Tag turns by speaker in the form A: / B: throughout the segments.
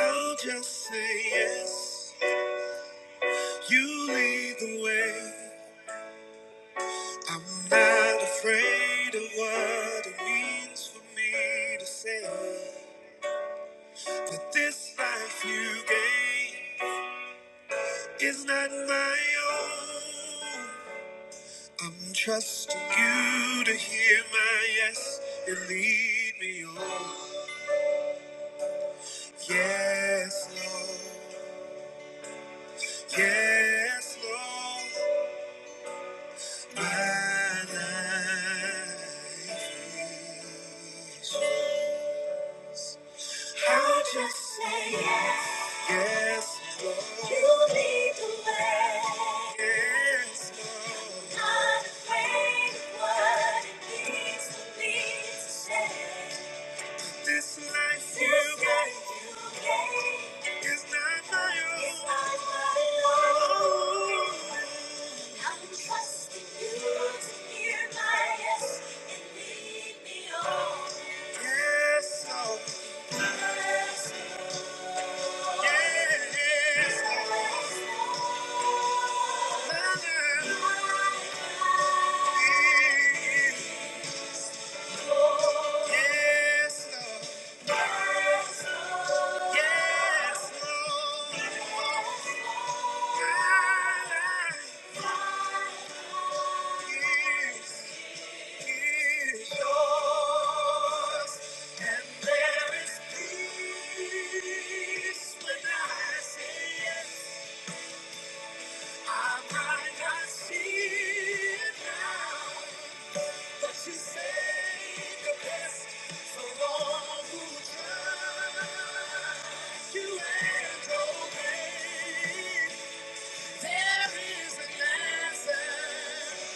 A: I'll just say yes. You lead the way. I'm not afraid of what it means for me to say that this life you gave is not my own. I'm trusting you to hear my yes and lead me on. Yes, Lord. Yes, Lord. My life is say yes. Yes, Lord. You lead the way. Yes, Lord. Not afraid of what it means for me to say. This life you gave you gave is not my own. It's not my own. I'm trusting you to hear my yes and lead me on. Yes, Yes, Lord. Yes, Lord. Yes, Lord. Yes, Lord. There is an answer,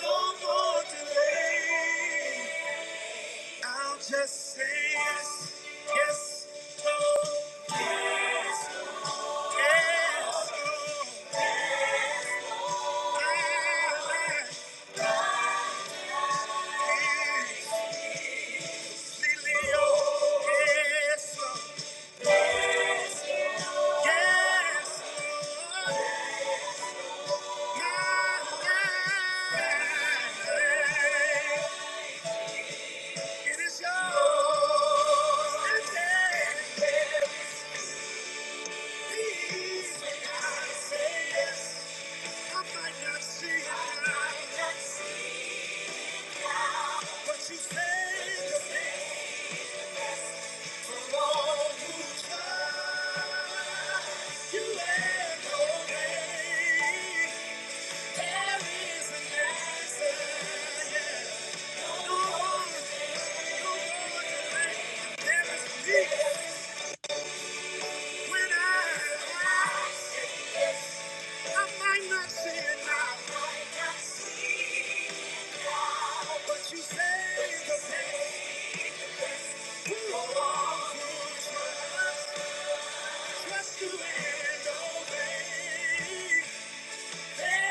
A: no more delay. I'll just say yes, yes, Lord, yes, yes, Lord. I am easily, oh, yes, Lord, yes, Lord. My life, it is yours today. Please, I say yes. I might not see it now. But you say the day from all who tried. You had no name. There is an answer, yeah. No one can go to There is peace when I ask. I might not see it I might not see it now. But you saved the day from all who Just say yes, yes, no,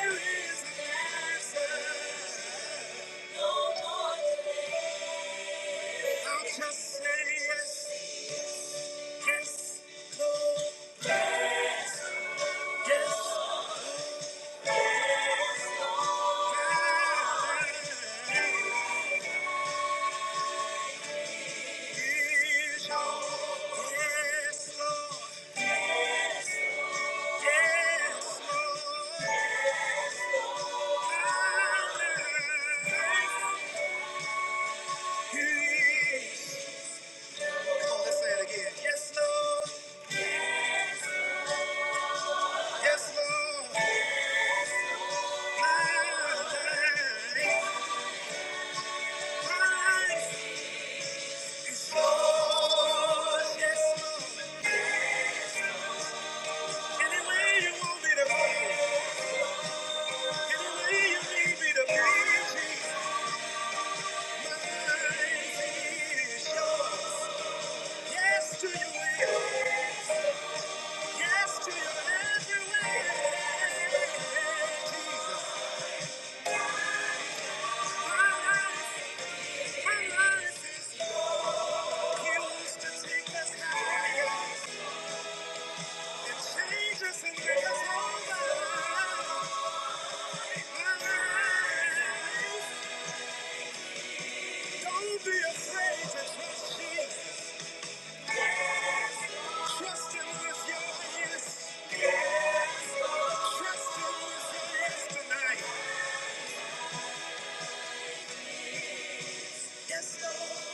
A: yes, yes, yes, Here's your yes, Lord. Yes, yes, Lord. Here's Yes, Lord. Yes, Lord. My life, is Lord. Yes, Lord. Any way you want me to be, any way you need me to be, Jesus, mine is yours. Yes to your will. Yes to your every way, Jesus. yes. yes Ooh,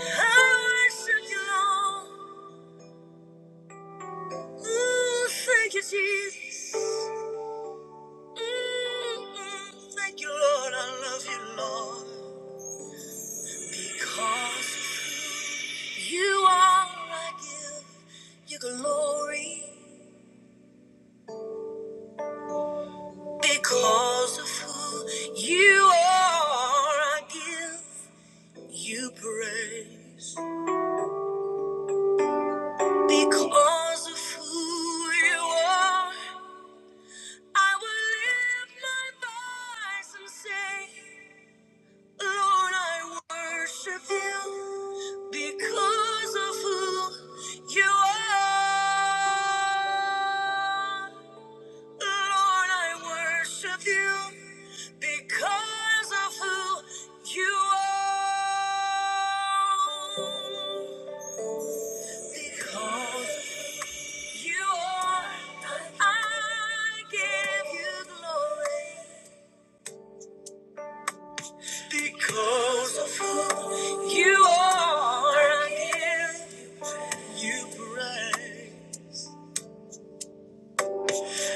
A: I worship you, Lord. Ooh, thank you, Jesus. Mm, Thank you, Lord. I love you, Lord. Because of who you are, I give you glory. Because of who you are, I give you praise. Because of who you are, I will lift my voice and say. Lord, I worship you because of who you are. Lord, I worship you because of who you are. Because you are, I give you glory. Because of who you are, I give you praise.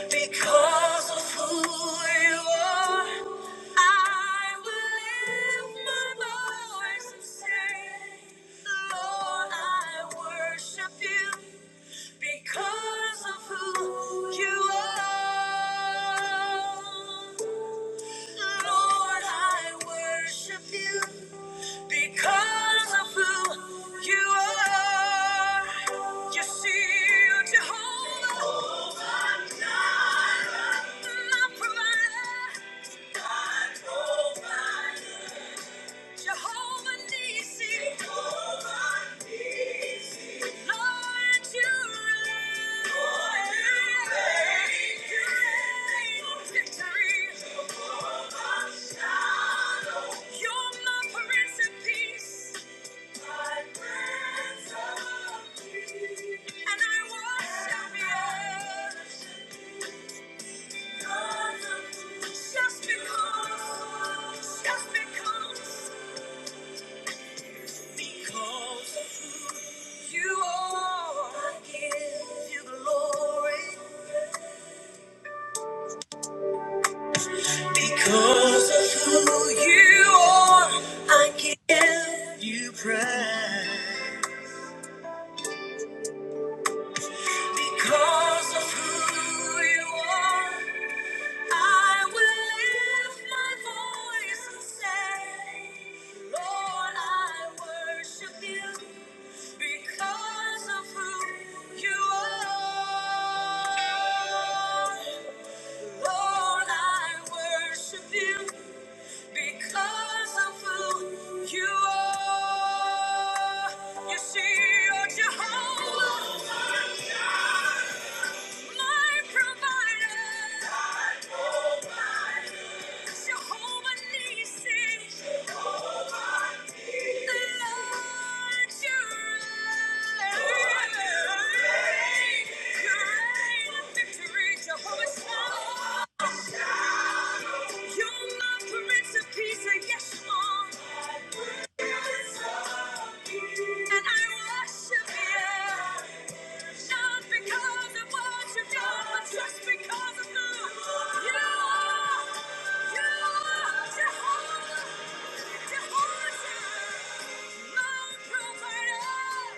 A: Because of who you are, I will lift my voice and say, Lord, I worship you because of who you are. Lord, I worship you Because of who you are, you see, you're Jehovah, my provider, Jehovah Nissi, Lord, you reign, you reign in victory. You're my Prince of Peace because of who you are, I give you glory. Because of who you are, I give you praise. Because of who you are. I will lift my voice and say, Lord, I worship you because of who you are. Lord, I worship you because of who you are. You see, you're Jehovah. My provider. My provider. Jehovah Nissi. Jehovah The Lord your Great victory, Jehovah Shalom. You're my Prince of Peace, and yes, Lord. And I worship you. Not because of what you've done, but just because of who you are. You are Jehovah, Jehovah, my provider.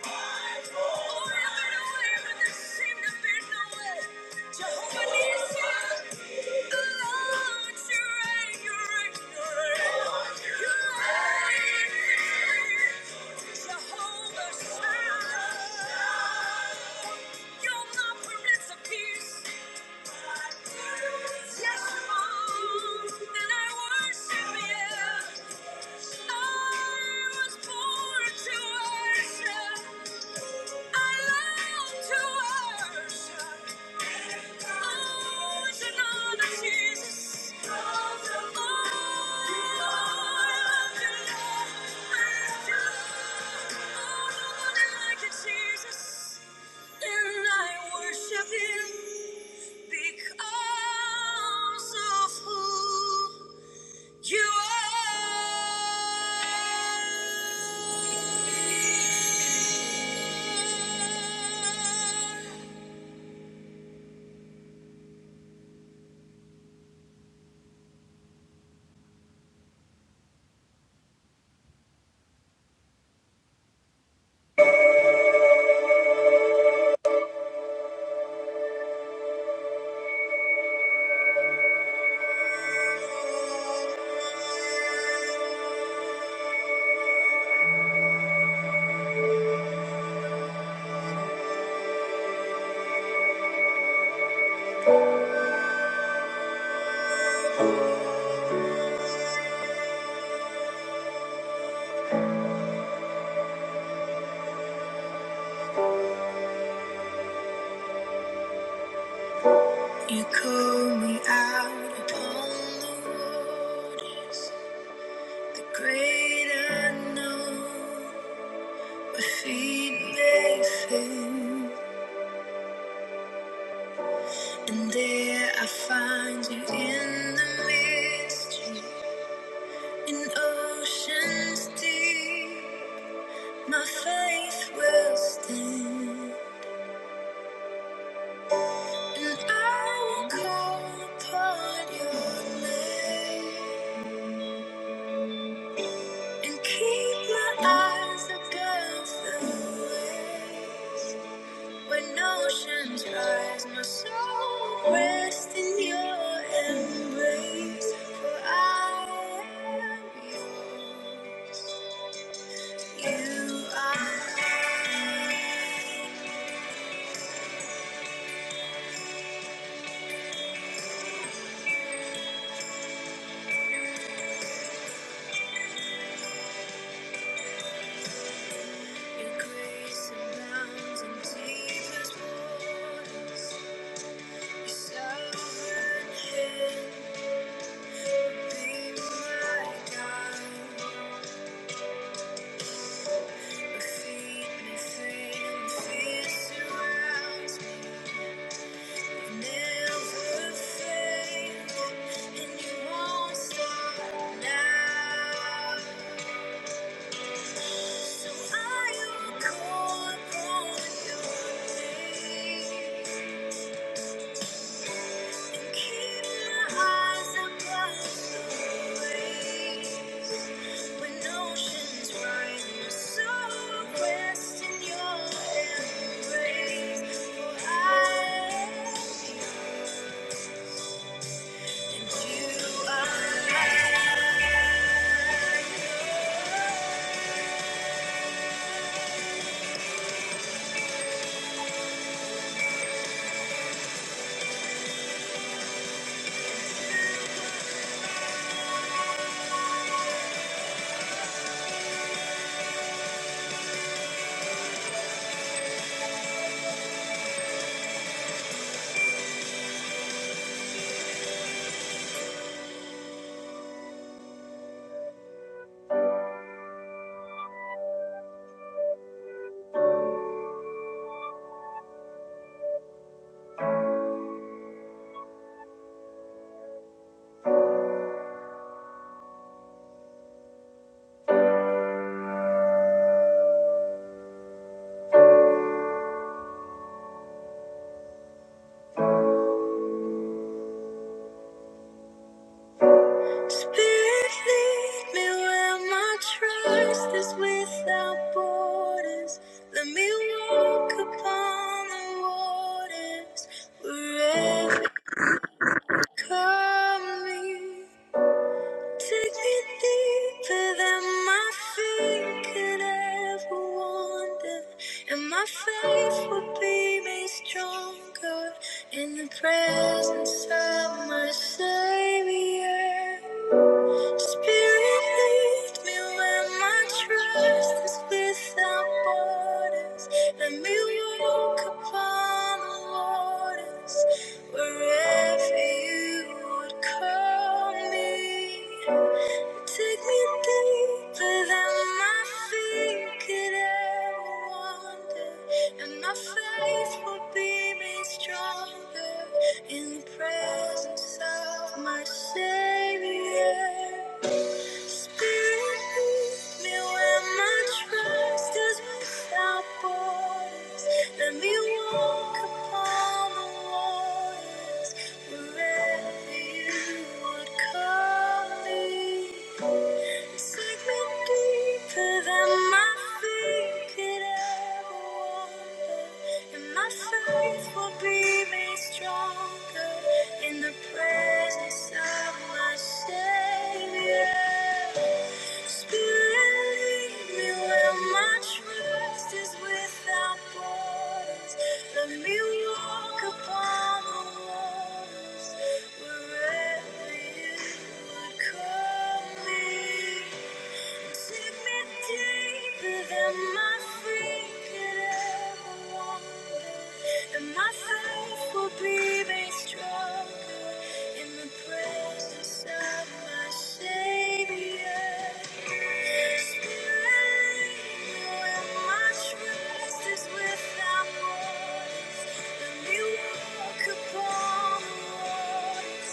A: Oh, I've been away when there seemed to be no way. Jehovah Nissi, the Lord, you reign, you reign, you reign. You reign. Jehovah Shalom. You're my Prince Yes, you are. And I worship you. I was born to worship. I love to worship. Always another Jesus. Oh, I love you, Lord. I love you, Lord. Oh, nobody like you, Jesus. And I worship Him because of who. You are. You call me out upon the waters, the great unknown. My feet may fail, and there I find you in the mystery, in oceans deep. My faith will stand. And I call upon your name and keep my eyes against the wave. When oceans rise, my soul rests in your embrace. For I am yours. You are. Your grace abounds in deepest waters. Your sovereign hand Keep your eyes above the waves. Spirit, lead me where my trust is without borders. Let me walk upon the waters wherever you call me. Take me deeper than my feet could ever wander, and my faith will be made stronger in the presence of my Savior. Spirit, lead me where my trust is without borders. Let me walk upon the waters wherever you would call me. Take me deeper than my feet could ever wander, and my faith will be made stronger in the presence of my Savior. Spirit, lead me where my trust is without borders. Let me walk upon the waters wherever you would call me. Segment deeper than my feet could ever wander, and my faith will be made stronger in the presence of my Savior. Spirit, lead me where my trust is without borders. Let me walk upon the waters wherever you would call me. Without borders, and we walk upon the waters.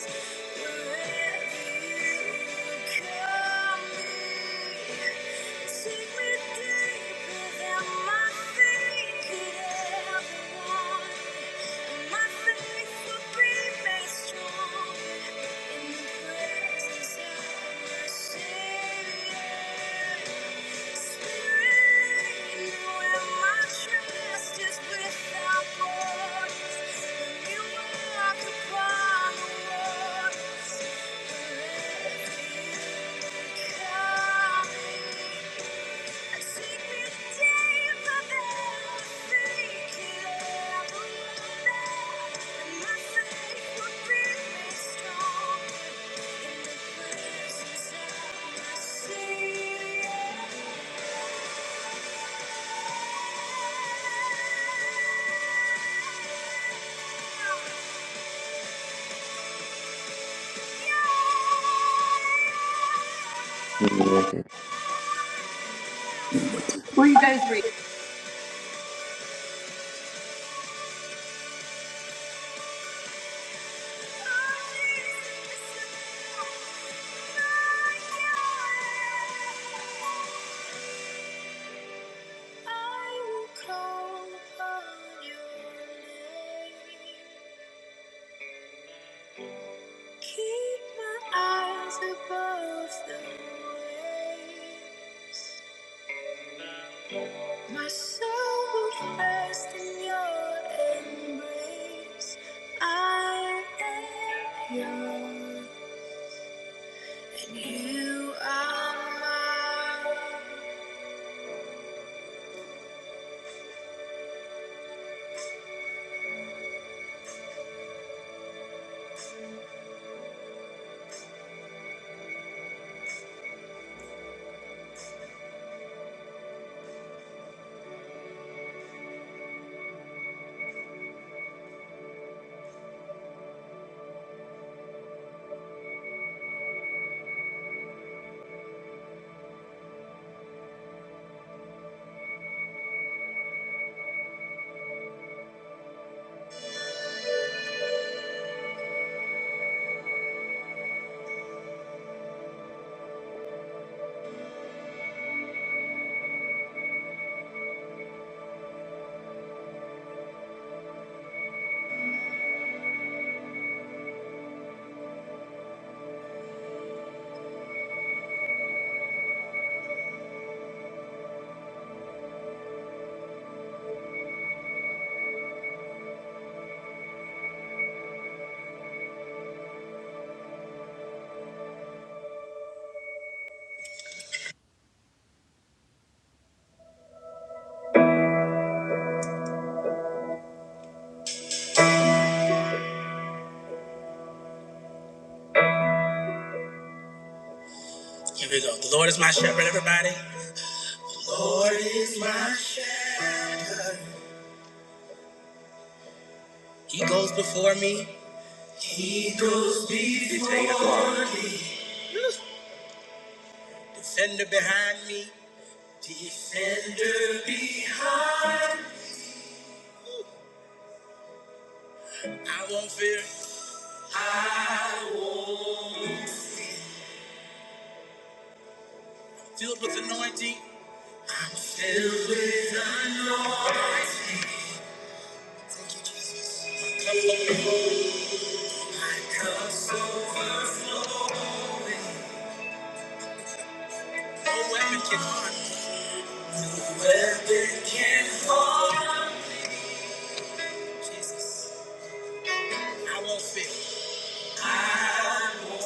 A: Without borders, when you walk upon the water. Yeah.
B: Yes, Where you guys read?
A: I will call upon your name. Keep my eyes above the waves. My soul will rest in your embrace. I am yours, and you are mine. Here we go. The Lord is my shepherd, everybody. The Lord is my shepherd. He goes before me. He goes before me. Defender behind me. Defender behind me. I won't fear. Filled with anointing. No weapon can, weapon can harm. Jesus. I won't fear. I won't fear.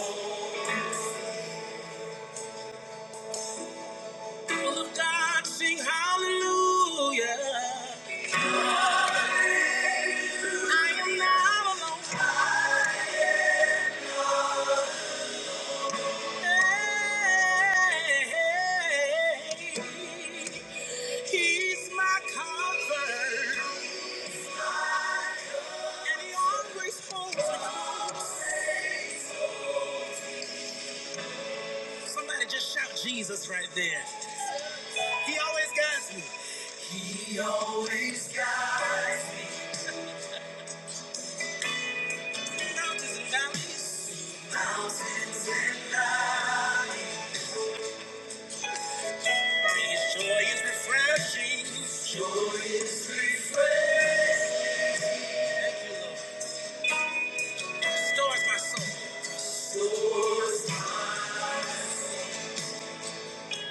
A: People of God sing hallelujah. I am not alone. He's my comfort, and he always holds me close. Somebody just shout Jesus right there. He always guides me. He's got me mountains and valleys. His joy is refreshing. Joy is refreshing. Stores my soul.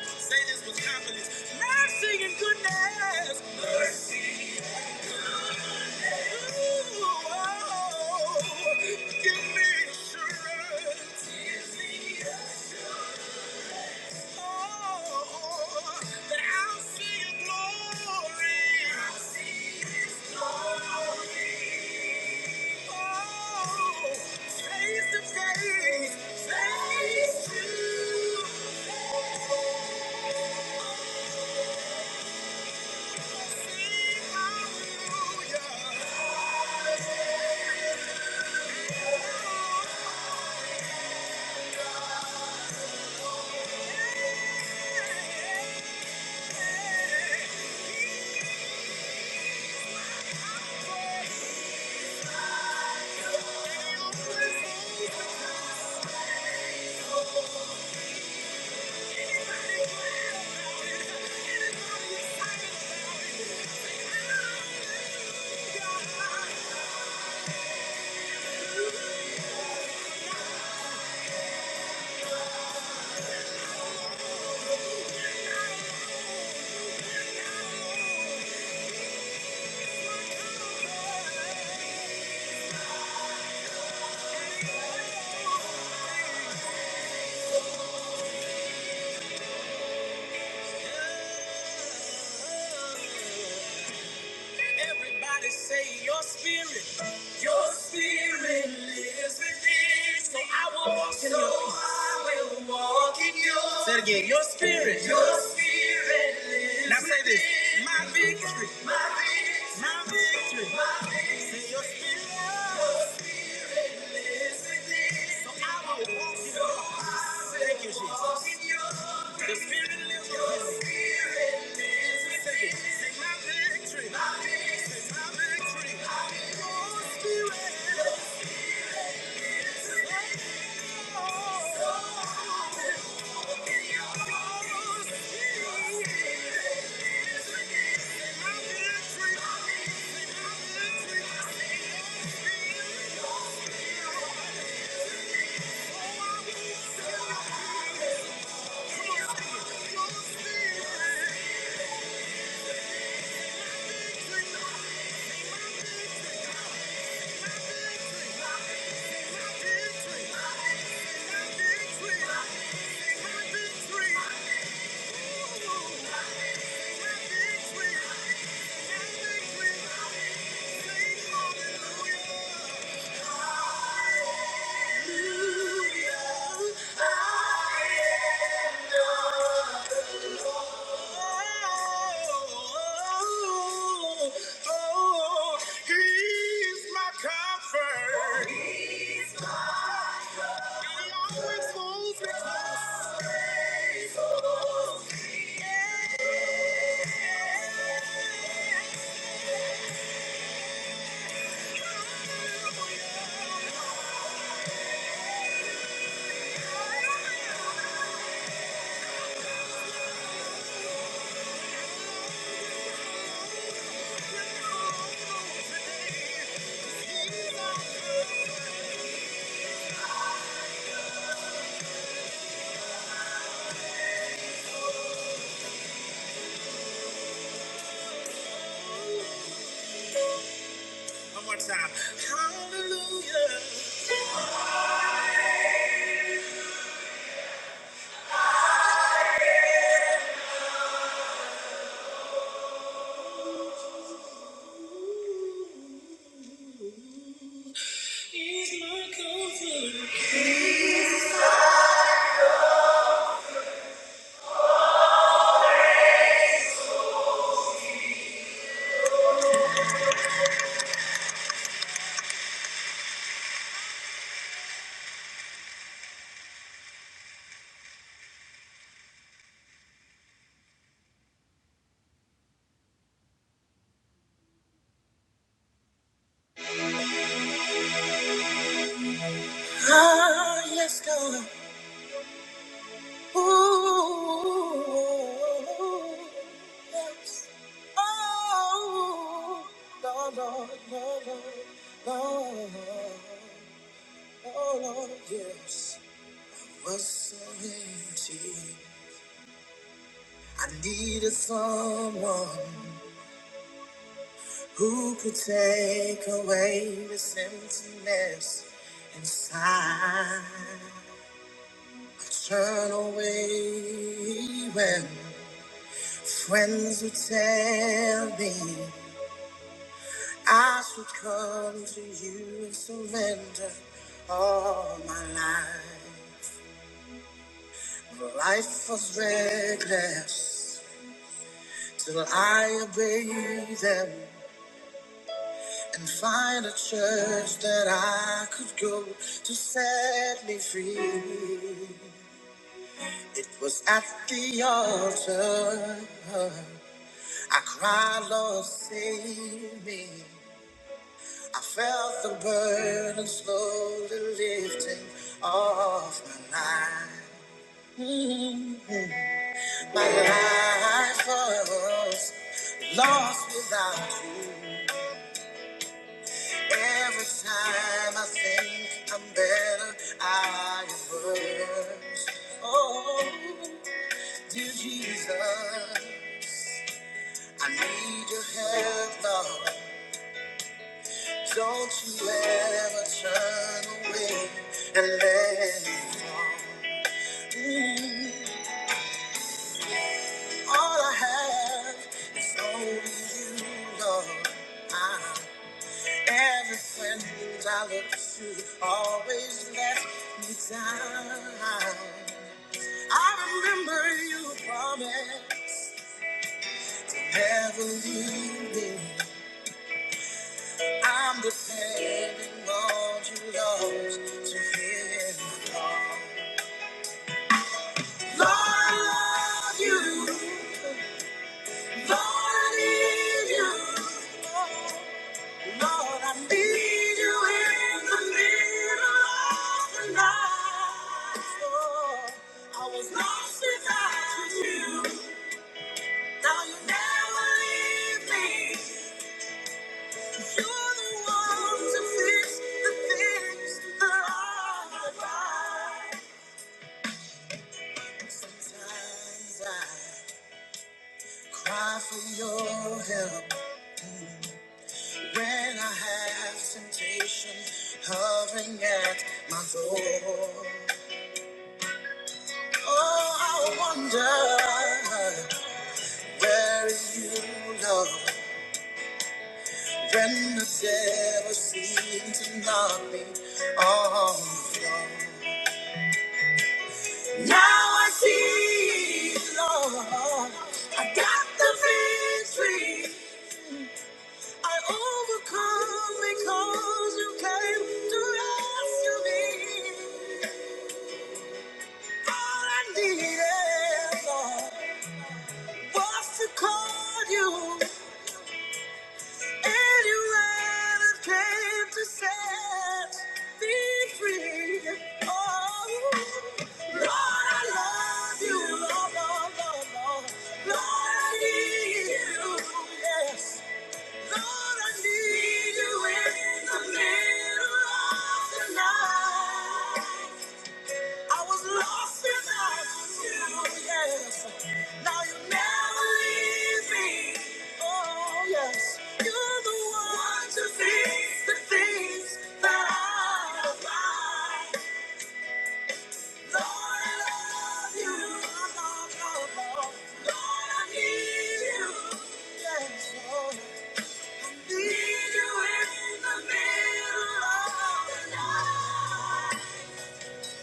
A: Say this with confidence. Mercy and goodness. Hallelujah. Yeah. Everybody say your spirit, your spirit lives within. So I will walk in your peace. Say it again. Your spirit. Your spirit. lives Now say this. within My victory. My victory. My victory. My victory. Say your spirit. Your spirit lives within. So I will walk in So your I Thank you, will Jesus. walk in your The spirit lives Your within. spirit lives Say it. within. Say my victory. My victory. Say my victory. My victory. Your spirit. So Your spirit. Thank you. Hallelujah. One more time. Hallelujah. He's my comfort. Ooh, yes. Oh, Lord, Lord, Lord, Lord, Lord, Lord, yes. Was so empty. I needed someone who could take away this emptiness inside. I turn away when. Friends who tell me I should come to you and surrender all my life. Life was reckless till I obeyed them and find a church that I could go to set me free. It was at the altar I cried, Lord, save me. I felt the burden slowly lifting off my life. Mhm. My life was lost without you. Every time I think I'm better, I am worse. Oh, dear Jesus, I need your help, Lord. Don't you ever turn away and let me go. All I have is only you, Lord. I, every friend I look to always let me down. I remember you promised never leave me. I'm depending on you, Lord, to hear my call. Lord, I love you. Lord, I need you. Lord, I need you in the middle of the night. Lord, I was lost without you. Now you never leave me. You're the one to fix the things that are right. Sometimes I cry for your help when I have temptation hovering at my door. Oh, I wonder where you, love when the devil seemed to knock me off. Now I see, Lord, got the victory. I overcome because you came to rescue me. All I needed, Lord, was to call you. Anyone that came to set me free. Oh, Lord, I love you, Lord, Lord, Lord, Lord. Lord, I need you, yes. Lord, I need you in the middle of the night. I was lost without you, yes. Now you never leave me. Oh, yes. You're the one to fix the things that I like. Lord, I love you. Lord, Lord, Lord. Lord, I need you. Yes, Lord. Need you in the middle of the night.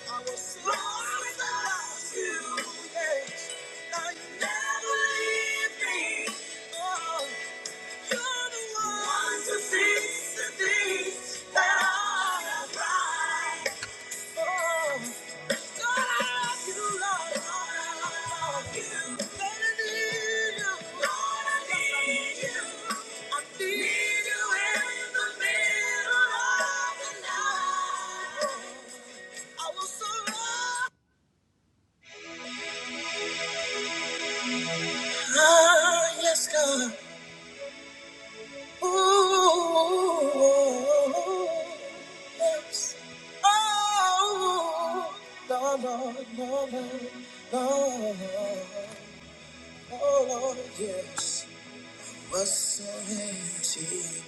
A: I was so lost without you, yes. Now you never leave me. Oh, you're the one to fix the things that are not right. Oh, God, I love you, Lord. Lord, I love you. Lord, I need you. Lord, I need you. I need you in the middle of the night. I was so lost. Ah, yes, God. Ooh, yes. Oh, Lord, Lord, Lord, Lord, Lord, oh, Lord, yes. Was so empty.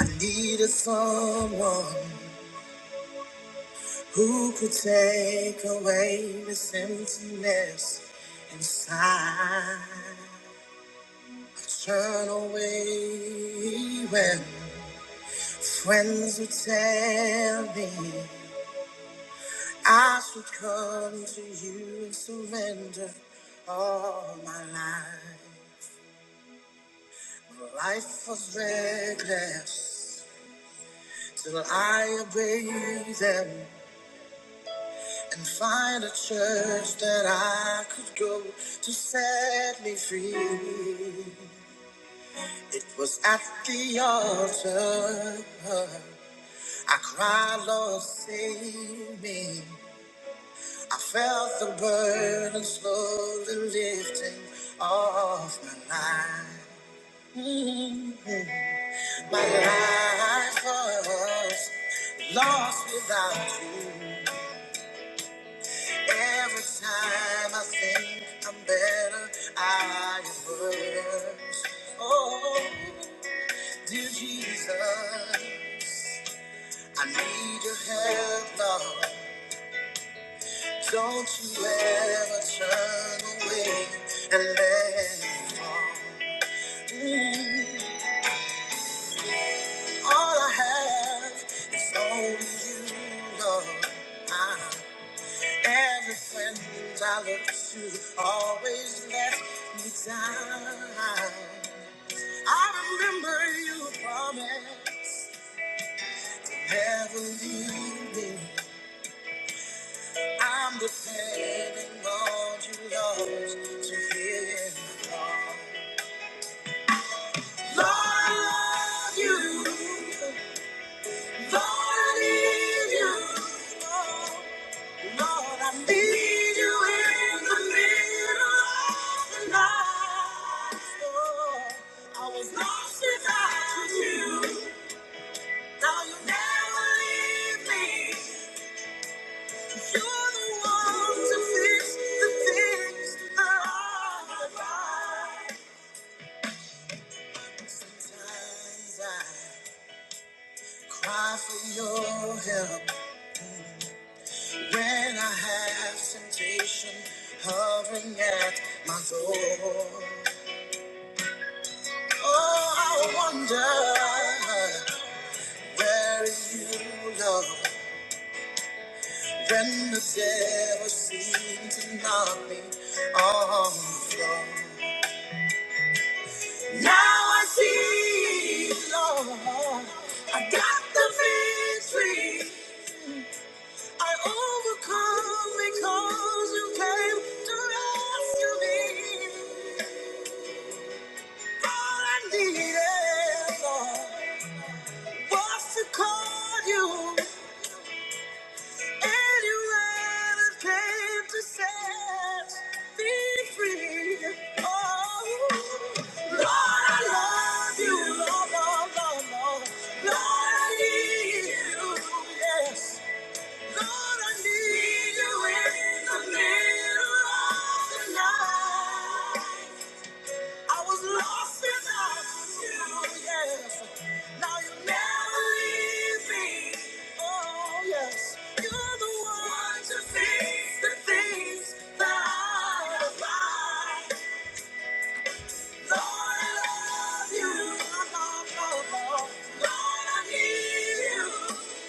A: I needed someone who could take away this emptiness inside. I turn away when Friends would tell me I should come to you and surrender all my life. But Life was reckless till I obeyed them and find a church that I could go to set me free. It was at the altar I cried, Lord, save me. I felt the burden slowly lifting off my mind. My life was lost without you. Every time I think I'm better, I am worse. Oh, dear Jesus, I need your help, Lord. Don't you ever turn away and let me fall. All I have is only you, Lord. Ah, Every friend I look to always let me down. I remember you promised never leave me. I'm depending on you, Lord, to hear you. call. Lord, I love you. Lord, I need you. Lord, I need you in the middle of the night. Lord, I was lost without you. Now you never leave me. You're the one to fix the things that are right. Sometimes I cry for your help when I have temptation hovering at my door. Oh, how wonder where you, Lord, when the devil seemed to knock me on the floor. Now I see, Lord, I got the victory. I overcome because you came to rescue me. All I needed, Lord, was to call you. Anyone that came to set me free. Oh, Lord, I love you, Lord, Lord, Lord, Lord. Lord, I need you, yes. Lord, I need you in the middle of the night. I was lost without you, yes. Now you never leave me. Oh, yes. You're the one to fix the things that I like. Lord, I love you. Oh, oh, oh, oh. Lord, I need you.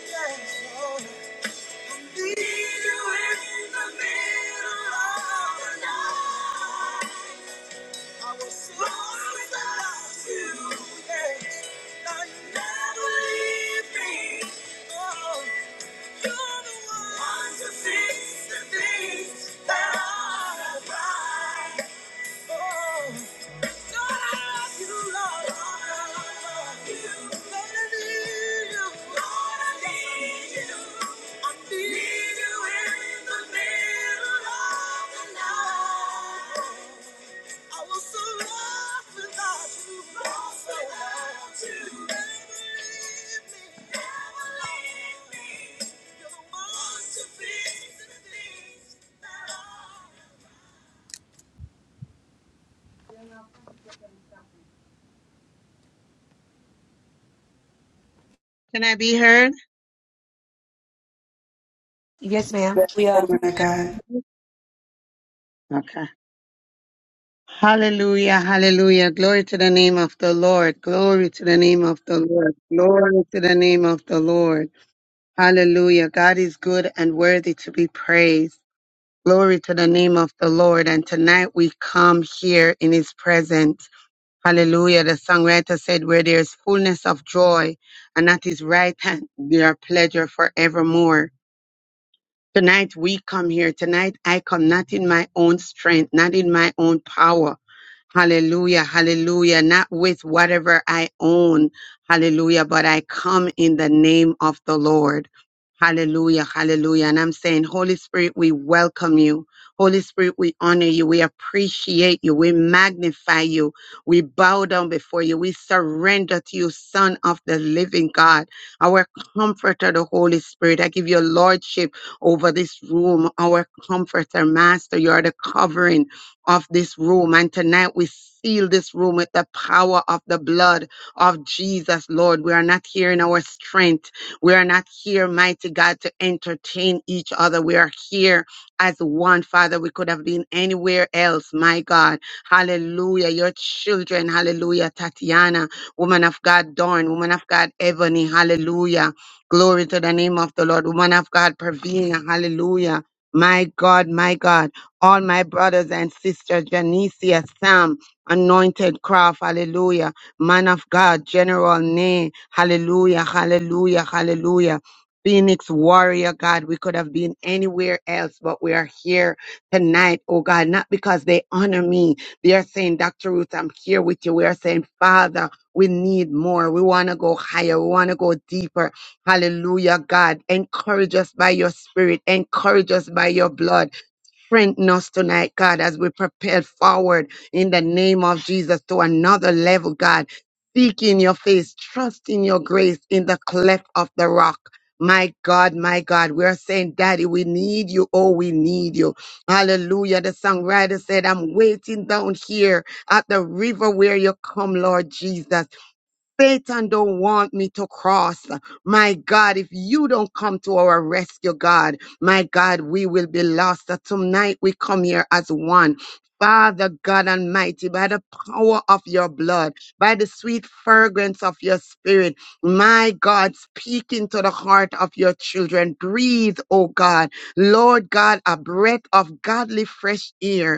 A: Yes, Lord. Need you in the middle of the night. I was so without you, yes. Now you never leave me. Oh, you're the one to fix the things that are right. Oh, God, I love you, Lord. Lord, I love you. Lord, I need you. Lord, I need you. I need you in the middle of the night. I was so lost without you. Lost without you. Never leave me. Never leave me. You're the one to fix the things that are wrong.
C: Can I be heard?
D: Yes, ma'am.
E: Yes,
D: We are
E: woman of God.
C: Okay. Hallelujah, hallelujah. Glory to the name of the Lord. Glory to the name of the Lord. Glory to the name of the Lord. Hallelujah. God is good and worthy to be praised. Glory to the name of the Lord. And tonight we come here in his presence. Hallelujah. The songwriter said, Where there is fullness of joy, and at his right hand there are pleasure forevermore. Tonight we come here. Tonight I come not in my own strength, not in my own power. Hallelujah, hallelujah. Not with whatever I own. Hallelujah. But I come in the name of the Lord. Hallelujah, hallelujah. And I'm saying, Holy Spirit, we welcome you. Holy Spirit, we honor you. We appreciate you. We magnify you. We bow down before you. We surrender to you, Son of the living God, our comforter, the Holy Spirit. I give you lordship over this room, our comforter, Master. You are the covering of this room. And tonight we seal this room with the power of the blood of Jesus, Lord. We are not here in our strength. We are not here, mighty God, to entertain each other. We are here as one, Father. We could have been anywhere else, my God. Hallelujah. Your children, hallelujah. Tatiana, woman of God, Dawn, woman of God, Ebony, hallelujah. Glory to the name of the Lord. Woman of God, Pravina, hallelujah. My God, my God. All my brothers and sisters, Janicia, Sam, Anointed Craft, hallelujah. Man of God, General Nay, hallelujah, hallelujah, hallelujah. Phoenix warrior, God, we could have been anywhere else, but we are here tonight, oh God, not because they honor me. They are saying, Dr. Ruth, I'm here with you. We are saying, Father, we need more. We want to go higher. We want to go deeper. Hallelujah, God. Encourage us by your spirit. Encourage us by your blood. Strengthen us tonight, God, as we propel forward in the name of Jesus to another level, God. Seek in your face, trust in your grace in the cleft of the rock. My God, my God, we are saying, Daddy, we need you. Oh, we need you. Hallelujah. The songwriter said, I'm waiting down here at the river where you come, Lord Jesus. Satan don't want me to cross. My God, if you don't come to our rescue, God, my God, we will be lost. So Tonight we come here as one. Father God Almighty, by the power of your blood, by the sweet fragrance of your spirit, my God, speak into the heart of your children. Breathe, oh God. Lord God, a breath of godly fresh air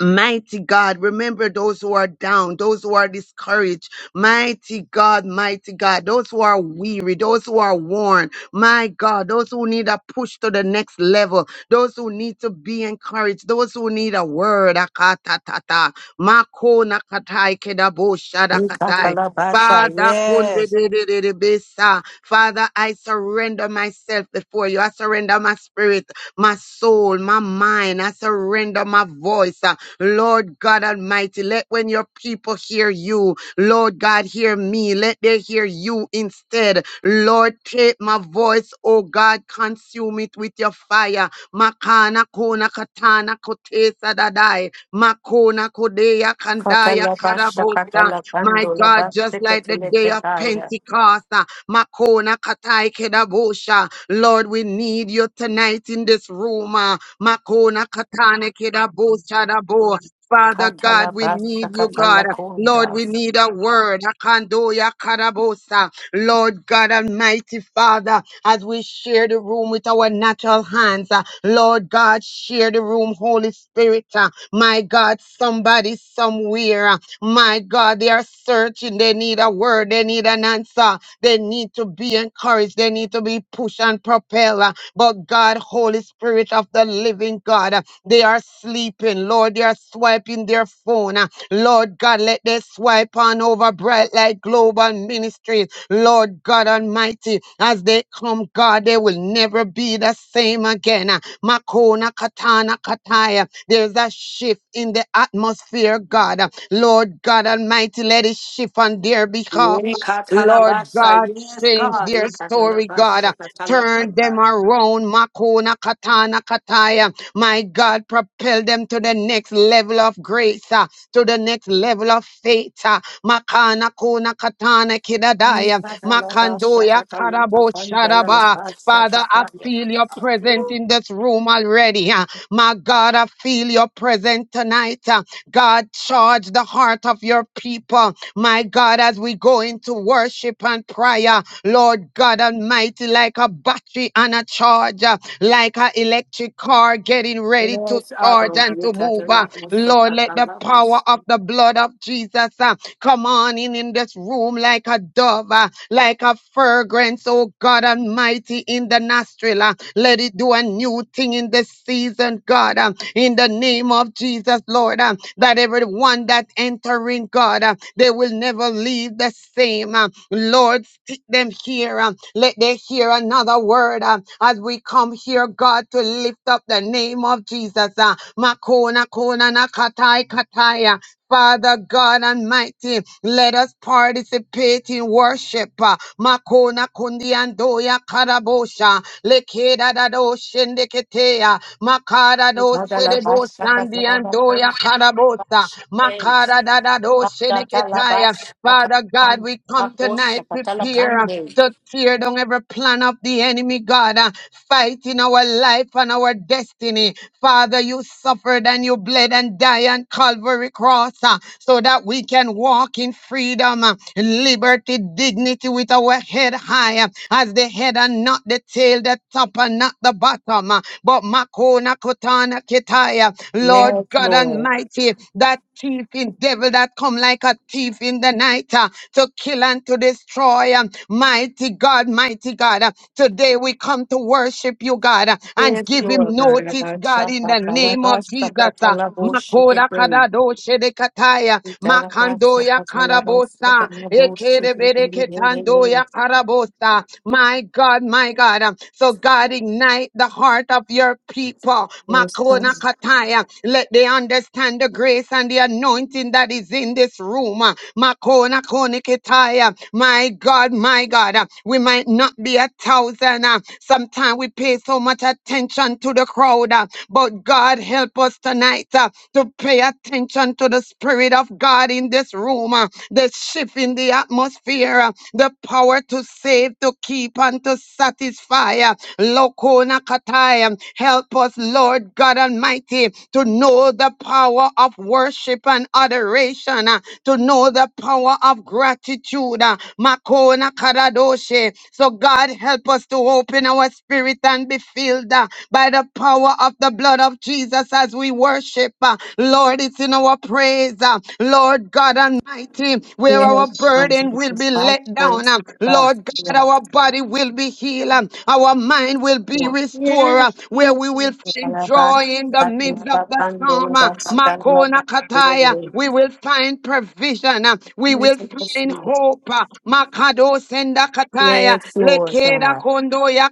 C: Mighty God, remember those who are down, those who are discouraged. Mighty God, mighty God, those who are weary, those who are worn. My God, those who need a push to the next level, those who need to be encouraged, those who need a word. Akatatata. Mako nakatai kedabo shadakatai.
D: Katalabasa,
C: Father,
D: yes.
C: kundedededebesa. Father, I surrender myself before you. I surrender my spirit my soul, my mind. I surrender my voice. uh, Lord God Almighty, let when your people hear you, Lord God, hear me. Let they hear you instead. Lord, take my voice, oh God, consume it with your fire. Makana kona katana kotesa dadai. Makona kodea kandaya
D: Katalabasha,
C: karabosa. My
D: Katalabando,
C: God,
D: Labasa,
C: just like the day of
D: Katalakaya.
C: Pentecost, uh, Makona Katai Kedabosha. Lord, we need you tonight in this room. uh, Makona Katane Kedabosha Dabo. Father God, we
D: Katalabasa,
C: need you, God. Lord,
D: Katalakunda.
C: we need a word. Akandoya Karabosa. Lord God Almighty Father, as we share the room with our natural hands, uh, Lord God, share the room, Holy Spirit. uh, My God, somebody somewhere. uh, my God, they are searching. They need a word. They need an answer. They need to be encouraged. They need to be pushed and propelled. uh, But God, Holy Spirit of the living God, uh, they are sleeping. Lord, they are swiping their phone. Lord God, let they swipe on over Bright Light Global Ministries. Lord God Almighty, as they come, God, they will never be the same again. Ah, Makona Katana Kataya. There's a shift in the atmosphere, God. Ah, Lord God Almighty, let it shift on their behalf.
D: Ye
C: Lord
D: Katalabasa,
C: God,
D: yes,
C: change
D: God.
C: their
D: Ye
C: story, God. Ah,
D: Katalabasha,
C: Turn them
D: Katalakata.
C: around, Makona Katana Kataya. My God, propel them to the next level of grace. Ah, to the next level of faith. ah. Makana Kuna Katana
D: Ye
C: Kidadaya
D: Katalabasha,
C: Makandoya Karabo
D: Katalakanda,
C: Sharaba.
D: Labasa,
C: Father, I
D: Kataya.
C: feel your presence in this room already. ah. My God, I feel your presence tonight. ah. God, charge the heart of your people. My God, as we go into worship and prayer, Lord God Almighty, like a battery and a charger, like an electric car getting ready to
D: Yes,
C: charge
D: Abba,
C: and
D: Ye
C: to move. uh,
D: Katalabasa,
C: Lord, let the power
D: Katalabasa.
C: of the blood of Jesus, uh, Come on in in this room like a dove, uh, like a fragrance, oh God Almighty, in the nostril. uh, Let it do a new thing in this season, God, uh, in the name of Jesus, Lord, uh, that everyone that entering, God, uh, they will never leave the same. uh, Lord, stick them here. uh, Let they hear another word uh, as we come here, God, to lift up the name of Jesus. uh, Makona kona nakatai kataya. Father God Almighty, let us participate in worship. uh, Makona kundi andoya karabosha, lekeda dado shendeketea, makara do serebo
D: Katalabasha,
C: sandi andoya karabosa,
D: Katalabasa.
C: makara dado
D: Yes, Lord.
C: sheneketaya.
D: Yes,
C: Father God, we come tonight prepared to tear down every plan of the enemy, God. Uh, fight in our life and our destiny. Father, you suffered and you bled and died on Calvary Cross uh, so that we can walk in freedom, uh, liberty, dignity with our head high uh, as the head and not the tail, the top and not the bottom. uh, but Makona Kotana Kitaya, Lord God
D: Lord.
C: Almighty, that thieving devil that come like a thief in the night uh, to kill and to destroy. um, Mighty God, mighty God, uh, today we come to worship you, God, uh, and
D: Yes,
C: give him
D: Lord.
C: notice, God, in the name of Jesus. uh, Makoda kadado shedekataya, makandoya karabosa, ekerebereketando ya karabosa. My God, my God. um, So so God ignite the heart of your people. Makona Kataya. Let they understand the grace and the anointing that is in this room. Makona Konikitaya. My God, my God. uh, We might not be a thousand. Sometimes we pay so much attention to the crowd. uh, But God help us tonight uh, to pay attention to the Spirit of God in this room. uh, The shift in the atmosphere. uh, The power to save, to keep, and to satisfy. Lokona kataya. Help us, Lord God Almighty, to know the power of worship and adoration to know the power of gratitude. uh, Makona Karadoshe. So God help us to open our spirit and be filled uh, by the power of the blood of Jesus as we worship. uh, Lord, it's in our praise. uh, Lord God Almighty, where our burden will be let down. uh, Lord God, our body will be healed. uh, Our mind will be restored. uh,
F: Yes,
C: Where we
F: Jesus.
C: will find joy in the midst of the storm. uh, Makona Kataya. We will find find provision. uh, We will find hope. uh, Makado sendakataya,
D: Yes,
C: lekeda
D: Lord.
C: kondoya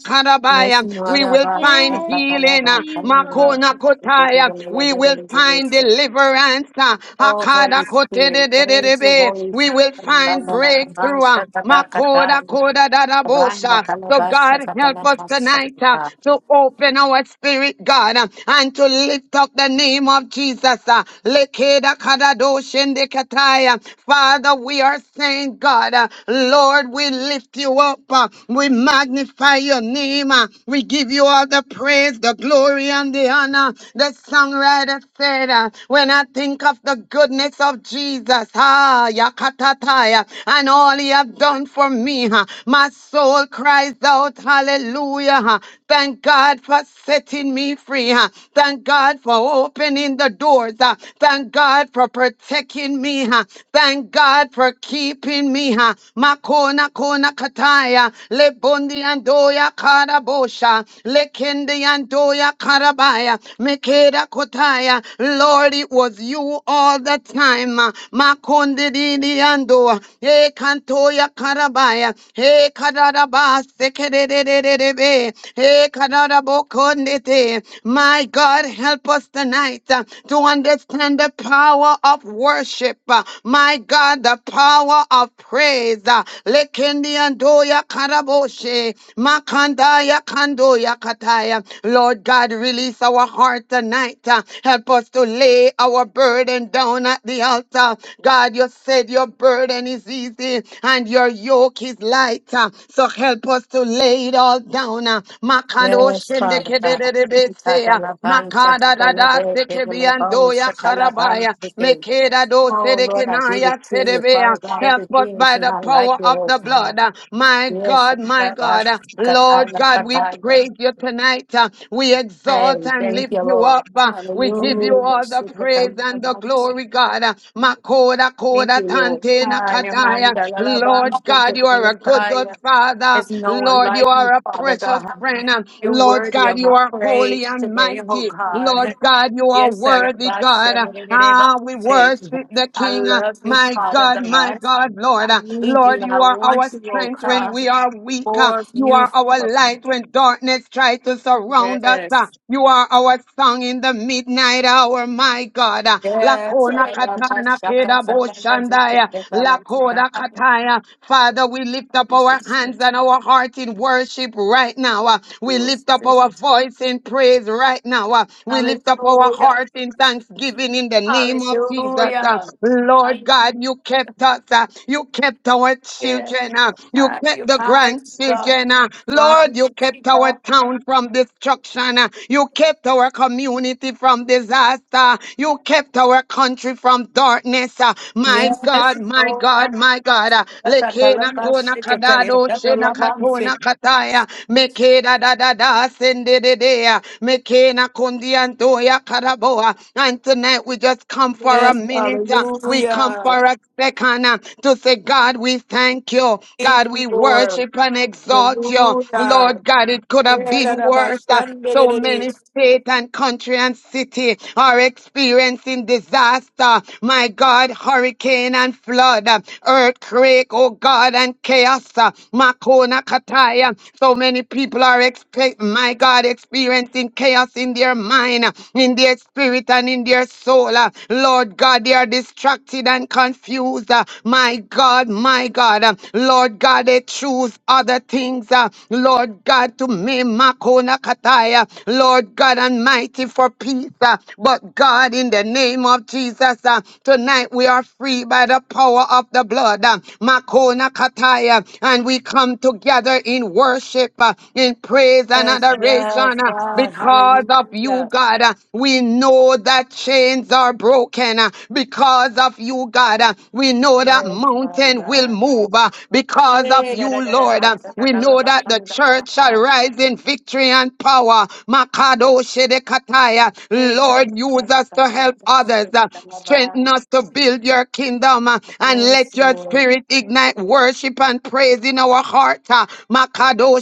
D: Yes,
C: karabaya. We
D: Nora
C: will find
D: Basha
F: Yes,
C: healing. uh,
D: Katalaba
F: Jesus.
D: Kalina
C: Makona kotaya. We will find deliverance. uh,
D: Oh,
C: Akada
D: Holy Spirit, thank you,
C: kotedededebe.
D: Holy
C: We will
D: Spirit.
C: find
G: Amen.
D: Kabala
C: breakthrough. uh,
D: Basha
C: Makoda
D: Katakata,
C: koda
D: Randa
C: dadabosha. So
D: Kalabasha
C: God help us
D: Katalabasa
C: tonight uh,
D: Kata.
C: to open our spirit, God, uh, and to lift up the name of Jesus. uh, Lekeda kada Shendekataya. Father, we are saying, God, uh, Lord, we lift you up. uh, we magnify your name. uh, we give you all the praise, the glory, and the honor. The songwriter said, uh, when I think of the goodness of Jesus, ah, yakatataya, and all he have done for me, huh, my soul cries out, hallelujah. huh. Thank God for setting me free. huh. Thank God for opening the doors. huh. Thank God for protecting me. huh. Thank God for keeping me. huh. Makona kona kataya. Le bundi andoya karabosha. Le kendi andoya karabaya. Mekeda kotaya. Lord, it was you all the time. huh. Makondi didi ando. Hey kantoya karabaya. Hey karabas. Sekededededebe. Hey karabokondete. My God, help us tonight uh, to understand the the power of worship. uh, My God, the power of praise. uh, Lekendi andoya karaboshe, makandaya kandoya kataya. Lord God, release our heart tonight. uh, Help us to lay our burden down at the altar. God, you said your burden is easy and your yoke is light. uh, So help us to lay it all down. uh, Makando
D: Yes,
C: shende
D: Father God.
C: kedededebe se, uh,
D: Katalabansa
C: Makada da da
D: Katalabese
C: seke biando
D: Kalabansa
C: karabaya,
D: Kalabansa.
C: mekeda do
D: Oh, Lord, I give
C: sedekinaya
D: it to you, Father
C: sedebea.
D: God.
C: Help us
D: Everything is
C: by the
D: not like
C: power
D: you,
C: of
D: Lord
C: the
D: God.
C: blood. uh, My
D: Yes,
C: God,
D: I'm
C: my
D: glad I
C: God, uh,
D: got out
C: Lord
D: of
C: God,
D: the
C: we
D: fire.
C: praise you tonight. uh, We exalt
D: Hey,
C: and
D: thank
C: lift
D: you,
C: you
D: Lord.
C: up. uh, We give you
D: Hallelujah.
C: all the praise and the glory, God. uh, Makoda
D: Thank
C: koda
D: you, Lord.
C: tante nakataya.
D: Hallelujah.
C: Lord God, you are a good, good
D: Hallelujah.
C: Father.
D: There's no one
C: Lord, you
D: like
C: are
D: you,
C: a
D: Father
C: precious
D: God.
C: friend. uh,
D: You're
C: Lord
D: worthy
C: God,
D: of
C: you
D: my
C: are holy
D: praise
C: and
D: today, oh
C: mighty. Lord
D: God.
C: God, you are
D: Yes, sir.
C: worthy be God. Ah, we worship the
D: I
C: King.
D: love you,
C: My
D: Father
C: God, my
D: God.
C: God,
D: I
C: Lord.
D: need you.
C: Lord, you
D: I
C: are our
D: want you, oh
C: strength when
D: God.
C: we are weak.
D: More of
C: You
D: you,
C: are our
D: Father
C: light
D: God.
C: when darkness tries to surround us.
D: Yes.
C: You are our song in the midnight hour, my God.
D: Yes,
C: Lakona
D: I got that
C: katana
D: shock
C: keda
D: of somebody that's just
C: boshandaya.
D: a bell of the
C: Lakoda
D: time.
C: kataya. Father, we lift up our
D: Jesus,
C: hands
D: yes.
C: and our heart in worship right now. We
D: Jesus,
C: lift up our
D: Jesus.
C: voice in praise right now. We lift up our
D: Hallelujah.
C: heart earth in thanksgiving in the name of Jesus. uh.
D: Hallelujah.
C: Lord
D: Hallelujah.
C: God, you kept us. uh, You kept our
D: Yes,
C: children. uh, You
D: I
C: kept
D: feel
C: the
D: mighty God.
C: grandchildren. uh. Lord, you kept
D: Mighty
C: our
D: God.
C: town from destruction. uh, You kept our community from disaster. You kept our country from darkness. uh. My
D: Yes,
C: God, my
D: Lord.
C: God, my God. uh.
D: That's
C: Lekena
D: a
C: kona
D: shake it.
C: kadado
D: That's
C: shena
D: a
C: katona
D: shake.
C: kataya. Mekeda da da da sende de de. Mekena kundi antoya Karaboa. And tonight we just come for a
D: Yes,
C: minute. uh, We come
D: hallelujah.
C: for a second uh, to say, God, we thank you.
D: Thank
C: God,
D: you,
C: we
D: Lord.
C: worship and exalt you.
D: Hallelujah.
C: Lord God, it could have
D: Yeah, that
C: been
D: about
C: worse. uh, So
D: Sunday.
C: many state and country and city are experiencing disaster. My God, hurricane and flood, uh, earthquake, oh God, and chaos. uh, Makona Kataya. So many people are expect, my God, experiencing chaos in their mind mind, uh, in their spirit, and in their soul. uh, Lord God, they are distracted and confused. uh, My God, my God. uh, Lord God, they choose other things. uh, Lord God, to me, Makona Kataya. Lord God Almighty, for peace. uh, But God, in the name of Jesus, uh, tonight we are free by the power of the blood. uh, Makona Kataya. And we come together in worship, uh, in praise and
D: Yes, yes,
C: adoration uh,
D: God.
C: because of you you,
D: Hallelujah.
C: God. Uh, We know that chains are broken uh, because of you, God. Uh, We know that
D: Yes, Father
C: mountain will
D: God.
C: move uh, because of
D: Eh, da,
C: you,
D: da, da, da,
C: Lord.
D: ba,
C: Uh,
D: sa, ta,
C: We
D: ta, la,
C: know
D: ba,
C: that the
D: san, da, da, ba,
C: church shall
D: hi.
C: rise in victory and power. Makado Shedekataya.
D: Yes, I-
C: Lord,
D: da,
C: use us
D: da,
C: to
D: da, da,
C: help
D: da,
C: others. uh,
D: da, da, ba.
C: Strengthen us to build your kingdom uh, and
D: Yes,
C: let your
D: Lord.
C: spirit ignite worship and praise in our heart. uh, Makado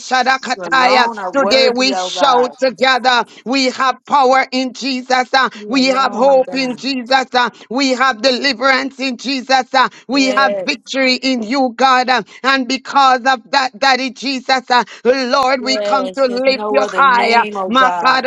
D: You
C: Shadakataya.
D: alone are
C: Today
D: worthy,
C: we
D: oh
C: shout
D: God.
C: together. We we have power in Jesus. uh,
D: You
C: We have
D: alone,
C: hope in
D: God.
C: Jesus. uh, We have deliverance in Jesus. uh, We have
D: Yes,
C: victory in you, God. uh, And because of that, Daddy Jesus, uh, Lord, we come
D: yes.
C: to
D: There's
C: lift
D: no
C: you
D: other
C: higher.
D: name, oh
C: We
D: God.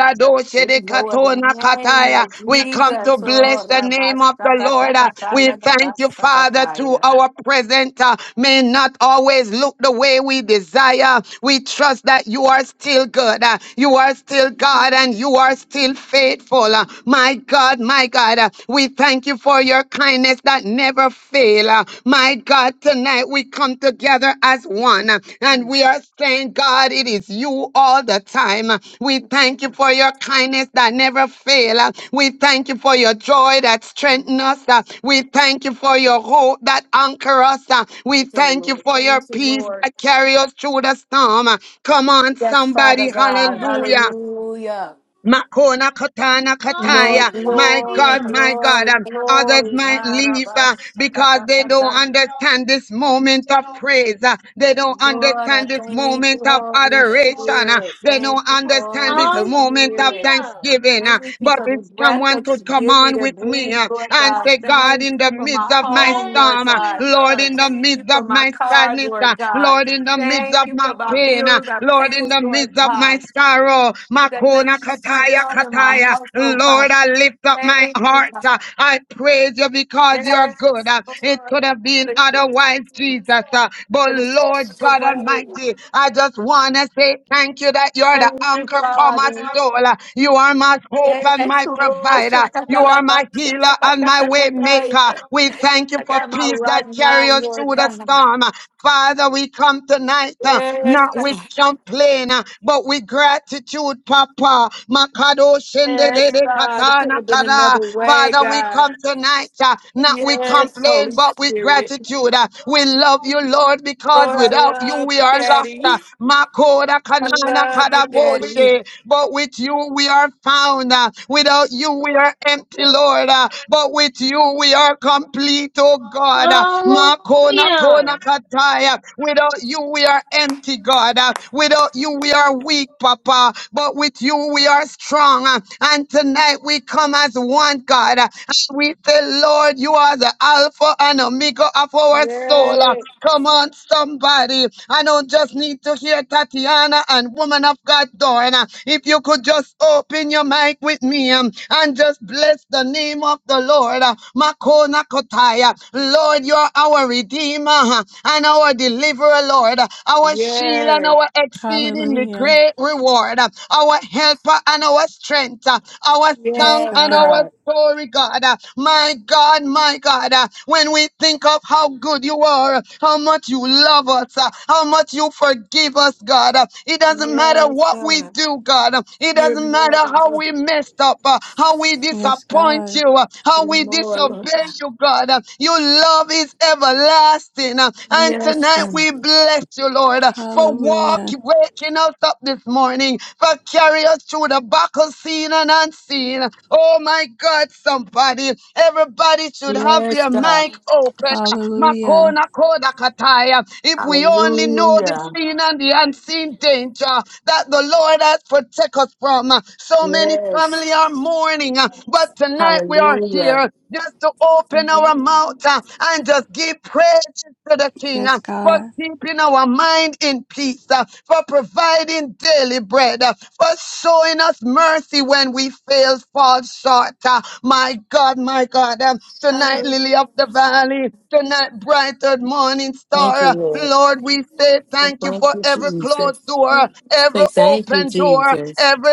D: There's no other name like
C: come to
D: Jesus. Oh,
C: bless the name of the Lord. uh,
D: rabasakataka,
C: We thank you, Father, to
D: labasakataya.
C: our present uh, may not always look the way we desire. We trust that you are still good. uh, You are still God. God, and you are still faithful. Uh, My God, my God, uh, we thank you for your kindness that never fail. Uh, My God, tonight we come together as one uh, and
D: Mm.
C: we are saying, God, it is you all the time. Uh, We thank you for your kindness that never fail. Uh, We thank you for your joy that strengthens us. Uh, We thank you for your hope that anchor us. Uh, We
D: Okay,
C: thank you
D: Lord.
C: for your
D: Thank you,
C: peace
D: Lord.
C: that carry us through the storm. Uh, Come on,
D: Yes, Father
C: somebody.
D: God.
F: Hallelujah.
C: Hallelujah.
D: Hallelujah.
C: Makona Katana
D: Lord,
C: Kataya. My
D: glory,
C: God,
F: Hallelujah.
C: my God.
D: glory,
C: Um, others
D: glory.
C: might leave uh, because they don't understand this moment of praise. uh, they don't
D: Lord, I
C: understand this
D: thank you,
C: moment of
D: Holy
C: adoration. uh,
D: Spirit.
C: they
D: Thank
C: don't
D: you,
C: understand this
D: Holy
F: Hallelujah.
C: moment of
D: Spirit.
C: thanksgiving. uh,
D: Thank you
C: but
D: for the
C: it's
D: breath
C: someone
D: that
C: to
D: you
C: come
D: give me
C: on
D: to
C: with me
D: breathe,
C: uh,
D: Lord
C: and
D: God.
C: say,
D: Thank
C: God,
D: you
C: in the
D: for
C: midst
D: my
C: of my
D: home,
F: Yes,
D: Lord
C: storm, uh,
D: God.
C: Lord, in
F: Jesus.
C: the
D: Thank you
C: midst of
D: for my
C: my
D: car,
C: sadness,
D: Lord
C: uh,
D: God.
C: Lord, in the midst
D: Thank
C: of
D: you for
C: my
D: my
C: pain, uh,
D: bills I
C: Lord,
D: paid,
C: in the
D: Lord
C: midst of my
D: God.
C: sorrow sorrow.
D: That
C: Makona
D: nothing's turned
C: kataya
D: off in my
C: kataya.
D: house, oh God.
C: Lord, I lift up my
D: Thank you,
C: heart.
D: God.
C: Uh, I praise you because you're good.
D: Yes,
C: Uh, It
D: Lord.
C: could have been
D: Hallelujah.
C: otherwise, Jesus. Uh, But
D: It is
C: Lord
D: the
C: God
D: way.
C: Almighty, I just want to say thank you that you're the
D: Thank you,
C: anchor for my
D: Father.
C: soul. Uh, You are my hope and
D: Yes,
C: my
D: Lord.
C: provider. You are
D: Shakatalaba,
C: my healer and my way maker.
D: shakatakasakataya.
C: We thank you
D: I
C: for
D: got my
C: peace that
D: right
C: carries
D: mind,
C: us
D: Lord
C: through the
D: God.
C: storm. Uh, Father, we come tonight uh,
D: Yes,
C: not with
D: God.
C: complaints complain, uh, but with gratitude, Papa. Makado shende de
D: Yes,
C: de
D: God. It
C: kata
D: could
C: na
D: have been
C: kada.
D: another way,
C: Father, we
D: God.
C: come tonight, uh, not with
D: Yes, Holy
C: complain, but with
D: Spirit.
C: gratitude. uh. We love you, Lord, because
D: Lord, I
C: without you
D: love
C: we
D: you,
C: are lost. uh.
D: Daddy.
C: Makoda
D: I
C: kanana
D: love you,
C: kada
D: Daddy.
C: boshe. But with you we are found. uh. Without you we are empty, Lord. uh. But with you we are complete, oh God. uh. Makona kona
F: Hallelujah.
C: kataya. Without you we are empty empty, God. Uh, Without you, we are weak, Papa, but with you, we are strong. Uh, And tonight, we come as one, God. Uh, And we say, Lord, you are the Alpha and Omega of our soul. Uh,
D: Yes,
C: Come on, somebody. I don't just need to hear Tatiana and Woman of God, Dorna. If you could just open your mic with me um, and just bless the name of the Lord. uh, Makona Kotaya. Lord, you're our Redeemer uh, and our deliverer, Lord, our shield and
D: yes,
C: our exceedingly
H: Hallelujah.
C: great reward, our helper and our strength, our
H: Yes,
C: song
D: yes,
C: and
H: God.
C: our
D: God.
C: story, God. Uh, My God, my God, uh, when we think of how good you are, uh, how much you love us, uh, how much you forgive us, God, uh, it doesn't matter
D: Yes,
C: what we
D: God.
C: do, God. Uh, It
D: You're
C: doesn't
D: more
C: matter
D: than
C: how we messed up, uh, how we
H: Yes,
C: disappoint
H: God.
C: you, uh, how
D: You're
C: we
D: more, Lord.
C: disobey you, God. Uh, Your love is everlasting fasting. Uh, And
D: Yes,
C: tonight
D: God.
C: we bless you, Lord, uh, for walk,
H: Hallelujah.
C: waking us up this morning, for carry us through the battle seen and unseen. Oh my God, somebody, everybody should have
D: Yes,
C: their
D: God.
C: mic open.
H: Hallelujah.
C: Makona koda kataya. If we only know the
D: Hallelujah.
C: seen and the unseen danger that the Lord has protect us from. So many family are
D: Yes.
C: mourning, but tonight we are
D: Hallelujah.
C: here just to open our
D: Thank
C: mouth uh, and just give praise to the King
H: Yes,
C: uh, for
H: God.
C: keeping our mind in peace, uh, for providing daily bread, uh, for showing us mercy when we fail, fall short. uh. My God, my God, um, tonight, Lily of the Valley tonight, bright and morning
D: you,
C: star.
D: Lord.
C: Lord, we say
D: Oh,
C: thank you
D: Thank
C: for
D: you,
C: every closed
D: Jesus.
C: door, every
D: Say thank you,
C: open door,
D: Jesus.
C: every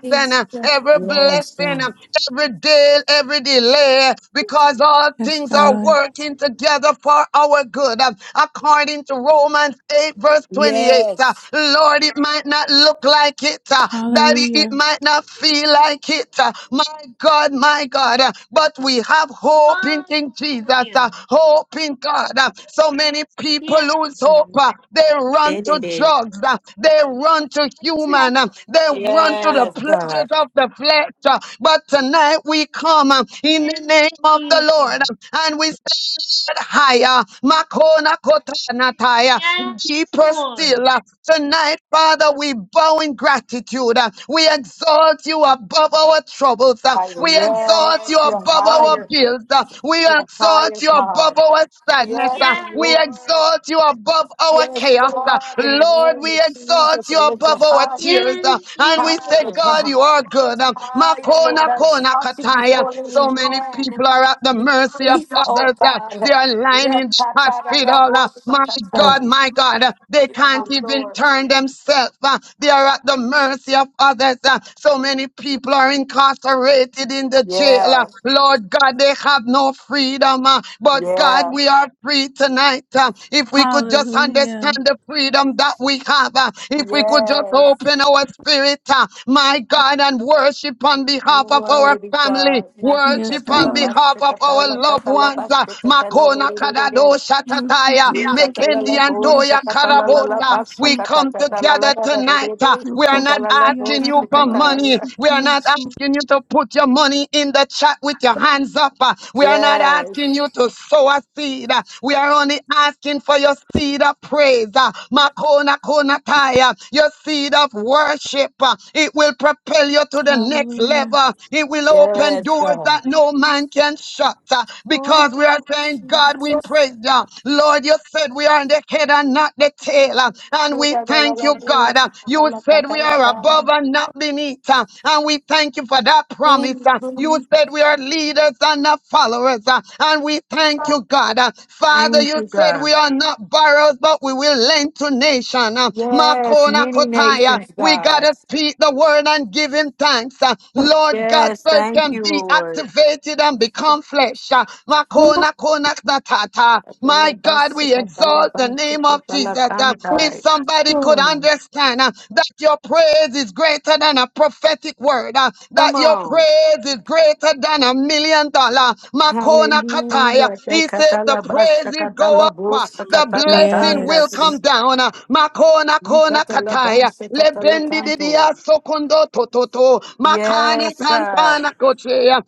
D: Yes, God.
C: every blessing, every deal, every delay, because all
H: Yes,
C: things are
H: God.
C: working together for our good. According to Romans 8, verse 28, uh,
D: Yes.
C: Lord, it might not look like it, uh, Daddy, it
H: Hallelujah.
C: might not feel like it. uh, My God, my God, uh, but we have hope in King Jesus. uh,
F: Hallelujah.
C: hope hope in God. Uh, So many people
F: Yes.
C: lose hope. Uh, They run to drugs. Uh, They run to human. Uh, They run to the
F: Hallelujah.
D: Yes, God.
C: pleasures of the flesh. Uh, But tonight we come uh, in the
F: Yes,
C: name of the Lord
F: Jesus.
C: uh, and we said higher. Makona kotanataya.
F: Yes,
C: Deeper
F: Lord.
C: still. Uh, Tonight, Father, we bow in gratitude. Uh, We exalt you above our troubles. Uh,
D: Higher.
C: We exalt you
D: Yes, you're
C: above our
F: Hallelujah.
D: higher.
C: bills. Uh, We
D: You're
C: exalt
D: higher,
C: you above
D: God.
C: our sadness.
D: Yes,
C: uh,
F: Yes.
C: We
D: Lord.
C: exalt you above our
D: Yes,
C: chaos. uh,
D: God. In the
C: Lord,
D: name
C: we
D: of Jesus,
C: exalt you
D: I lift you
C: above our
D: high,
C: tears.
F: Yes,
C: uh, And
F: Jesus.
C: we say,
D: higher,
C: God,
D: God.
C: you are good. uh,
D: I, Lord,
C: Makona
D: I
C: kona
D: exalt you
C: kataya.
D: before any
C: So many
D: man.
C: people are at the
D: We
C: mercy of
D: praise, you, oh
C: others. uh, They
D: God.
C: are lying in the hospital. uh, My
D: Yakataradaboshakatai.
C: God, my God. uh, They
D: You are my
C: can't even
D: Lord.
C: turn themselves. uh, They are at the mercy of others. uh, So many people are incarcerated in the jail. uh,
D: Yeah,
C: Lord God, they have no freedom. uh, But God, God,
D: yeah,
C: we are free tonight. Uh, If we could just understand
H: Hallelujah.
C: the freedom that we have, uh, if we could just
D: yes.
C: open our spirit, uh, my God, and worship on
D: You
C: behalf of our
D: Worthy
C: family,
D: God.
H: Yes,
C: worship on
H: God.
C: behalf of our loved ones. uh, Makona Kadado
D: Natsikatalabashikatalakatalabashikatalalalalalalalala.
C: Shatataya,
H: Yokutuyere baba
C: Mekendi Antoya Karabota. We come together tonight. uh,
D: Yekatalalaboshakatalalabaskakatalalalalalalalala.
C: We are not asking you for money.
D: Katalalaboshikataya.
C: We are not asking you to put your money in the chat with your hands up. uh, We are not
D: Yes,
C: asking you to sow sow seed. Uh, We are only asking for your seed of praise. uh, Makona konataya, Your seed of worship. uh, It will propel you to the next
H: Hallelujah.
C: level. It will open
D: yes,
C: doors
D: God.
C: that no man can shut. uh, Because we are
D: Oh,
C: saying, God, we
D: Jesus.
C: praise you. Lord, you said we are the head and not the tail. uh,
D: Thank
C: And we thank you,
D: you,
C: God. uh, You said we are above and not beneath. uh, And we thank you for that promise. uh, You said we are leaders and not followers. uh, And we thank you you, God. Uh, Father,
D: thank
C: you
D: you,
C: said
D: God.
C: we are not borrowers, but we will lend to nation. Uh,
D: Yes,
C: Makona
D: many
C: Kotaya,
D: nations,
C: we got
D: God.
C: to speak the word and give him thanks. Uh, Lord God,
D: Yes,
C: so it
D: thank
C: can
D: you,
C: be
D: Lord.
C: activated and become flesh. Uh, Makona Kona Knatata. My God, we exalt the name of Jesus. Uh, If somebody could
F: Lord.
C: understand uh, that your praise is greater than a prophetic word, uh,
D: Come
C: that your
D: on.
C: praise is greater than a million dollar. Makona Kataya.
D: Hallelujah.
C: He said the
D: Tekatalabasha
C: praises go up, uh,
D: katalabosa
C: the blessing
D: katakatanda.
C: will come
H: Yes.
C: down. uh, Makona kona kataya,
D: Yikatalabamsa
C: lebendi
D: katalakanto.
C: didia sokondo tototo, makana
D: Yes, God.
C: kantana kochea.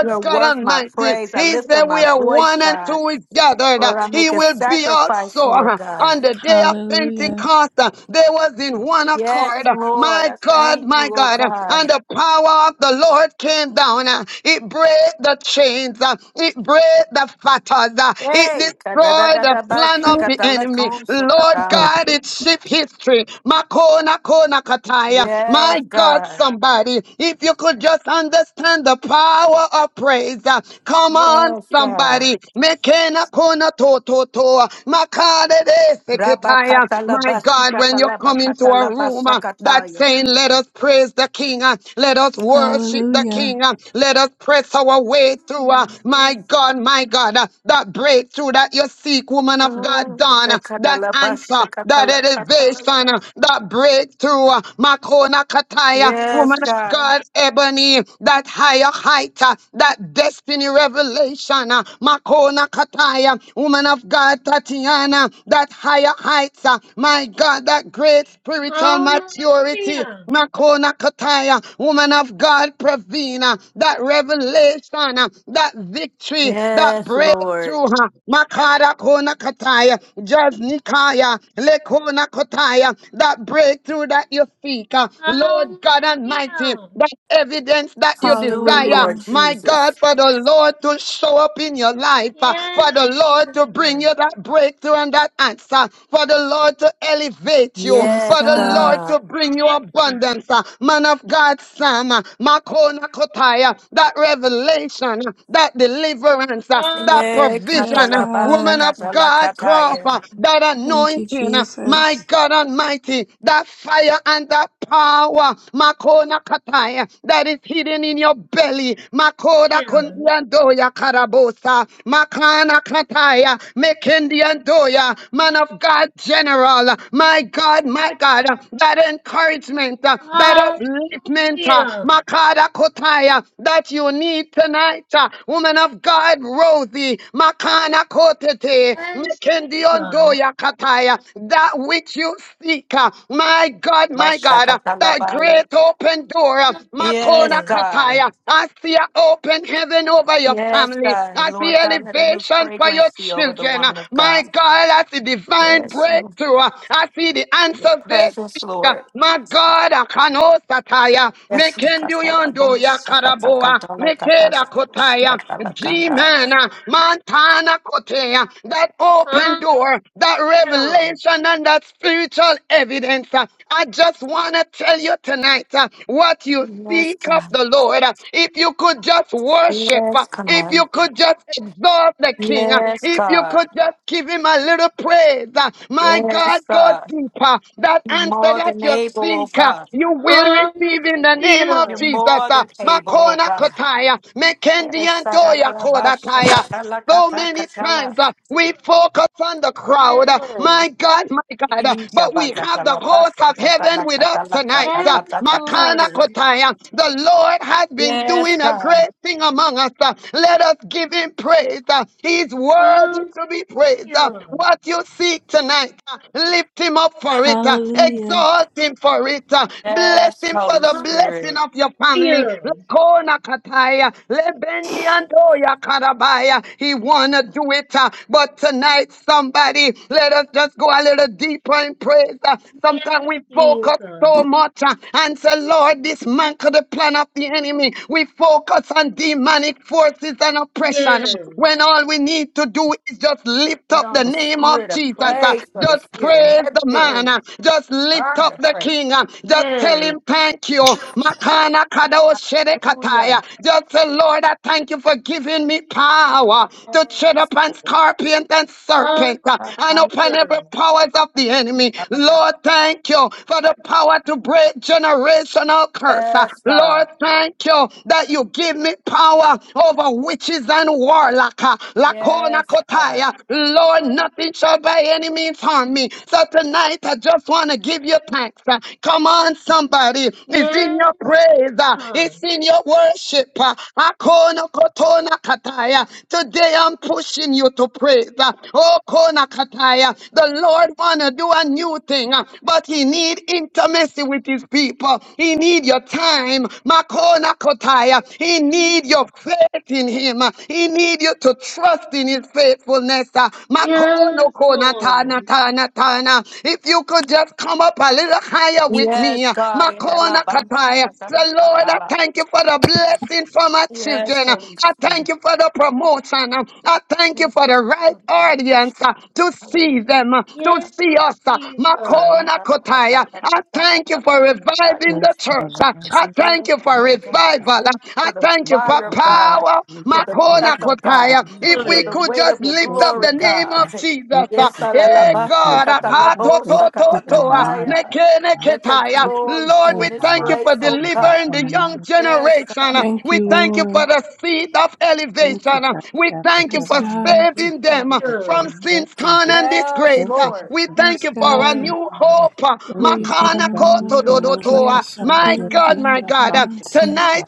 D: You are
C: God
D: worth my
C: Almighty,
D: praise. I
C: He
D: lift up
C: said
D: my
C: we are
D: voice,
C: one and
D: God.
C: two is gathered. uh,
D: Lord, I
C: He
D: make a
C: will be
D: sacrifice,
C: also
D: Lord
C: uh,
D: God.
C: on the day of
H: Hallelujah.
C: Pentecost. uh, There was in one
D: Yes,
C: accord, uh,
D: Lord,
C: my
D: I
C: God,
D: thank
C: my
D: you, oh
C: God, uh,
D: God.
C: and the power of the Lord came down. uh, It break the chains. uh, It break the scatters. uh, It
D: Hey,
C: destroyed the plan of the enemy. Lord
D: ka-da-da-da-da-ba-shaka-ta-la-kon-sa-ka-ta.
C: God, it shift history. Makona kona kataya.
D: yes,
C: My God,
D: God.
C: somebody, if you could just understand the power of praise. uh, Come on,
D: Yes, God.
C: somebody. Mekena kona to to to. Makade de seketaya. My God, when you come into a room uh, that's
D: Rabakatalabashikatalabakatalabasakataya.
C: saying, let us praise the King. uh, Let us worship the
H: Hallelujah.
C: King. uh, Let us press our way through. uh, My God, my God. uh, that breakthrough that you seek, woman of God,
D: Oh,
C: Donna. that answer, that
D: Bekadalabashakatalakatalala.
C: elevation, that breakthrough, Makona Kataya, woman
D: Yes,
C: of
D: God.
C: God, Ebony, that higher height, uh, that destiny revelation, uh, Makona Kataya, woman of God, Tatiana, that higher heights, uh, my God, that great spiritual maturity,
F: Hallelujah.
C: Makona Kataya, woman of God, Pravina, that revelation, uh, that victory, that
D: Yes,
C: breakthrough
D: Lord.
C: breakthrough. Ha. Makara kona kataya, just nikaya, lekona kotaya, that breakthrough that you seek. ah.
F: Hallelujah.
C: Lord God Almighty, that evidence that you
D: Just do it,
C: desire.
D: Lord
H: Hallelujah.
C: My God,
D: Jesus.
C: for the Lord to show up in your life, ah, for
F: Yes,
C: the Lord
F: Jesus.
C: to bring you that breakthrough and that answer, for the Lord to elevate you,
H: Yes,
C: for
D: Yes,
C: the
H: God.
C: Lord
D: God.
C: to bring you
F: Yes.
C: abundance. ah. Man of God, Sam, ah, Makona kotaya, that revelation salvation, uh, that deliverance, uh,
F: Hallelujah.
C: that
D: Eh,
C: provision,
H: Yes,
C: uh,
D: katala
F: Hallelujah.
D: basha
H: God.
C: woman of God, Crawford, that
H: Thank you,
C: anointing, uh, my
H: Jesus.
C: God Almighty, that fire and that power, Makona Kataya, that is hidden in your belly, Makoda
F: Hallelujah.
C: Kundiandoya Karabosa, Makana Kataya, Mekendiandoya, man of God, general, uh, my God, my God, uh, that encouragement, uh, that upliftment, uh, Makada Kotaya that you need tonight. uh, Woman of God, Rosie, Makana Kotete,
F: Yes,
C: Nikendiondoya Kataya, that which you seek. uh, My God, my God, uh, that great open door. uh,
D: Yes,
C: Makona
F: Jesus.
D: God.
C: Kataya, I see an open heaven over your
D: Yes,
C: family.
D: God.
C: I see
D: Lord God, let a new
C: elevation for your
D: fragrance be over the
C: children. uh,
D: woman of
C: My
D: God.
C: God, I see divine
D: Yes, Lord.
C: breakthrough. uh, I see the
D: Your
C: answers they
D: presence,
C: seek. uh,
D: Lord.
C: My God. God, Akano Sataya,
D: Yes, katala
C: Mekenduyondo Yakaraboa, Mekeda Kotaya, G-Mana, Montana Kotea, that open door, that
F: Hallelujah.
C: revelation and that spiritual evidence. uh, I just want to tell you tonight uh, what you
D: Yes,
C: seek of
D: God.
C: the Lord. uh, If you could just worship, uh,
D: Yes,
C: if
D: God.
C: you could just exalt the King, uh,
D: Yes,
C: if you
D: God.
C: could just give him a little praise, uh, my God
D: Yes,
C: go Go
D: God.
C: deeper. That
D: You're
C: answer
D: more
C: that
D: than
C: you
D: able, oh
C: seek, uh,
D: God.
C: you will
F: Hallelujah.
C: receive in the name of
D: You're
F: Yes.
C: Jesus.
D: more
C: uh.
D: than able, oh
C: Makona
D: God.
C: Kotaya, Mekendi Antoya
D: Esararabasha
C: Kodataya.
D: katala
C: So
D: kata
C: many
D: katala.
C: times uh, we focus on the crowd. uh, my God, my God. uh, but we have the host of
D: Ishabacatalabasha
C: heaven
D: katala
C: with us
D: katala
C: tonight.
D: kata
C: Uh,
F: Yes,
D: kata kata.
C: Makana
F: Lord.
C: Kotaya. The Lord has been
D: Yes,
C: doing a
D: God.
C: great thing among us. uh, let us give him praise. Uh, he's worthy
F: Hallelujah.
C: to be praised uh, what you seek tonight. uh, Lift him up for it. uh,
H: Hallelujah.
C: Exalt him for it. uh, Bless
D: Yes,
C: him for
D: Holy
C: the blessing
D: Spirit.
C: of your family.
F: Hallelujah.
C: Lakona kataya, lebendi andoya karabaya. He wanna do it, uh, but tonight, somebody, let us just go a little deeper in praise. uh, Sometimes
F: Yes,
C: we focus
F: Jesus.
C: so much uh, and say, Lord, dismantle the plan of the enemy. We focus on demonic forces and oppression
F: Yes.
C: when all we need to do is just lift
D: Put
C: up
D: on
C: the
D: the
C: name of
D: spirit of
C: Jesus.
F: Thank
C: uh,
D: praise for the
C: Just
F: you,
D: spirit
C: praise
D: of
C: the
D: heaviness.
C: man. uh,
F: Jesus.
C: Just lift
D: Garment
C: up
D: of
C: the
D: praise.
C: king. uh, Just tell
F: Yes.
C: him thank you. Makana kadao
D: Hallelujah.
C: shedekataya. Just say, Lord, I thank you for giving me power to tread
D: Yes,
C: upon
D: Lord.
C: scorpions and serpents
F: Hallelujah.
C: uh, and
D: Katala
C: upon every powers of the enemy.
D: katala
C: Lord,
D: kata.
C: thank you for the power to break generational curse. uh.
D: Yes, God.
C: Lord, thank you that you give me submit power over witches and warlock. uh, Lakona
D: Yes, God.
C: kotaya. Lord, nothing shall by any means harm me. So tonight I just want to give you thanks. uh, Come on, somebody. It's in
F: Yes,
C: your praise. uh,
F: Jesus.
C: It's in your worship. uh, Akona kotona kataya. Today I'm pushing you to praise. uh, Oh, kona kataya. The Lord wanna do a new thing, uh, but He need intimacy with His people. He need your time. Makona Kotaya. He need your faith in him. He need you to trust in his faithfulness. Makono
F: Yes,
C: kona tana
F: Lord.
C: tana tana. If you could just come up a little higher with me.
D: Yes, God. in the la
C: Makona
D: ban-
C: Kataya.
D: sa- sa- sa-
C: The
D: sa-
C: Lord,
D: sa-
C: I
D: la.
C: thank you for the blessing for my
D: Yes,
C: children.
D: Holy
C: I thank you
D: Spirit.
C: for the promotion. I thank you
D: Thank
C: for
D: you.
C: the right
D: Yes,
C: audience uh, to see them, uh, to
F: Yes,
C: see us. uh,
F: Jesus.
C: Makona Kotaya. I thank you for reviving
G: Yes,
C: the
G: Father,
C: church. I,
G: I just
C: I thank you for
D: Lord God.
C: revival. I,
D: For
C: I
D: the
C: thank
G: thank
C: you
G: you
C: for
D: fire
G: for
D: of
G: keeping me
D: God,
C: power.
G: through
D: for
G: the
D: the
C: Makona
D: breath
F: Yes,
G: protection
D: of
G: of my
C: kotaya.
D: God,
G: enemies,
C: If
G: Father
D: for
C: we
D: the
C: could
G: God.
D: weight of
C: just
D: your
C: lift
G: Thank
C: up
G: you,
D: glory,
C: the
G: Father
C: name
D: God.
G: God.
C: of
G: Thank
C: Jesus.
G: you
C: uh,
D: Yes,
G: for keeping
C: Hey
G: my
D: alalabasha
G: kids,
C: God. uh,
G: Father
C: ka
G: God.
C: to to
G: Thank
D: katalabosa
G: you for
C: to to,
G: keeping my
C: uh,
G: mind,
D: katakataya.
G: Father
C: neke
G: God.
C: neke
D: let your
C: taya.
G: Thank you for
D: glory
C: Lord,
D: be in
C: we
G: clearing my
D: this
C: thank you
G: mind,
C: for
D: place, oh
G: Father God,
D: God.
C: delivering
G: from
C: the young
G: the
D: Yes,
C: generation. uh,
D: God.
H: Thank
C: We
H: you,
G: mighty
C: thank you for
H: Lord.
C: the seed of
G: Thank you,
C: elevation. uh,
G: Father
C: We
G: God, for
C: thank you
H: Yes,
C: for
G: covering my
H: God.
G: kids,
C: saving them
G: Father
C: uh,
G: God, in
C: from
F: Lord.
G: your blood,
C: sin's con
G: Jesus.
C: and
D: Yes,
C: disgrace.
G: Thank you, Father
D: Lord.
C: uh, we
G: God,
C: thank
H: Yes,
G: for
C: you for a
G: watching,
H: God.
C: new
G: Father God.
C: hope.
G: Thank you,
H: Kuya dada
C: Makana
G: Father God.
H: mama mama
G: You
C: koto
G: said
H: mama
G: no weapon
H: kia
C: dodotoa.
G: formed
C: My
G: against
H: sukuya
C: God,
G: me
H: dada
C: my
G: shall
H: baba
C: God. Uh,
G: prosper, Father
H: mansi.
C: Tonight,
G: God.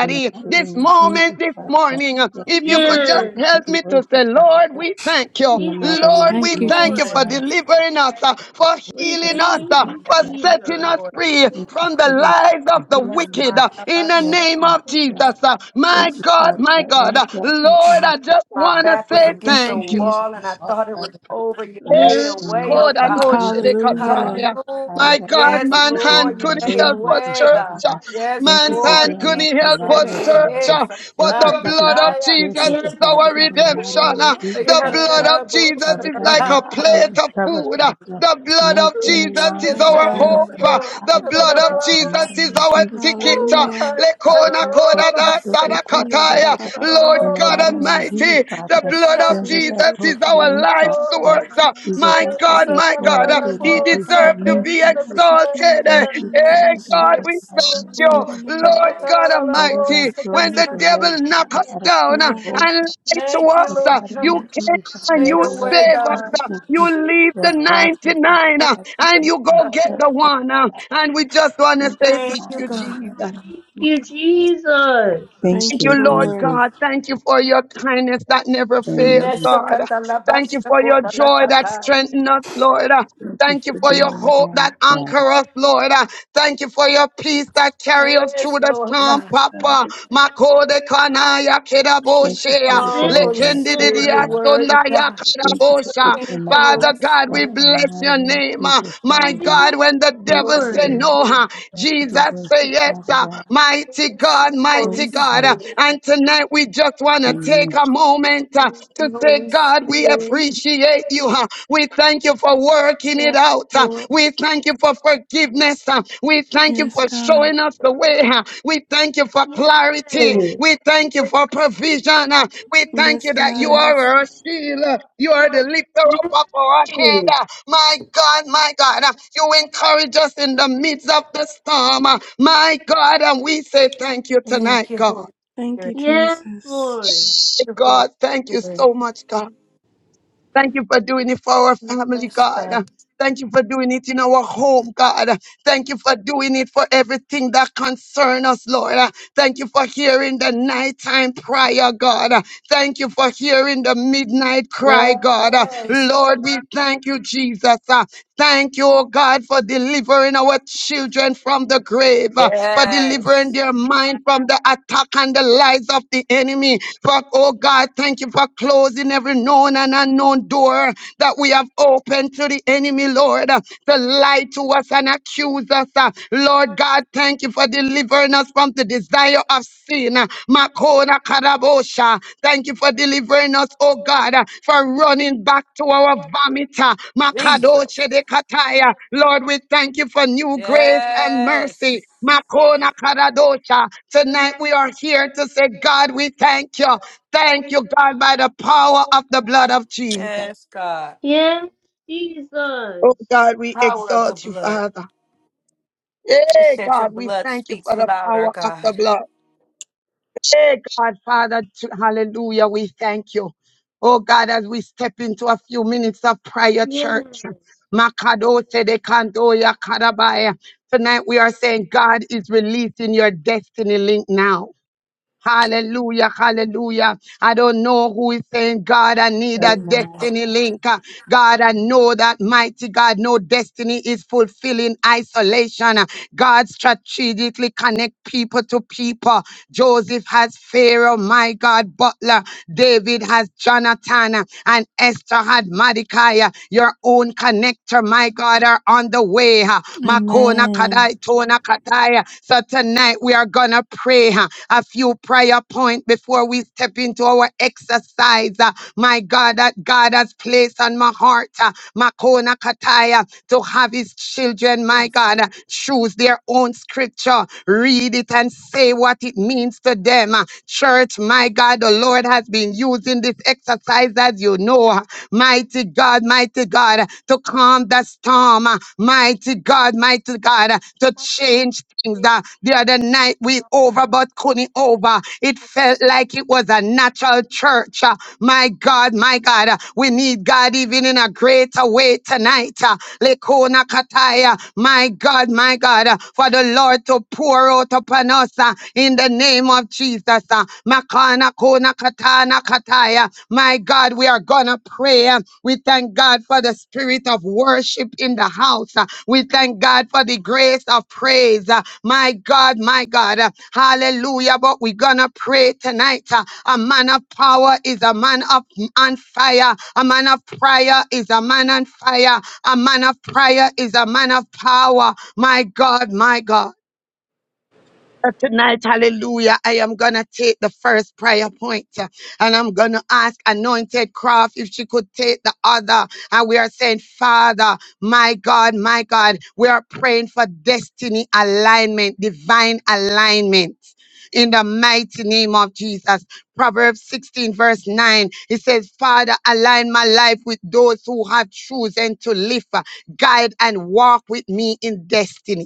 G: In the mighty
C: this
G: name of
C: moment,
G: Jesus,
C: this
G: Father God.
C: morning, uh,
G: That
C: if you
G: we are
C: could just
F: Yes.
G: worthy to
C: help
G: be
C: me to say,
G: worshiped, Father
C: Lord,
G: God.
C: we thank you.
G: In the
F: We
G: mighty
F: thank
C: Lord,
G: name of
C: we
F: you,
H: Thank you,
C: thank
G: Jesus,
C: you
D: Lord,
C: for
F: Lord.
G: God.
H: Jesus.
C: delivering us, uh, for
F: We
C: healing
G: Thank
C: us,
G: you,
F: thank
C: uh,
D: we
G: Father
F: you,
C: for
G: God.
D: thank
C: setting
D: you,
F: Jesus.
C: us
D: Lord.
C: free
G: Thank you
C: from the
G: for your
C: lies of the
G: for
D: Yes,
G: healing
C: wicked.
G: me.
D: my
C: uh, In
D: God.
C: the
G: Yes,
C: name of
G: Father God.
C: Jesus. uh, My
G: Thank you,
C: God,
G: Father,
C: my
G: for
C: God.
G: any
C: Uh,
G: darkness in
C: Lord,
G: my
C: I
G: life.
C: just
D: My
C: want to
D: back was
C: say
G: Remove it
D: against
H: Thank
D: a
G: in
H: you,
C: thank you.
G: Jesus'
D: wall and
G: name.
D: I
H: Jesus.
D: thought it was over. You
G: And
D: made a
F: Yes.
D: way,
G: my
D: oh
G: name is
D: God.
F: Lord.
G: Jesus, Father God.
H: Hallelujah.
C: Kodadoshinikataya.
G: Father
C: My
D: Hallelujah.
G: God,
C: God,
G: thank you
D: Yes,
G: for
C: man's hand
D: Lord,
G: being
D: you
G: my
C: couldn't
D: made a
C: help us,
G: waymaker,
D: way,
G: Father
D: God.
C: church.
G: God.
D: Yes,
G: Thank you
C: Man's
G: for
D: Lord,
C: hand
G: being my
D: Jesus.
C: couldn't help us,
G: provider, Father God.
C: church.
G: Thank
C: But the
G: you for being
C: blood
G: my
C: of Jesus
G: caretaker,
F: Yes.
C: is
G: Father
C: our
G: God, in the mighty
C: redemption.
G: name of Jesus,
C: The
G: Father
C: blood
G: God.
C: of Jesus
G: Father
C: is
G: God, if
C: like a
G: my eyes
C: plate
G: is
C: of
G: covered,
C: food.
G: Father God,
C: The blood
G: remove
C: of
G: any
C: Jesus
G: lines
D: Yes,
C: is
H: Yes,
G: that
C: our
D: God.
G: link
D: Yes,
C: hope.
H: God.
G: in my
C: The
G: eyes,
C: blood
G: Father
C: of
G: God, in the
D: Lord.
C: Jesus
G: mighty
C: is
G: name of
C: our
G: Jesus,
C: ticket.
G: Father God.
D: Yes,
H: Hallelujah.
G: Father
C: Lekona
G: God,
C: koda
G: touch my
C: da sada
G: daughter's heart,
H: Ukuya dada
C: kataya.
G: Father God.
H: baba
C: Lord
H: baba
G: In the
C: God
G: mighty
H: dia
G: name of Jesus,
H: sikia
C: Almighty,
H: dada
G: Father
C: the
G: God,
H: baba baba
C: blood of
D: God.
G: bring her
H: suya
G: back
C: Jesus
H: dede
C: is
G: closer to
C: our
H: bebe
G: you,
C: life
G: Father
H: dada
D: Oh,
G: God.
H: baba
C: source.
D: my
H: baba
D: God.
C: uh,
H: mansi.
G: Jesus,
D: Thank
C: My
G: I said
C: God,
G: yes
C: my
D: you
G: to you, and
C: God,
G: I
C: uh,
H: Ukuya
G: gave my
C: He
H: dada
G: peace
H: baba
G: to
C: deserves to
H: mama
G: you,
C: be
D: for
H: dia
D: the
G: Jesus.
D: blood,
H: sikia
C: exalted.
H: dada
C: uh,
G: Thank
D: God.
H: baba
G: you,
C: Hey,
H: mama
G: Father God,
C: God,
G: in
H: su.
C: we
G: the
D: Yes,
G: mighty
D: Lord.
C: thank
G: name of
H: Lord, I
C: you,
H: don't
G: Jesus,
H: know.
G: Father
C: Lord
G: God.
C: God
G: Father God,
C: Almighty.
G: show
C: When
G: me
C: the
G: the
C: devil
G: way,
C: knock
G: Father
C: us
G: God, a
C: down uh,
G: quick
H: God,
G: road,
C: and
G: Father
C: lie
G: God.
C: to
D: Thank you,
G: In
C: us,
G: the
D: Lord.
C: uh,
G: mighty
C: you
G: name
D: God.
G: of
C: came
G: Jesus, Father
C: and
D: Made
G: God,
C: you
D: a
G: no
D: way,
G: weapons
C: save
D: God.
G: formed
C: us. uh,
G: against me
C: You leave
G: shall
C: the
G: prosper, Father
C: 99
D: Thank
C: uh,
G: God. You
D: you,
C: and
G: is
C: you
G: my
C: go
D: God.
C: get
G: steps,
C: the
G: Father.
C: one. uh, And we just want to
G: Thank you,
C: say thank
D: Thank
G: God,
D: you,
C: you,
G: in the
D: God.
C: Jesus.
G: mighty name.
F: Thank you, Jesus.
G: Thank
H: thank
C: Thank you,
H: you,
G: you,
C: Lord
H: Lord.
G: Jesus.
C: God. Thank you for your kindness that never
G: Amen.
C: fails, God. Thank you for your joy that
D: Mesokatalabasakotalakatai.
C: strengthens us, Lord. Uh,
G: Thank you
C: Thank you
G: for
C: for your
G: being
C: hope
G: God,
C: that
G: God.
C: anchor us, Lord. Uh, Thank you for your peace that carry us
D: Yes,
C: through the
D: Lord
G: Thank
C: storm,
D: God.
C: Papa.
G: you
C: Makode kanaya
G: for
C: kedaboshea.
G: the
D: Oh,
F: Yes,
D: Holy
G: deliverance,
D: Spirit,
G: Father
D: your
C: Lekendidiya
F: Lord.
G: God.
D: word,
C: sondaya
D: God.
G: Thank you for
C: kadabosha.
G: opening
D: Thank you,
G: my eyes,
D: Holy
C: Father God,
G: God,
C: we
D: Spirit.
G: on the
C: bless
G: matter
C: your
G: in
C: name. uh.
G: Jesus,
C: My
G: Father
F: Thank
G: God.
F: you,
C: God, when the
G: You
D: Holy
C: devil
G: are
C: said
F: Lord.
G: the
C: no,
D: Spirit.
C: uh,
G: God, to be
C: Jesus
F: yes,
C: said
G: worshipped,
C: yes.
G: Father
C: uh.
G: God.
C: Mighty
D: Yes,
C: God,
G: Thank
D: Holy
C: mighty
G: you,
C: God. uh.
G: God.
D: Spirit.
C: And tonight we just want to take
G: Amen.
C: a moment uh,
D: Thank
F: uh,
C: to
D: you,
C: say,
D: Holy
C: God, we
D: Spirit.
C: appreciate you. uh,
F: uh,
C: we thank you for working it
D: Thank
C: out.
D: you,
C: uh,
D: Lord,
C: we thank you for forgiveness. uh, we
F: uh,
C: thank you
H: Yes,
C: for
H: God.
C: showing us the
D: for
C: way. uh, we thank you for clarity.
F: uh, Yes,
C: We thank you
D: the
C: for provision. uh, we thank
H: Yes,
C: you that you
H: God.
C: are
D: forgiveness.
C: our shield. uh, you are the lifter up of our head.
F: yes,
C: uh, my God, my God, uh, you encourage us in the midst of the storm. uh, my God, and we say thank you tonight,
D: Thank you,
C: God.
D: Holy
H: Thank you,
D: Spirit.
F: yes,
H: Jesus.
F: Lord.
D: Thank you, Holy
C: God, thank you
D: Spirit.
C: so much, God. Thank you for doing it for our family,
D: Yes, God.
C: God. Thank you for doing it in our home, God. Thank you for doing it for everything that concerns us, Lord. Thank you for hearing the nighttime prayer, God. Thank you for hearing the midnight cry, God.
D: Yes.
C: Lord, we thank you, Jesus. Thank you, oh God, for delivering our children from the grave, uh, for delivering
D: Yes.
C: their mind from the attack and the lies of the enemy. For, oh God, thank you for closing every known and unknown door that we have opened to the enemy, Lord, uh, to lie to us and accuse us. uh. Lord God, thank you for delivering us from the desire of sin. Makona Karabosha. Thank you for delivering us, oh God, uh, for running back to our vomit. uh,
D: Jesus.
C: Makadoche de Kataya. Lord, we thank you for new grace and
D: Yes.
C: mercy. Makona Karadosha. Tonight we are here to say, God, we thank you. Thank you, God, by the power of the blood of Jesus.
D: Yes, God.
F: Yes, Jesus.
C: Oh God, we
D: Power of the
C: exalt you,
D: blood.
C: Father.
D: You
C: Hey,
D: said your
C: God, we
D: blood
C: thank you
D: speaks
C: for the
D: louder,
C: power of
D: God.
C: the blood. Hey, God, Father, t- hallelujah, we thank you. Oh, God, as we step into a few minutes of prayer,
F: Yes,
C: church. Makadose de kandoya karabaya. Tonight we are saying God is releasing your destiny link now. Hallelujah, hallelujah. I don't know who is saying, God, I need a
G: Amen.
C: destiny link. Uh, God, I know that mighty God, no destiny is fulfilling isolation. Uh, God strategically connect people to people. Joseph has Pharaoh, my God, Butler. David has Jonathan, uh, and Esther had Mordecai. Uh, Your own connector, my God, are on the way. Makona
H: Amen.
C: Kadai Tona Kataya. So tonight we are gonna pray huh, a few prayer points before we step into our exercise. uh, My God, that God has placed on my heart. uh, Makona Kataya to have his children, my God, uh, choose their own scripture, read it and say what it means to them. uh, Church, my God, the Lord has been using this exercise, as you know. huh? Mighty God, mighty God, to calm the storm. Mighty God, mighty God, to change things. Uh, The other night we over, but couldn't over. It felt like it was a natural church. Uh, My God, my God, uh, we need God even in a greater way tonight. Uh, Lekona Kataya, my God, my God, uh, for the Lord to pour out upon us uh, in the name of Jesus. uh, Makana Kona Katana Kataya. My God, we are gonna pray. uh, We thank God for the spirit of worship in the house. uh, We thank God for the grace of praise. uh, My God, my God. uh, Hallelujah. But we're gonna pray tonight. uh, A man of power is a man of on fire. A man of prayer is a man on fire. A man of prayer is a man of power. My God, my God. Uh, Tonight, hallelujah, I am going to take the first prayer point uh, and I'm going to ask Anointed Craft if she could take the other. And we are saying, Father, my God, my God, we are praying for destiny alignment, divine alignment. In the mighty name of Jesus. Proverbs 16, verse 9, it says, Father, align my life with those who have chosen to live, uh, guide, and walk with me in destiny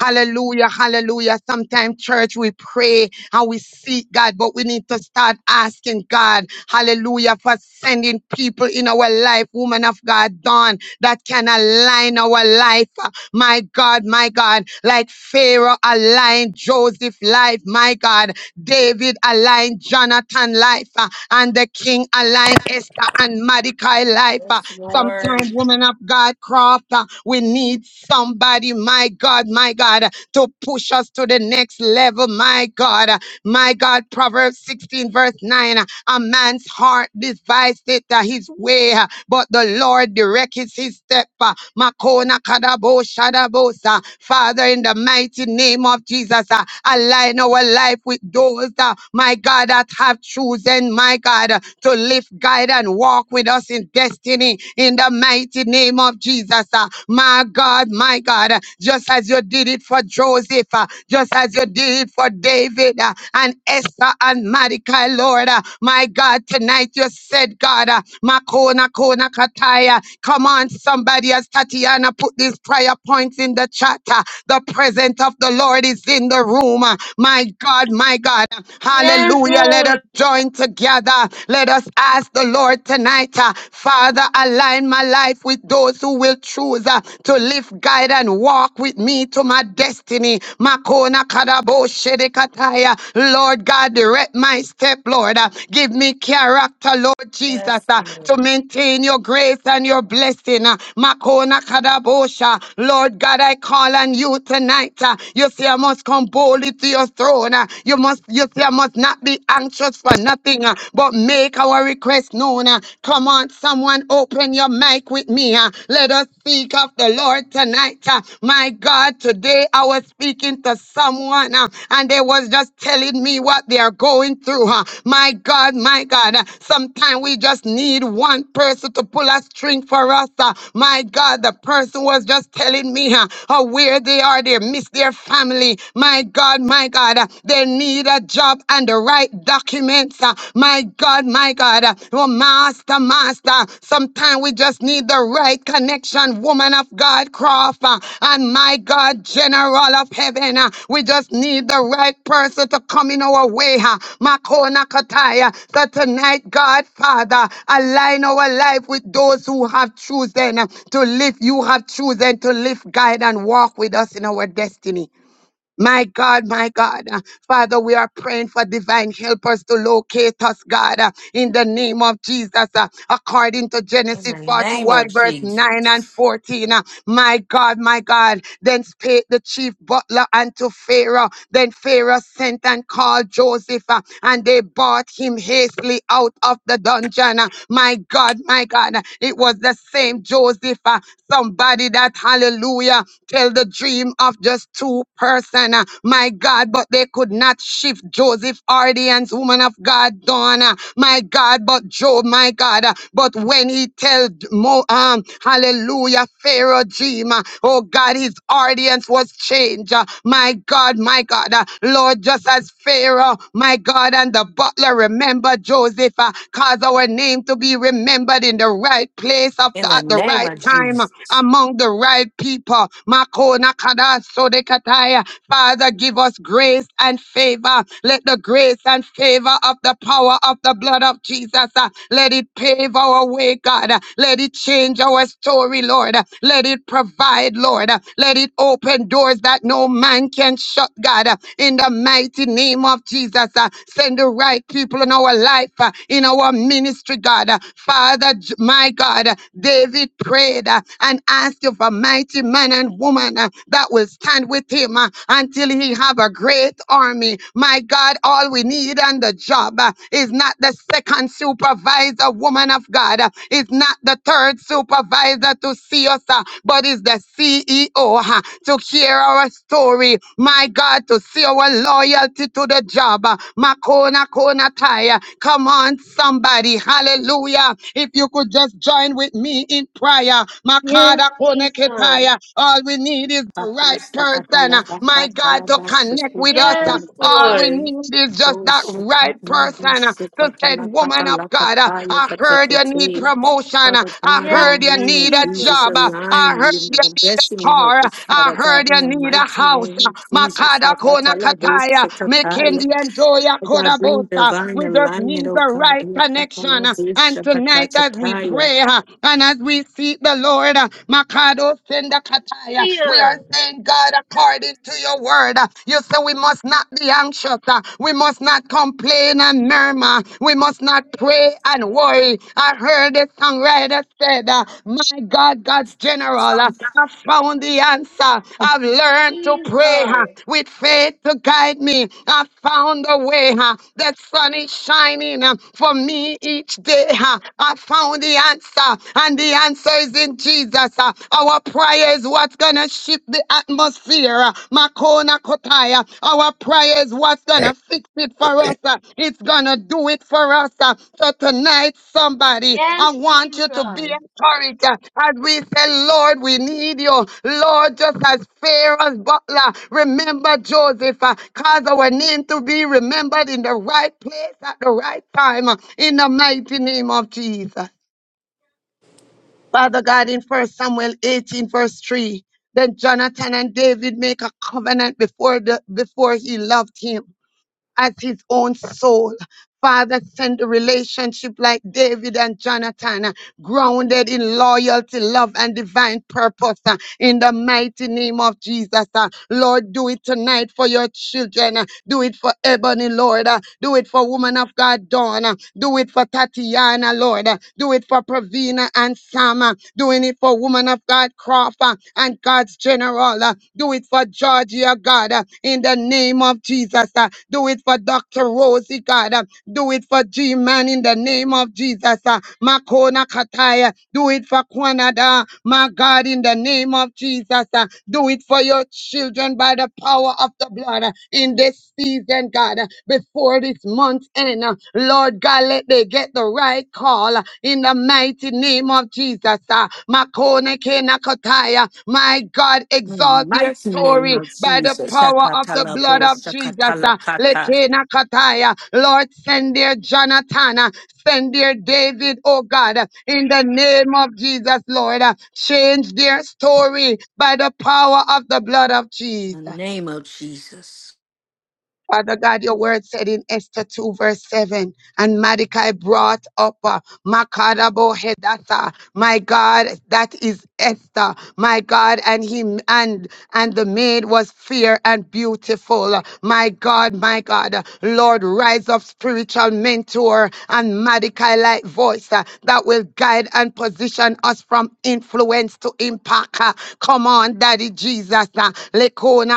C: Hallelujah, hallelujah. Sometimes, church, we pray and we seek God, but we need to start asking God, hallelujah, for sending people in our life, woman of God, done that can align our life. My God, my God, like Pharaoh aligned Joseph's life, my God. David aligned Jonathan life, uh, and the king aligned Esther and Mordecai life. uh,
D: Yes, Lord.
C: Sometimes, women of God, craft, uh, we need somebody, my God, my God, uh, to push us to the next level, my God. uh, My God, Proverbs 16, verse 9, uh, a man's heart devised it, uh, his his way, uh, but the Lord directs his step. uh, Makona kadabo shadabosa. Father, in the mighty name of Jesus, uh, align our life with those, uh, my God, that have chosen, my God, uh, to live, guide, and walk with us in destiny. In the mighty name of Jesus, uh, my God, my God. God, uh, just as you did it for Joseph, uh, just as you did it for David uh, and Esther and Mordecai, Lord. uh, My God, tonight you said, God, uh, Makona Kona Kataya. Come on, somebody, as Tatiana put these prayer points in the chat. uh, The presence of the Lord is in the room. uh, My God, my God.
F: yes,
C: Hallelujah. Let us
F: Lord.
C: join together. Let us ask the Lord tonight, uh, Father, align my life with those who will choose uh, to live, guide, and walk with me to my destiny. Makona kadabo shedekataya. Lord God, direct my step, Lord. Uh, Give me character, Lord Jesus,
D: Yes,
C: uh,
D: Lord.
C: to maintain your grace and your blessing. Uh, Makona kadabosha. Lord God, I call on you tonight. uh, You say I must come boldly to your throne down. uh, You must, you say, must not be anxious for nothing, uh, but make our request known. uh. Come on, someone, open your mic with me. uh. Let us speak of the Lord tonight. uh. My God, today I was speaking to someone, uh, and they was just telling me what they are going through. uh. My God, my God, uh, sometimes we just need one person to pull a string for us. uh. My God, the person was just telling me uh, how where they are, they miss their family. My God, my God, uh, they need a job and the right documents. uh, My God, my God, uh, oh, master, master, sometimes we just need the right connection, woman of God, Crawford, Uh, and my God, general of heaven. uh, We just need the right person to come in our way. uh, Makona Kataya. So tonight, God, Father, align our life with those who have chosen uh, to live. You have chosen to live, guide, and walk with us in our destiny. My God, my God. Uh, Father, we are praying for divine helpers to locate us, God, uh, in the name of Jesus, uh, according to
D: In the
C: Genesis
D: name
C: 41,
D: of
C: verse 9 and
D: Jesus.
C: 14. uh, My God, my God. Then spake the chief butler unto Pharaoh. Then Pharaoh sent and called Joseph, uh, and they brought him hastily out of the dungeon. uh, My God, my God. Uh, It was the same Joseph, uh, somebody that, hallelujah, Tell the dream of just two person, uh, my God, but they could not shift Joseph audience, woman of God, Dawn, uh, my God, but Job, my God, uh, but when he tell D- Mo, um, hallelujah, Pharaoh dream, uh, oh God, his audience was changed, uh, my God, my God, uh, Lord, just as Pharaoh, my God, and the butler remember Joseph, uh, cause our name to be remembered in the right place of
D: In
C: the,
D: the
C: at the
D: name
C: right
D: of
C: time, uh,
D: Jesus.
C: among the right wicked people. Makona kada sodekataya. Father, give us grace and favor. Let the grace and favor of the power of the blood of Jesus, uh, let it pave our way, God. Let it change our story, Lord. Let it provide, Lord. Let it open doors that no man can shut, God. In the mighty name of Jesus, uh, send the right people in our life, uh, in our ministry, God. Father, J- my God, David prayed uh, and answered ask you for mighty men and women uh, that will stand with him uh, until he have a great army. My God, all we need on the job uh, is not the second supervisor, woman of God. uh, It's not the third supervisor to see us, uh, but it's the CEO uh, to hear our story. My God, to see our loyalty to the job. uh, Makona kona taya. Come on, somebody. Hallelujah. If you could just join with me in prayer.
F: Yes,
C: Makada
F: Jesus.
C: koneketaya. All we need is the right
D: Bakusa
C: person, uh,
D: katala
C: my
D: baka
C: God,
D: tala
C: to
D: basa
C: connect with
D: kuta
C: us. uh.
D: gala
F: Yes,
C: All
D: kata.
C: we
F: Lord.
C: need is just that
D: Dosha
C: right
D: katala
C: person uh,
D: busha
C: to said,
D: katala
C: Woman of
D: katala
C: God, uh,
D: kataya
C: I heard you need
D: katekete.
C: promotion. uh,
D: Father
C: I
D: God, in the
F: Yes,
C: heard you
D: name
C: need
D: of
C: a
D: Jesus,
F: Jesus.
C: job. uh, I
D: align
C: heard
D: me
C: you
D: with my
C: need a
D: destiny help
C: car. uh,
D: us,
C: I
D: Father
C: heard
D: God, in
C: you
D: the
C: need a
D: mighty
C: house. uh,
D: name of Jesus.
C: Makada
D: Father
C: konakataya.
D: God,
C: Mekendi and doya
D: Oh God, bring
C: kodabota.
D: divine
C: We just
D: alignment,
C: need
D: oh
C: the
D: God.
C: right
D: In the
C: connection. uh,
D: Katalabusha
C: And tonight, as we
D: Katataya.
C: pray uh, and as as we seek the Lord. uh, Makado senda kataya. We are
F: Hallelujah.
C: saying, God, according to your word, uh, you say we must not be anxious. uh, We must not complain and murmur. We must not pray and worry. I heard the songwriter said, uh, My God, God's general, uh, I found the answer. I've learned to pray uh,
F: Jesus.
C: with faith to guide me. I found a way. uh, The sun is shining uh, for me each day. uh, I found the answer uh, and the answer is in Jesus. uh. Our prayer is what's gonna shift the atmosphere. uh, Makona Kotaya. Our prayer is what's gonna fix it for us. uh, It's gonna do it for us. uh. So tonight, somebody, I
F: Yes,
C: want you to be
F: Jesus.
C: encouraged uh, as we say, Lord, we need you. Lord, just as Pharaoh's butler, remember Joseph. uh, Cause our name to be remembered in the right place at the right time. uh, In the mighty name of Jesus. Father God, in First Samuel 18, verse 3, then Jonathan and David make a covenant before the before he loved him as his own soul. Father, send a relationship like David and Jonathan, uh, grounded in loyalty, love, and divine purpose. uh, In the mighty name of Jesus, uh. Lord, do it tonight for your children. uh, Do it for Ebony, Lord. uh, Do it for Woman of God, Dawn. uh, Do it for Tatiana, Lord. uh, Do it for Pravina and Sam. uh, Doing it for Woman of God, Crawford, and God's General. uh, Do it for Georgia, God. uh, in the name of Jesus. uh, Do it for Dr. Rosie, God. uh, Do it for G Man in the name of Jesus. uh, Makona Kataya. Do it for Kwanada, my God, in the name of Jesus. uh, Do it for your children by the power of the blood uh, in this season, God. uh, Before this month end, uh, Lord God, let they get the right call uh, in the mighty name of Jesus. ah. Makone Kenakotaya. My God,
D: In the
C: exalt their
D: mighty name
C: story
D: of
C: by the
D: Jesus.
C: power of the blood
D: Shakatalabo,
C: of Jesus. ah.
D: shakatalakata.
C: Lekenakotaya. Lord, send their Jonathan, ah. send their David, oh God, ah, in the name of Jesus, Lord. ah. Change their story by the power of the blood of
D: In the
C: Jesus.
D: name of Jesus.
C: Father God, your word said in Esther 2, verse 7, and Mordecai brought up uh, Makadabo Hedatha, my God, that is Esther, my God, and him and and the maid was fair and beautiful. My God, my God, Lord, rise up spiritual mentor and Mordecai like voice uh, that will guide and position us from influence to impact. uh. Come on, Daddy Jesus. uh, Lekona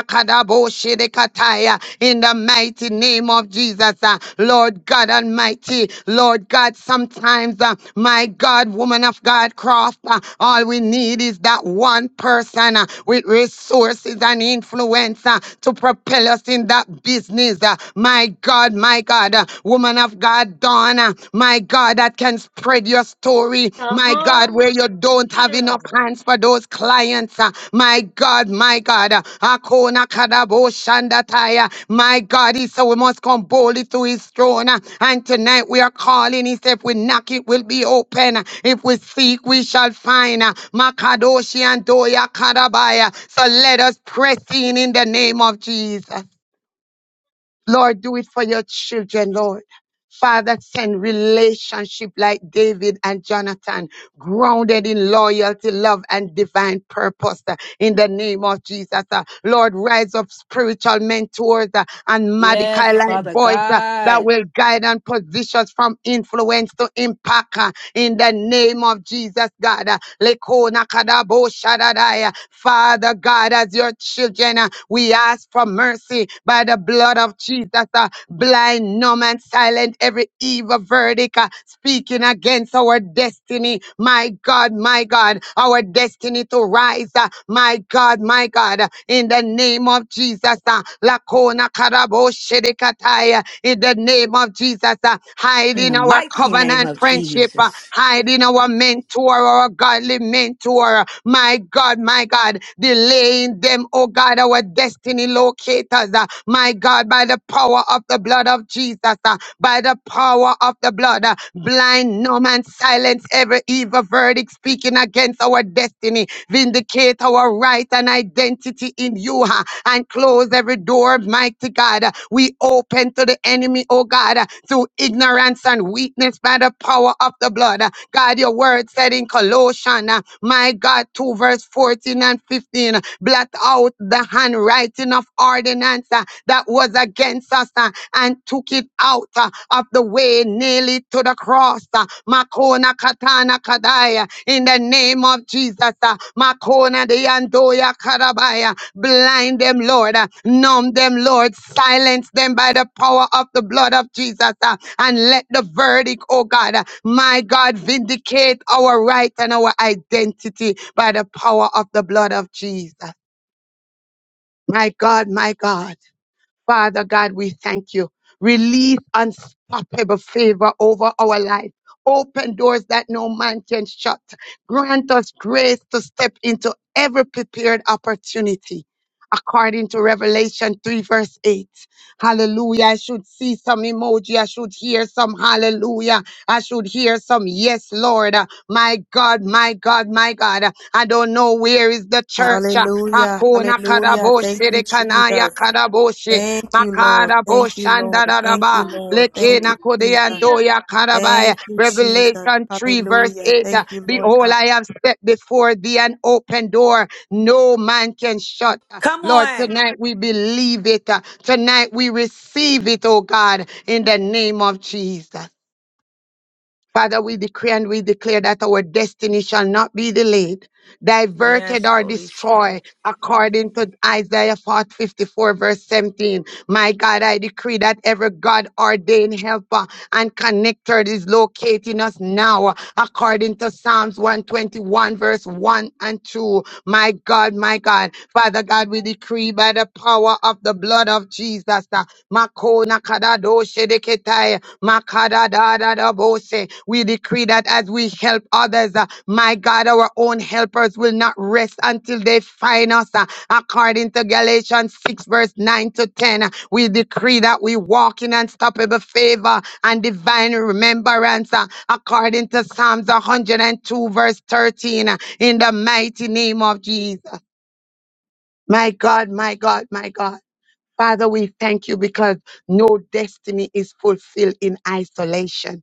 C: Shedekataya, in the mighty name of Jesus. uh, Lord God Almighty, Lord God, sometimes, uh, my God, woman of God, Croft, uh, all we need is that one person uh, with resources and influence uh, to propel us in that business. uh, My God, my God, uh, woman of God, Donna, my God, that can spread your story territory,
F: Hallelujah.
C: my God, where you don't have enough hands for those clients, uh, my God, my God, uh, Akona Kadabo Shandataya, my God, he said we must come boldly to his throne, uh, and tonight we are calling, he said if we knock it will be open, uh, if we seek we shall find, uh, Makadoshi and Doya Kadabaya, so let us press in in the name of Jesus. Lord, do it for your children, Lord. Father, send relationship like David and Jonathan, grounded in loyalty, love, and divine purpose uh, in the name of Jesus. uh. Lord, rise up spiritual mentors uh, and Malachi
D: Yes,
C: like
D: Father
C: voice uh, that
D: God.
C: will guide and position us from influence to impact. uh, in the name of Jesus, God. Uh, Lekona kadabo shadadaya. Father God, as your children, uh, we ask for mercy by the blood of Jesus. uh, Blind, numb, and silent every evil verdict uh, speaking against our destiny. My God, my God, our destiny to rise. uh, My God, my God, uh, in the name of Jesus. uh, Lakona Raboshedekataya, in the name of Jesus. Uh, hide
D: In
C: in
D: the
C: our
D: mighty name
C: covenant
D: of
C: friendship, uh,
D: Jesus.
C: hide in our mentor, our godly mentor. My God, my God, delaying them, oh God, our destiny locators. uh, my God, by the power of the blood of Jesus, uh, by the power of the blood, uh, blind, numb, and silence every evil verdict speaking against our destiny Vindicate our right and identity in you ha, and close every door, mighty God. uh, We open to the enemy, oh God, uh, through ignorance and weakness by the power of the blood. Uh, God, your word said in Colossians, uh, my God, 2 verse 14 and 15. 15, blot out the handwriting of ordinance uh, that was against us uh, and took it out uh, of the way, nail it to the cross. uh, Makona katana kadaya in the name of Jesus. uh, Makona de andoya karabaya. Blind them, Lord. uh, Numb them, Lord. Silence them by the power of the blood of Jesus. uh, and let the verdict, oh God, uh, my God, vindicate our right and our identity by the power of the blood of Jesus. My God, my God. Father God, we thank you. Release unstoppable favor over our life. Open doors that no man can shut. Grant us grace to step into every prepared opportunity. According to Revelation 3, verse 8. Hallelujah. I should see some emoji. I should hear some hallelujah. I should hear some yes, Lord. Uh, My God, my God, my God. Uh, I don't know where is the church. Uh,
E: Hallelujah.
C: Hakuna
E: Hallelujah.
C: karaboshi
E: Thank you,
C: rekanaya
E: Jesus.
C: karaboshi.
E: Thank you, Lord.
C: Makara
E: Thank you, Lord. Thank you,
C: Boshandaraba,
F: Hall-
E: Lord. Thank you,
C: Lekena
E: Jesus.
F: Hallelujah.
C: Kodeantoya Karabaya,
E: Thank you, Jesus.
C: Revelation 3, verse
E: Hallelujah.
C: 8. uh,
E: Thank you, Lord
C: Behold,
E: God.
C: I have set before thee an open door, no man can shut. Uh,
D: Come
C: Lord,
D: on.
C: tonight we believe it. Uh, Tonight we receive it, oh God, in the name of Jesus. Father, we decree and we declare that our destiny shall not be delayed, diverted,
D: Yes,
C: or
D: Holy Spirit.
C: destroyed, according to Isaiah 54, verse 17. My God, I decree that every God ordained helper and connector is locating us now, according to Psalms 121, verse 1 and 2. My God, my God, Father God, we decree by the power of the blood of Jesus. uh, Makona kadado shedeketai, Makadadadadabose. We decree that as we help others, uh, my God, our own helpers will not rest until they find us. uh, According to Galatians 6, verse 9 to 10, uh, we decree that we walk in unstoppable favor and divine remembrance. uh, According to Psalms 102, verse 13, uh, in the mighty name of Jesus. My God, my God, my God. Father, we thank you because no destiny is fulfilled in isolation.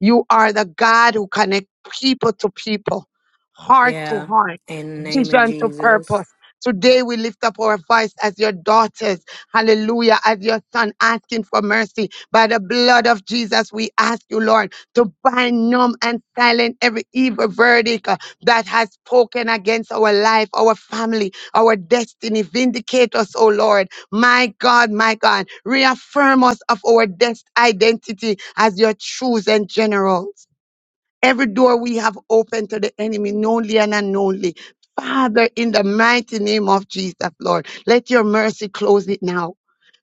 C: You are the God who connect people to people, heart to
D: Yeah.
C: heart,
D: In the name of
C: vision to
D: Jesus.
C: purpose. Today we lift up our voice as your daughters, hallelujah, as your son asking for mercy. By the blood of Jesus, we ask you, Lord, to bind, numb, and silence every evil verdict uh, that has spoken against our life, our family, our destiny. Vindicate us, O Lord. My God, my God, reaffirm us of our des- identity as your chosen generals every door we have opened to the enemy, knowingly and unknowingly. Father, in the mighty name of Jesus, Lord, let your mercy close it now.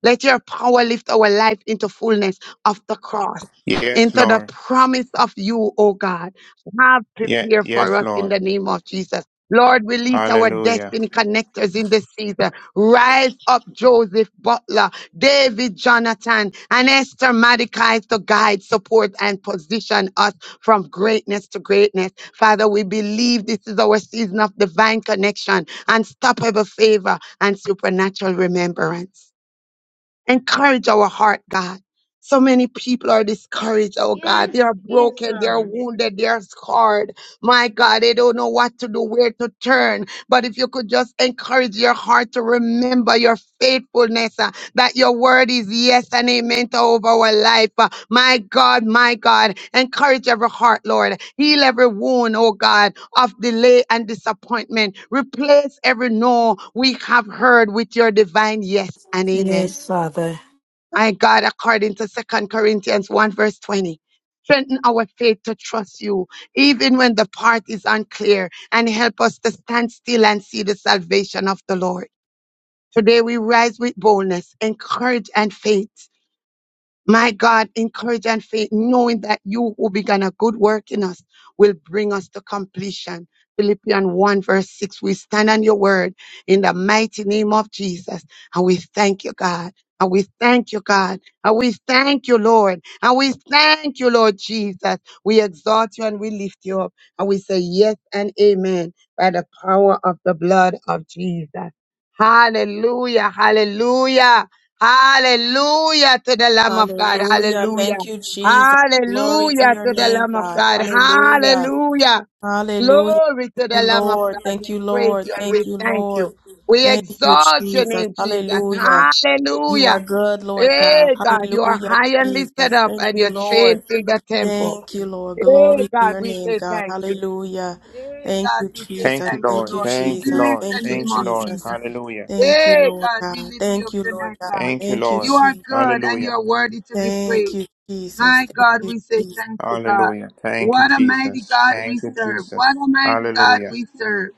C: Let your power lift our life into fullness of the cross,
B: Yes,
C: into the
B: Lord.
C: promise of you, O God. Have
B: Yeah,
C: prepared for
B: yes,
C: us in
B: Lord.
C: the name of Jesus. Lord, release our
B: Hallelujah.
C: destiny connectors in this season. Rise up Joseph Butler, David Jonathan, and Esther Madikai to guide, support, and position us from greatness to greatness. Father, we believe this is our season of divine connection, unstoppable favor, and supernatural remembrance. Encourage our heart, God. So many people are discouraged, oh God. They
F: Yes,
C: are broken, they are
F: Jesus.
C: wounded, they are scarred. My God, they don't know what to do, where to turn. But if you could just encourage your heart to remember your faithfulness, uh, that your word is yes and amen to over our life. Uh, my God, my God, encourage every heart, Lord. Heal every wound, oh God, of delay and disappointment. Replace every no we have heard with your divine yes and amen.
D: Yes, Father.
C: My God, according to Second Corinthians 1 verse 20. Strengthen our faith to trust you, even when the path is unclear, and help us to stand still and see the salvation of the Lord. Today we rise with boldness, encourage, and faith. My God, encourage and faith, knowing that you who began a good work in us will bring us to completion. Philippians 1 verse 6. We stand on your word in the mighty name of Jesus. And we thank you, God. And we thank you, God. And we thank you, Lord. And we thank you, Lord Jesus. We exalt you and we lift you up. And we say yes and amen by the power of the blood of Jesus. Hallelujah. Hallelujah. Hallelujah to the Lamb of God.
E: Hallelujah.
C: Hallelujah.
E: Thank you, Jesus. Glory to
C: Hallelujah
E: your
C: to the
E: name,
C: Lamb of
E: God.
C: God.
E: Hallelujah.
C: Hallelujah.
E: Hallelujah.
C: Glory
E: Thank
C: to
E: you,
C: the Lamb of
E: Lord.
C: God.
E: Thank
C: We
E: you,
C: praise
E: Lord.
C: you and
E: Thank
C: we
E: you,
C: thank you.
E: Lord.
C: We
E: Thank you,
C: exalt your
E: Jesus.
C: name, Jesus.
E: Hallelujah. You are
C: Hallelujah.
E: good, Lord God.
C: Hey, God, you are
E: Hallelujah,
C: high and lifted
E: Jesus.
C: up
E: Thank
C: and
E: you,
C: your
E: Lord.
C: train fill the temple.
E: Thank you, Lord.
C: Hey,
E: Glory to
C: God,
E: your
C: we
E: name,
C: say
E: God.
C: thank you.
E: Hallelujah.
C: Hey,
E: Thank
C: God,
E: you,
C: we say
E: Jesus.
B: Thank you,
C: thank you,
E: Thank
B: Lord.
E: you,
C: Lord. We
B: Thank you,
E: Jesus.
C: bless
B: Lord.
C: the
E: Thank you,
C: name
B: Thank you,
C: of
B: Lord.
C: Jesus.
E: Jesus.
B: Hallelujah.
E: Thank you,
C: Hey,
E: Lord
C: God, we
E: God.
C: lift you up
E: Thank you, Lord
C: tonight,
E: God.
C: God.
B: Thank you,
E: Thank you,
C: You
B: Lord.
C: are
E: Jesus.
C: good and you
B: Hallelujah.
C: are worthy to be
E: Thank
C: praised.
E: you, Jesus.
C: My
E: Thank
C: God,
E: you,
C: we say
E: Jesus.
C: thank you, God.
B: Hallelujah. Thank you,
C: What a mighty
B: Jesus.
C: God we
B: Thank you,
C: serve.
B: Jesus.
C: What a mighty God
B: Hallelujah.
C: we serve.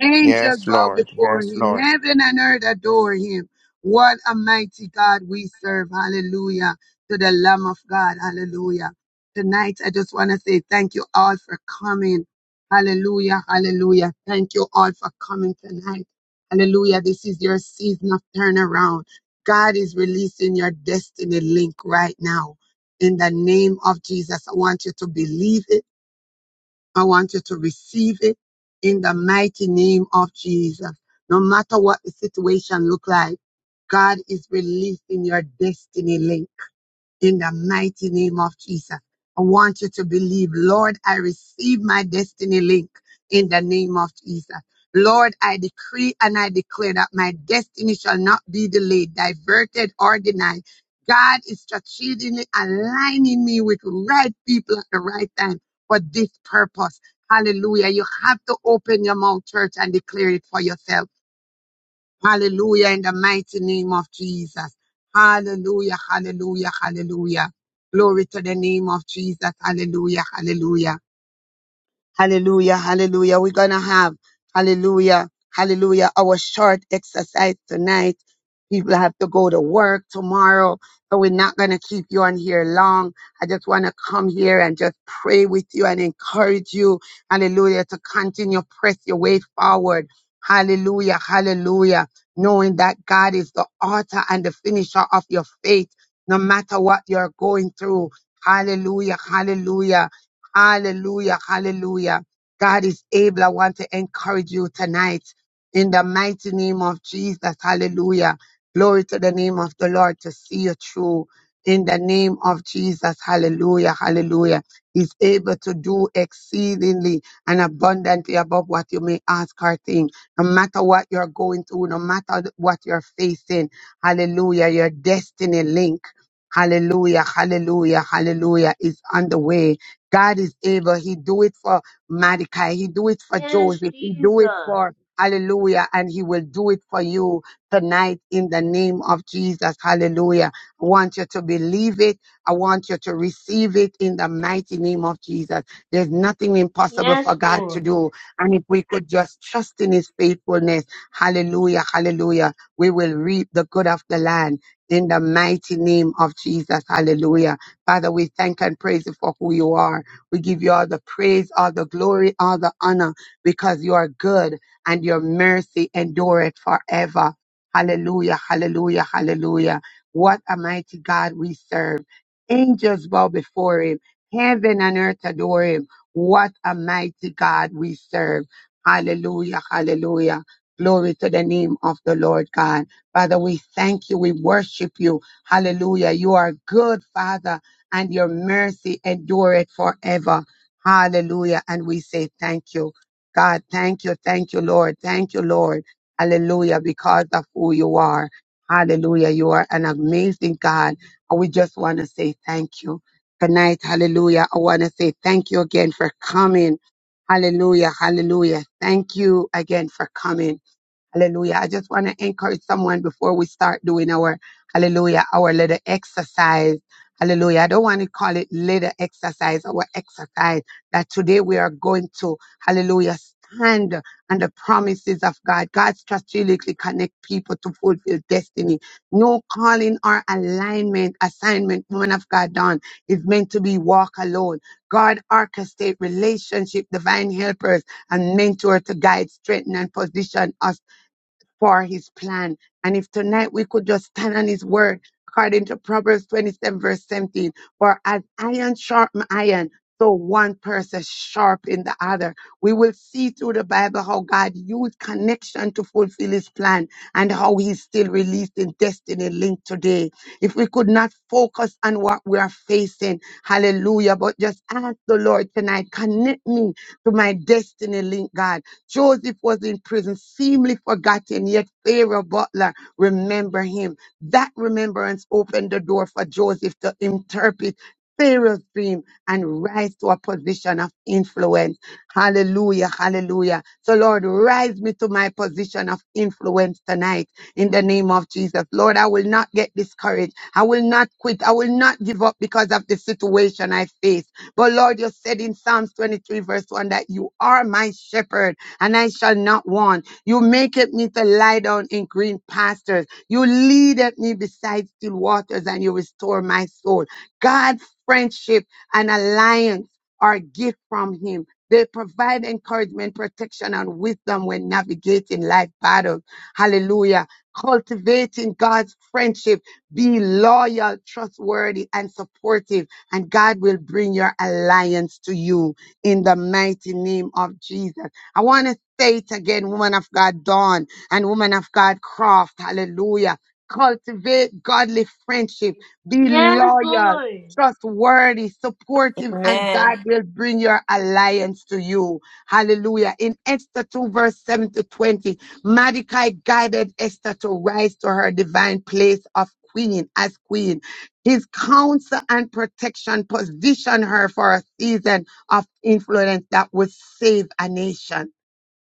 C: Angels
B: Yes,
C: bow
B: Lord.
C: before
B: Yes,
C: him.
B: Lord.
C: Heaven and earth adore him. What a mighty God we serve. Hallelujah. To the Lamb of God. Hallelujah. Tonight, I just want to say thank you all for coming. Hallelujah. Hallelujah. Thank you all for coming tonight. Hallelujah. This is your season of turnaround. God is releasing your destiny link right now. In the name of Jesus, I want you to believe it. I want you to receive it in the mighty name of Jesus. No matter what the situation look like, God is releasing your destiny link in the mighty name of Jesus. I want you to believe, Lord, I receive my destiny link in the name of Jesus. Lord, I decree and I declare that my destiny shall not be delayed, diverted, or denied. God is strategically aligning me with right people at the right time for this purpose. Hallelujah. You have to open your mouth, church, and declare it for yourself. Hallelujah, in the mighty name of Jesus. Hallelujah, hallelujah, hallelujah. Glory to the name of Jesus. Hallelujah, hallelujah. Hallelujah. Hallelujah. We're going to have, hallelujah. Hallelujah. Our short exercise tonight. People have to go to work tomorrow. So we're not going to keep you on here long. I just want to come here and just pray with you and encourage you. Hallelujah. To continue press your way forward. Hallelujah. Hallelujah. Knowing that God is the author and the finisher of your faith, no matter what you're going through. Hallelujah. Hallelujah Hallelujah. Hallelujah. God is able. I want to encourage you tonight in the mighty name of Jesus. Hallelujah. Glory to the name of the Lord to see you through in the name of Jesus. Hallelujah. Hallelujah. He's able to do exceedingly and abundantly above what you may ask or think. No matter what you're going through, no matter what you're facing. Hallelujah. Your destiny link. Hallelujah. Hallelujah. Hallelujah is on the way God is able. He do it for Mordecai. He do it for
F: Yes,
C: Joseph. He do it
F: Jesus.
C: for Hallelujah. And he will do it for you tonight in the name of Jesus. Hallelujah. I want you to believe it. I want you to receive it in the mighty name of Jesus. There's nothing impossible for
F: Yes,
C: God to
F: Lord.
C: do. And if we could just trust in his faithfulness, hallelujah, hallelujah, we will reap the good of the land in the mighty name of Jesus. Hallelujah. Father, we thank and praise you for who you are. We give you all the praise, all the glory, all the honor, because you are good and your mercy endureth forever. Hallelujah, hallelujah, hallelujah. What a mighty God we serve. Angels bow before him. Heaven and earth adore him. What a mighty God we serve. Hallelujah, hallelujah. Glory to the name of the Lord God. Father, we thank you. We worship you. Hallelujah. You are good, Father and your mercy endureth forever. Hallelujah. And we say thank you. God, thank you. Thank you, Lord. Thank you, Lord. Hallelujah. Because of who you are. Hallelujah. You are an amazing God. And we just want to say thank you. Tonight, hallelujah. I want to say thank you again for coming. Hallelujah. Hallelujah. Thank you again for coming. Hallelujah. I just want to encourage someone before we start doing our, hallelujah, our little exercise. Hallelujah. I don't want to call it little exercise, our exercise that today we are going to, hallelujah, stand on the promises of God. God strategically connect people to fulfill destiny. No calling or alignment, assignment, woman of God done is meant to be walk alone. God orchestrate relationship, divine helpers and mentor to guide, strengthen and position us for his plan. And if tonight we could just stand on his word, according to Proverbs 27, verse 17, for as iron sharpen iron, so one person sharpen the other. We will see through the Bible how God used connection to fulfill his plan and how he's still releasing destiny linked today. If we could not focus on what we are facing, hallelujah, but just ask the Lord tonight, connect me to my destiny link, God Joseph was in prison, seemingly forgotten, yet Pharaoh Butler remember him. That remembrance opened the door for Joseph to interpret Pharaoh's dream and rise to a position of influence. Hallelujah, hallelujah. So Lord, rise me to my position of influence tonight in the name of Jesus. Lord, I will not get discouraged. I will not quit. I will not give up because of the situation I face. But Lord, you said in Psalms 23 verse 1 that you are my shepherd and I shall not want. You maketh me to lie down in green pastures. You leadeth me beside still waters, and you restore my soul. God, friendship and alliance are a gift from Him. They provide encouragement, protection, and wisdom when navigating life battles. Hallelujah. Cultivating God's friendship. Be loyal, trustworthy, and supportive, and God will bring your alliance to you in the mighty name of Jesus. I want to say it again, woman of God, Dawn and woman of God, Croft. Hallelujah. Cultivate godly friendship. Be
F: Yes,
C: loyal,
F: Lord.
C: trustworthy, supportive, and
D: Amen.
C: God will bring your alliance to you. Hallelujah. In Esther 2, verse 7 to 20, Mordecai guided Esther to rise to her divine place of queen as queen. His counsel and protection positioned her for a season of influence that would save a nation.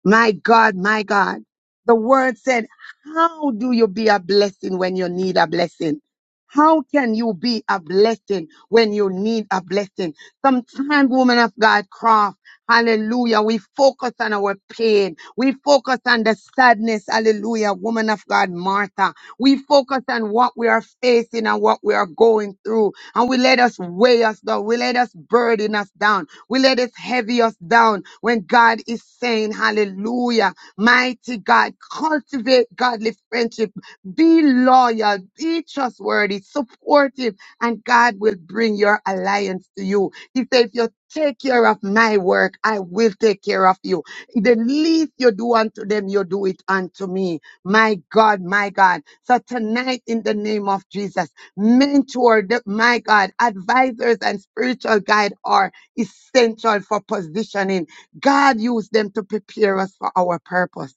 C: My God, my God. The word said, How do you be a blessing when you need a blessing? How can you be a blessing when you need a blessing? Sometimes, woman of God, craft, hallelujah, we focus on our pain. We focus on the sadness, hallelujah, woman of God, Martha. We focus on what we are facing and what we are going through and we let us weigh us down. We let us burden us down. We let us heavy us down when God is saying, Hallelujah. Mighty God, cultivate godly friendship. Be loyal, be trustworthy, supportive, and God will bring your alliance to you. He said, If you take care of my work, I will take care of you. The least you do unto them, you do it unto me. My God, my God. So tonight, in the name of Jesus, mentor, the- my God, advisors and spiritual guide are essential for positioning. God used them to prepare us for our purpose.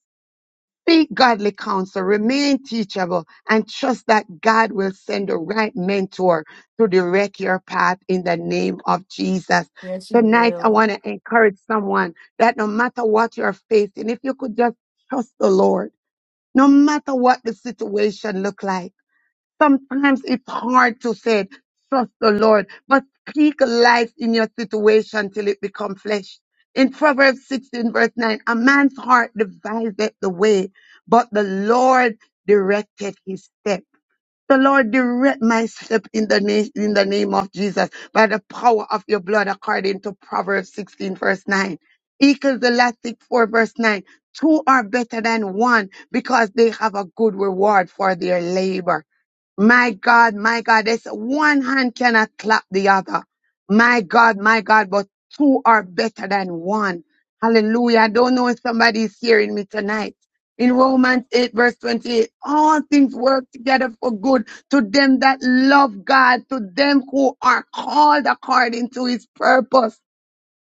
C: Seek godly counsel, remain teachable, and trust that God will send the right mentor to direct your path in the name of Jesus.
D: Yes, you
C: Tonight, I
D: will.
C: want to encourage someone that no matter what you're facing, if you could just trust the Lord, no matter what the situation look like, Sometimes it's hard to say, it. trust the Lord, but speak life in your situation till it become flesh. In Proverbs 16 verse 9, a man's heart deviseth the way, but the Lord directed his step. The Lord direct my step in the, name, in the name of Jesus by the power of your blood according to Proverbs 16 verse 9. Ecclesiastic 4 verse 9. Two are better than one because they have a good reward for their labor. My God, my God, this one hand cannot clap the other. My God, my God, but two are better than one. Hallelujah. I don't know if somebody is hearing me tonight. In Romans 8, verse 28, all things work together for good to them that love God, to them who are called according to his purpose.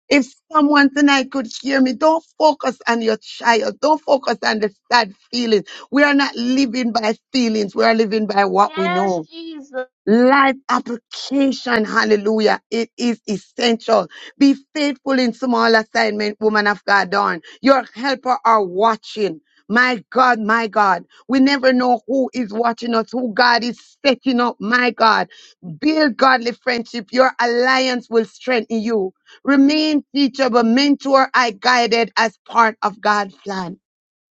C: If someone tonight could hear me, don't focus on your child. Don't focus on the sad feelings. We are not living by feelings. We are living by what we
F: Yes,
C: know.
F: Jesus.
C: Life application, hallelujah. It is essential. Be faithful in small assignment, woman of God, Dawn. Your helper are watching. My God, my God. We never know who is watching us, who God is setting up. My God. Build godly friendship. Your alliance will strengthen you. Remain teachable, mentor, I guided as part of God's plan.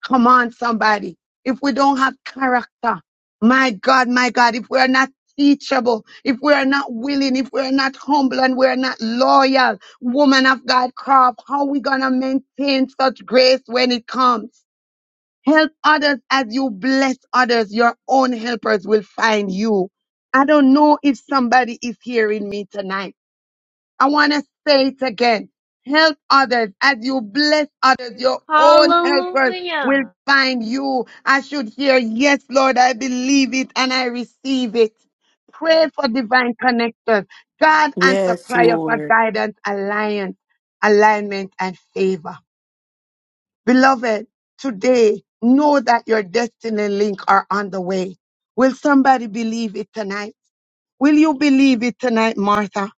C: Come on, somebody. If we don't have character, my God, my God, if we are not teachable, if we are not willing, if we are not humble and we are not loyal, woman of God, crop, how we going to maintain such grace when it comes? Help others as you bless others. Your own helpers will find you. I don't know if somebody is hearing me tonight. I want to say it again. Help others. As you bless others, your own helpers will
F: Hallelujah.
C: find you. I should hear, yes, Lord, I believe it and I receive it. Pray for divine connections. God answer
D: Yes,
C: prayer for
D: Lord.
C: guidance, alliance, alignment, and favor. Beloved, today, know that your destiny link are on the way. Will somebody believe it tonight? Will you believe it tonight, Martha?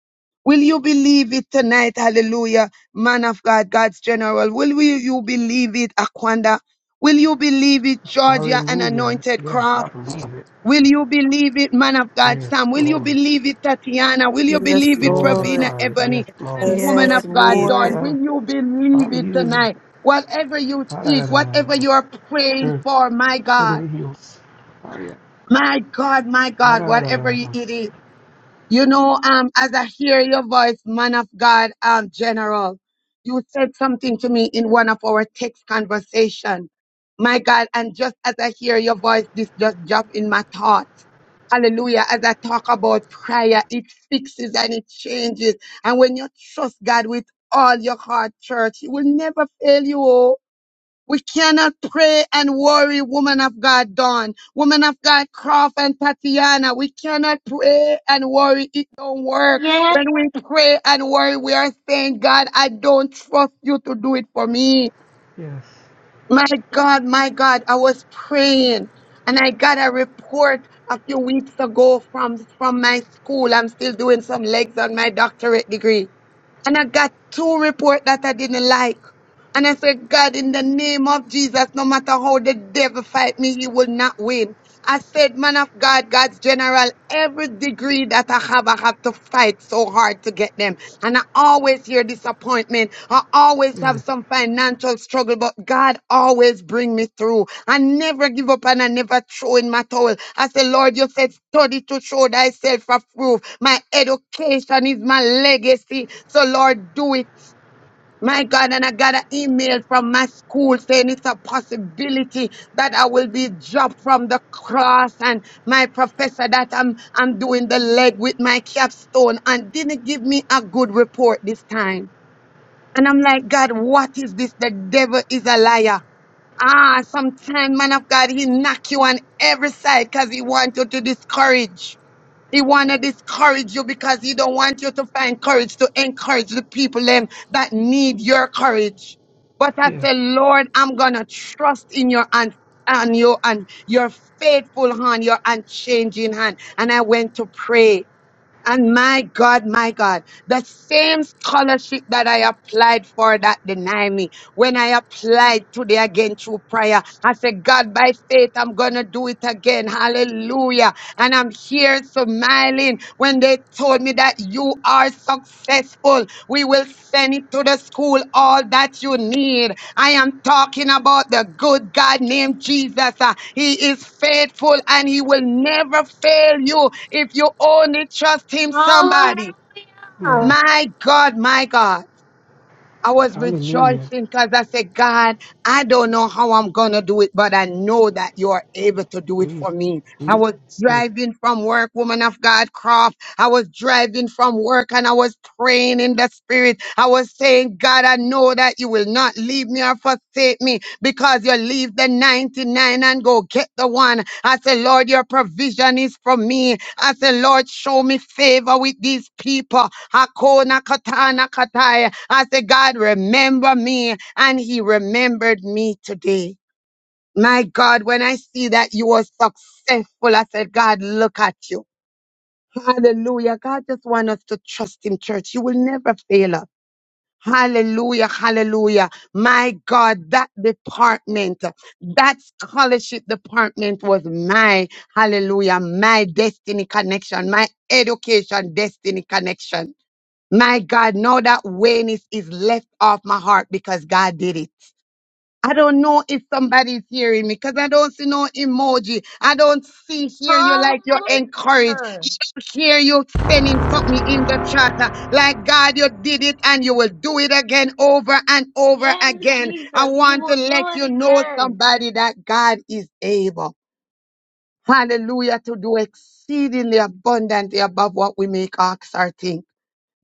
C: Will you believe it tonight? Hallelujah. Man of God, God's general. Will we, you believe it, Aquanda? Will you believe it, Georgia and
I: Hallelujah.
C: Anointed
I: Yes, I
C: Craft?
I: believe it.
C: Will you believe it, man of God,
I: Yes,
C: Sam? Will you
I: Lord.
C: believe it, Tatiana? Will you
E: Yes,
C: believe it,
I: Glory to
C: Pravina
E: Lord.
I: God. Yes,
C: Ebony and
I: Lord.
E: Yes,
C: woman
E: Lord
D: Yes,
C: of God,
I: Yes,
E: Jesus.
C: Dawn?
D: Lord.
C: Will
I: sir.
C: you believe it
I: Hallelujah.
C: tonight? Whatever you seek, whatever
I: Ha-da-da-da-da-da.
C: you are praying
I: Mm.
C: for, my God,
I: Hallelujah. Hallelujah.
C: my God, my God, whatever it
I: Ha-da-da-da-da-da.
C: is. You know, um, as I hear your voice, man of God, um, General, you said something to me in one of our text conversation. My God, and just as I hear your voice, this just dropped in my thought. Hallelujah. As I talk about prayer, it fixes and it changes. And when you trust God with all your heart, church, He will never fail you. oh. We cannot pray and worry, woman of God, Dawn, woman of God, Croft and Tatiana. We cannot pray and worry. It don't work.
F: Yes.
C: When we pray and worry, we are saying, God, I don't trust you to do it for me.
I: Yes.
C: My God, my God, I was praying and I got a report a few weeks ago from, from my school. I'm still doing some legs on my doctorate degree. And I got two reports that I didn't like. And I said, God, in the name of Jesus, no matter how the devil fight me, he will not win. I said, man of God, God's general, every degree that I have, I have to fight so hard to get them. And I always hear disappointment. I always have
I: Yes.
C: some financial struggle, but God always bring me through. I never give up and I never throw in my towel. I said, Lord, you said, study to show thyself approved. My education is my legacy. So Lord, do it my God, and I got an email from my school saying it's a possibility that I will be dropped from the cross. And my professor that I'm I'm doing the leg with my capstone and didn't give me a good report this time. And I'm like, God, what is this? The devil is a liar. Ah, sometimes, man of God, he knock you on every side because he want you to discourage. He want to discourage you because he don't want you to find courage to encourage the people them that need your courage. But I
I: Yes.
C: say, Lord, I'm gonna trust in your hand and your and your faithful hand, your unchanging hand. And I went to pray. And my God, my God, the same scholarship that I applied for that denied me, when I applied today again through prayer, I said, God, by faith, I'm going to do it again. Hallelujah. And I'm here smiling when they told me that you are successful. We will send it to the school, all that you need. I am talking about the good God named Jesus. Uh, He is faithful and he will never fail you if you only trust him, somebody.
F: Hallelujah.
I: Yes.
C: My God, my God. I was rejoicing
I: Hallelujah.
C: because I said, God, I don't know how I'm going to do it, but I know that you are able to do it for
I: Jesus.
C: me. I was
I: Jesus.
C: driving from work, woman of God, Crawford. I was driving from work and I was praying in the spirit. I was saying, God, I know that you will not leave me or forsake me because you leave the 99 and go get the one. I said, Lord, your provision is for me. I said, Lord, show me favor with these people. Hakona katana kataya. I said, God, remember me. And he remembered me today. My God, when I see that you are successful, I said, God, look at you. Hallelujah. God just wants us to trust Him, church. You will never fail us. Hallelujah, hallelujah. My God, that department, that scholarship department was my, hallelujah, my destiny connection, my education destiny connection. My God, now that Wayne is, is left off my heart because God did it. I don't know if somebody's hearing me because I don't see no emoji. I don't see, hear you like you're encouraged.
F: Hallelujah.
C: I don't hear you sending something in the chat uh, like God, you did it and you will do it again over and over
F: Yes,
C: again. I
F: Jesus, you
C: want to
F: will
C: let
F: do
C: you
F: it
C: know,
F: again.
C: somebody, that God is able. Hallelujah to do exceedingly abundantly above what we make ox or think.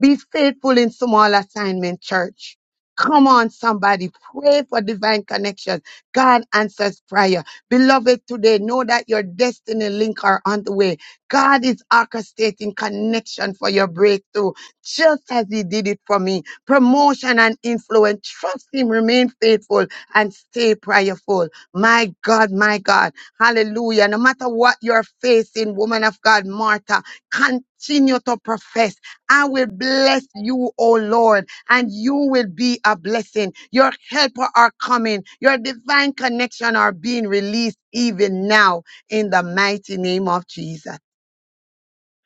C: Be faithful in small assignment, church. Come on, somebody. Pray for divine connection. God answers prayer. Beloved, today know that your destiny link are on the way. God is orchestrating connection for your breakthrough, just as He did it for me. Promotion and influence. Trust Him, remain faithful, and stay prayerful. My God, my God. Hallelujah. No matter what you're facing, woman of God, Martha, continue to profess I will bless you, O Lord, and you will be a blessing. Your helper are coming. Your divine connection are being released even now in the mighty name of Jesus.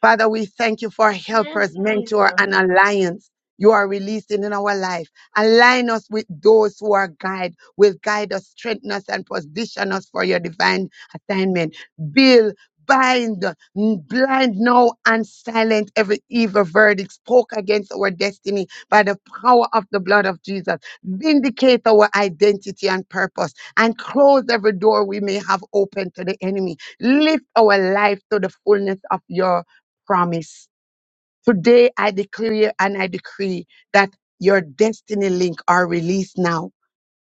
C: Father, we thank you for
F: Yes,
C: helpers, mentor,
F: Jesus.
C: and alliance you are releasing in our life. Align us with those who are guide, will guide us, strengthen us, and position us for your divine assignment. Build, bind, n- blind now, and silent every evil verdict spoke against our destiny by the power of the blood of Jesus. Vindicate our identity and purpose, and close every door we may have open to the enemy. Lift our life to the fullness of your promise. Today I declare and I decree that your destiny link are released now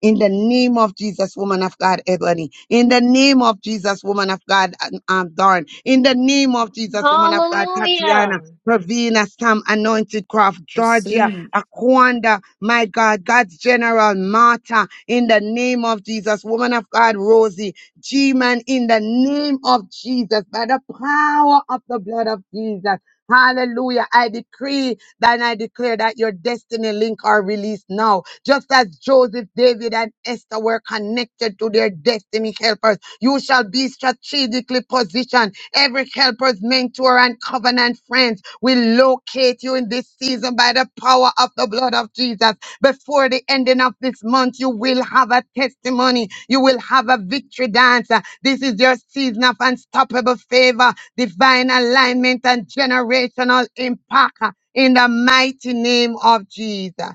C: in the name of Jesus, woman of God, Ebony. In the name of Jesus, woman of God, um, um, Dawn. In the name of Jesus, woman of God,
F: Hallelujah.
C: Tatiana. Pravina, Sam, Anointed Craft, Georgia,
D: See.
C: Aquanda, my God, God's General, Martha, in the name of Jesus, woman of God, Rosie, G-Man, in the name of Jesus, by the power of the blood of Jesus. Hallelujah. I decree that I declare that your destiny link are released now just as Joseph, David, and Esther were connected to their destiny helpers, you shall be strategically positioned. Every helper's mentor and covenant friends will locate you in this season by the power of the blood of Jesus. Before the ending of this month, you will have a testimony. You will have a victory dance. Uh, This is your season of unstoppable favor, divine alignment, and generational impact. uh, In the mighty name of Jesus.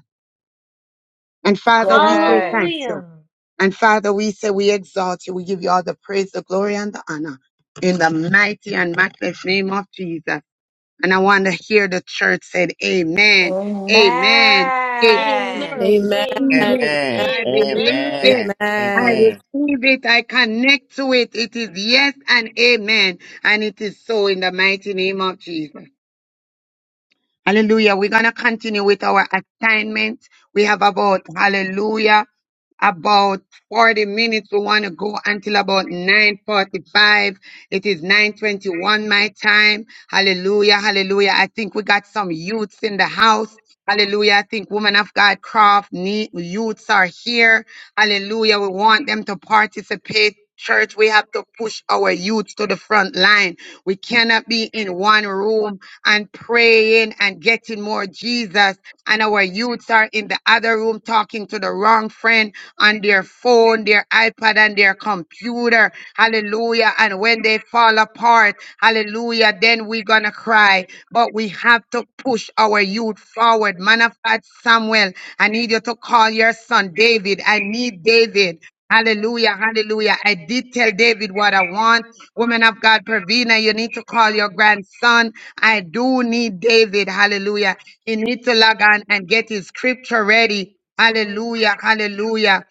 C: And Father, we say
D: Yes.
C: thank you.
F: Hallelujah.
C: And Father, we say we exalt you. We give you all the praise, the glory, and the honor in the mighty and matchless name of Jesus. And I want to hear the church said, Amen. Amen. Amen. I
D: Amen.
F: Amen.
C: receive
E: Amen. Amen.
C: it.
F: Amen.
B: Amen.
C: I believe
F: Amen.
C: it.
B: Amen.
C: I
E: Amen.
B: Amen.
C: receive it. I connect to it. It is yes and amen. And it is so in the mighty name of Jesus. Hallelujah. We're going to continue with our assignment. We have about, hallelujah about 40 minutes. We want to go until about 9.45. It is 9.21 my time. Hallelujah, hallelujah. I think we got some youths in the house. Hallelujah. I think women of God craft need, youths are here. Hallelujah. We want them to participate. Church, we have to push our youths to the front line. We cannot be in one room and praying and getting more Jesus and our youths are in the other room talking to the wrong friend on their phone, their iPad, and their computer. Hallelujah. And when they fall apart, hallelujah, then we're going to cry. But we have to push our youth forward. Man of God, Samuel, I need you to call your son David. I need David. Hallelujah, hallelujah. I did tell David what I want. Woman of God, Pravina, you need to call your grandson. I do need David. Hallelujah. He needs to log on and get his scripture ready. Hallelujah, hallelujah.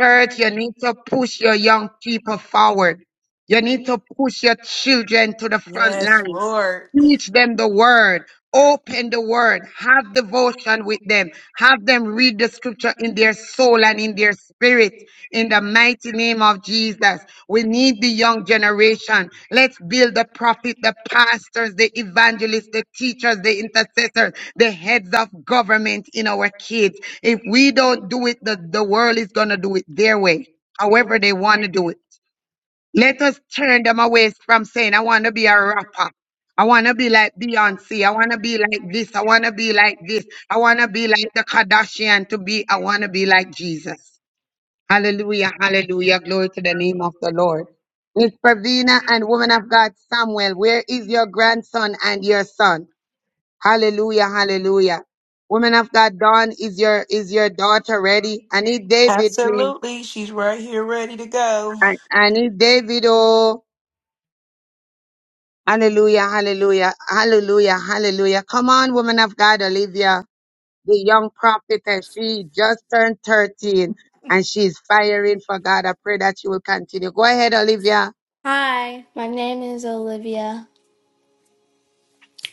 C: Church, you need to push your young people forward. You need to push your children to the front
D: Yes,
C: line.
D: Lord.
C: Teach them the word. Open the word. Have devotion with them. Have them read the scripture in their soul and in their spirit. In the mighty name of Jesus. We need the young generation. Let's build the prophet, the pastors, the evangelists, the teachers, the intercessors, the heads of government in our kids. If we don't do it, the, the world is going to do it their way, however they want to do it. Let us turn them away from saying, I want to be a rapper. I want to be like Beyonce. I want to be like this. I want to be like this. I want to be like the Kardashian to be. I want to be like Jesus. Hallelujah. Hallelujah. Glory to the name of the Lord. Miss Pravina and woman of God Samuel, where is your grandson and your son? Hallelujah. Hallelujah. Woman of God Dawn, is your is your daughter ready? I need David, please.
D: Absolutely. She's right here ready to go.
C: I, I need David. oh. Hallelujah, hallelujah, hallelujah, hallelujah. Come on, woman of God, Olivia, the young prophetess. She just turned 13 and she's firing for God. I pray that she will continue. Go ahead, Olivia.
D: Hi, my name is Olivia,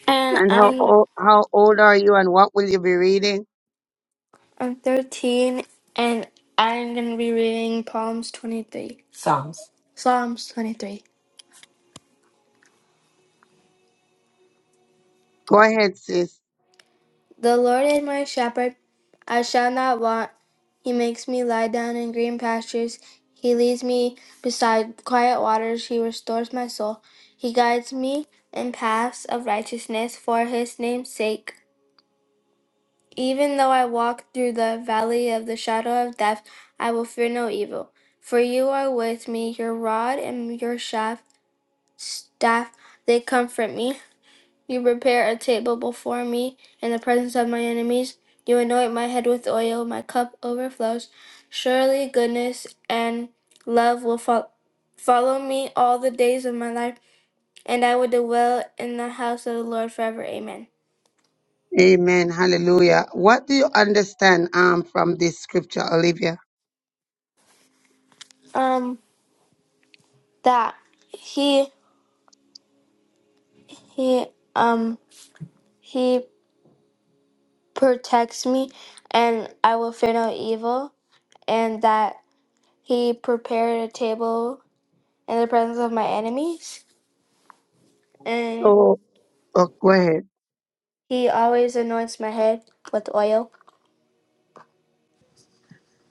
D: and
C: And how,
D: I'm
C: o- how old are you and what will you be reading?
D: I'm 13, and I'm gonna be reading Psalms 23, Psalms. Psalms 23.
C: Go ahead, sis.
D: The Lord is my shepherd, I shall not want. He makes me lie down in green pastures. He leads me beside quiet waters. He restores my soul. He guides me in paths of righteousness for his name's sake. Even though I walk through the valley of the shadow of death, I will fear no evil. For you are with me, your rod and your shaft, staff, they comfort me. You prepare a table before me in the presence of my enemies. You anoint my head with oil, my cup overflows. Surely goodness and love will fol- follow me all the days of my life, and I will dwell in the house of the Lord forever. Amen.
C: Amen. Hallelujah. What do you understand um, from this scripture, Olivia?
D: Um, that he he um he protects me, and I will fear no evil, and that he prepared a table in the presence of my enemies, and.
C: Oh, oh, go ahead.
D: He always anoints my head with oil.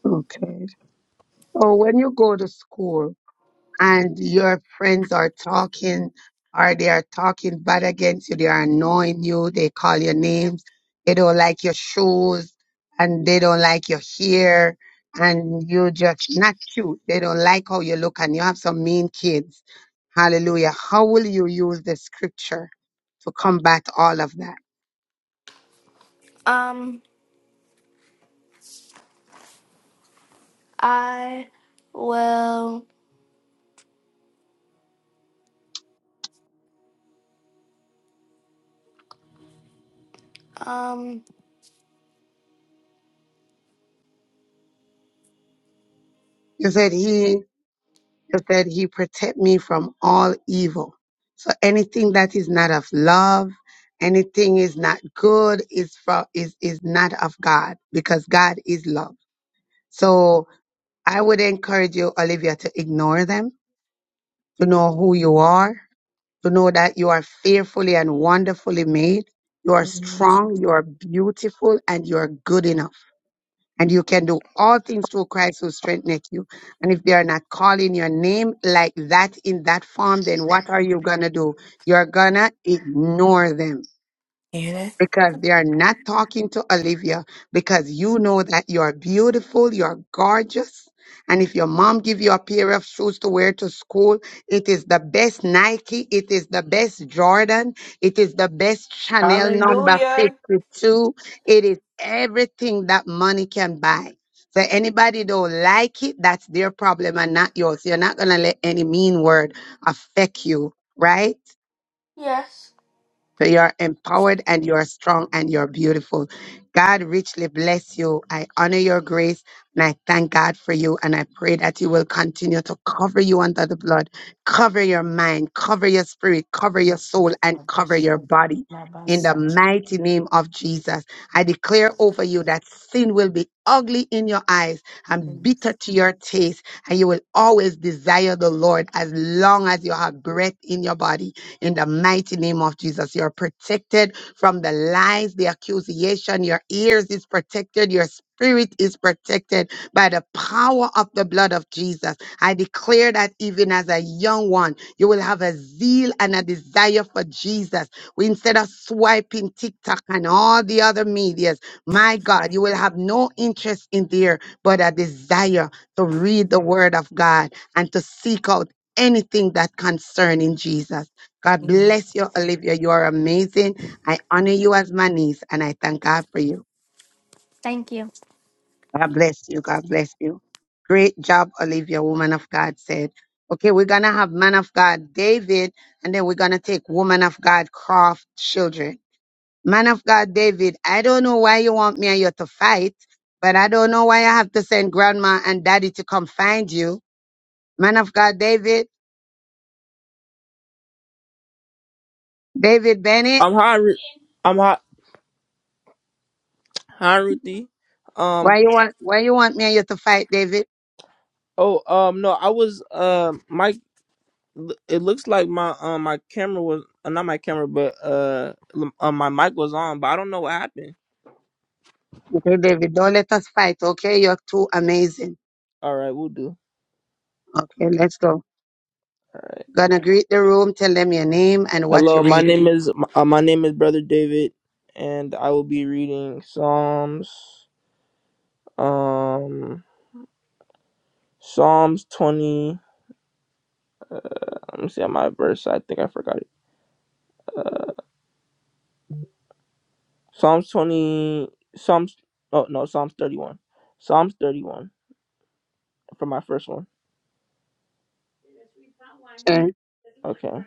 C: Okay. Oh, when you go to school, and your friends are talking or they are talking bad against you, they are annoying you, they call your names, they don't like your shoes and they don't like your hair and you're just not cute. They don't like how you look and you have some mean kids. Hallelujah. How will you use the scripture to combat all of that?
D: Um, I will. Um,
C: You said he is that he protect me from all evil. So anything that is not of love, anything is not good is from is is not of God because God is love. So I would encourage you, Olivia, to ignore them, to know who you are, to know that you are fearfully and wonderfully made. You are
D: Mhm.
C: strong, you are beautiful, and you are good enough and you can do all things through Christ who strengtheneth you. And if they are not calling your name like that in that form, then what are you gonna do? You're gonna ignore them
D: Hear that?
C: because they are not talking to Olivia because you know that you are beautiful, you are gorgeous. And if your mom give you a pair of shoes to wear to school, it is the best Nike, it is the best Jordan, it is the best Chanel number
D: Hallelujah.
C: 52. It is everything that money can buy. So anybody don't like it, that's their problem and not yours. You're not going to let any mean word affect you, right?
D: yes.
C: So you're empowered and you're strong and you're beautiful. God richly bless you. I honor your grace and I thank God for you. And I pray that you will continue to cover you under the blood, cover your mind, cover your spirit, cover your soul, and cover your
D: Mhm.
C: body. In the mighty name of Jesus, I declare over you that sin will be ugly in your eyes and bitter to your taste, and you will always desire the Lord as long as you have breath in your body in the mighty name of Jesus, you're protected from the lies, the accusation. Your ears is protected. Your spirit is protected by the power of the blood of Jesus. I declare that even as a young one, you will have a zeal and a desire for Jesus. We- Instead of swiping TikTok and all the other medias, my God, you will have no interest in there, but a desire to read the word of God and to seek out anything that concerning Jesus. God bless you, Olivia. You are amazing. I honor you as my niece, and I thank God for you.
D: Thank you.
C: God bless you. God bless you. Great job, Olivia, woman of God said. Okay, we're going to have man of God David, and then we're going to take woman of God Croft children. Man of God David, I don't know why you want me and you to fight, but I don't know why I have to send grandma and daddy to come find you. Man of God David, David Bennett,
J: I'm hi. Ru- I'm hi. Hi, Ruthie.
C: why
J: Um.
C: you want why you want me and you to fight, David?
J: Oh. Um. No. I was. Uh. My. It looks like my. Um. My camera was. Uh, not my camera, but uh. l- uh. My mic was on, but I don't know what happened.
C: Okay, David, don't let us fight. Okay, you're too amazing.
J: All right. We'll do.
C: Okay, let's go.
J: All right.
C: Gonna greet the room, tell them your name and what you're
J: Hello. My
C: reading.
J: name is. Uh, my name is Brother David, and I will be reading Psalms. Um. Psalms twenty. Let me see my verse. I think I forgot it. Psalms twenty. Psalms. Oh no. Psalms thirty-one. Psalms 31. for my first one.
C: Okay?
J: Okay.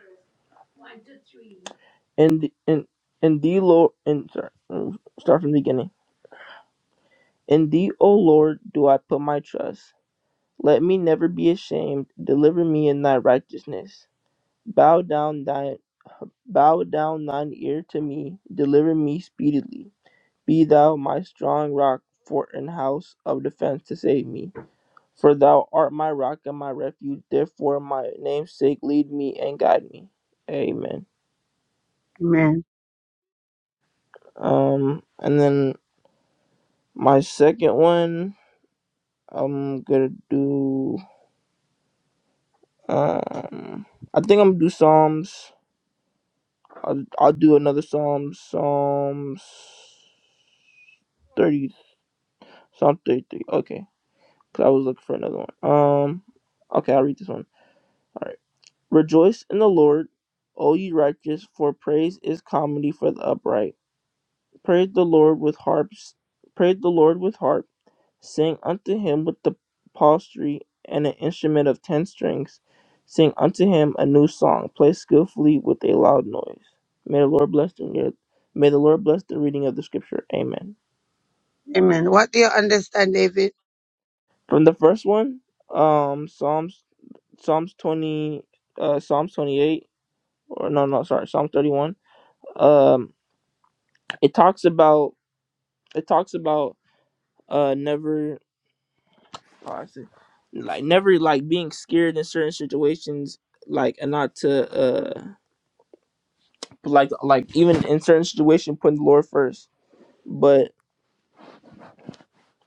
J: And the and in thee Lord and sorry, mm, start from the beginning. In thee, O Lord, do I put my trust. Let me never be ashamed. Deliver me in thy righteousness. Bow down thine bow down thine ear to me. Deliver me speedily. Be thou my strong rock, fort and house of defense to save me. For thou art my rock and my refuge, therefore my name's sake lead me and guide me. Amen.
C: Amen.
J: Um and then My second one, I'm gonna do. Um, I think I'm gonna do Psalms. I'll, I'll do another Psalms. Psalms thirty. Psalm thirty-three. Okay, because I was looking for another one. Um, okay, I'll read this one. All right. Rejoice in the Lord, O ye righteous, for praise is comedy for the upright. Praise the Lord with harps. Praise the Lord with harps Sing unto him with the psaltery and an instrument of ten strings. Sing unto him a new song. Play skillfully with a loud noise. May the Lord bless the may the Lord bless the reading of the scripture. Amen.
C: Amen. What do you understand, David?
J: From the first one, um, Psalms Psalms twenty, uh, Psalms twenty eight, or no, no, sorry, Psalm thirty one. Um, it talks about it talks about uh never Pause. Like never like being scared in certain situations, like and not to uh but like like even in certain situation putting the Lord first. But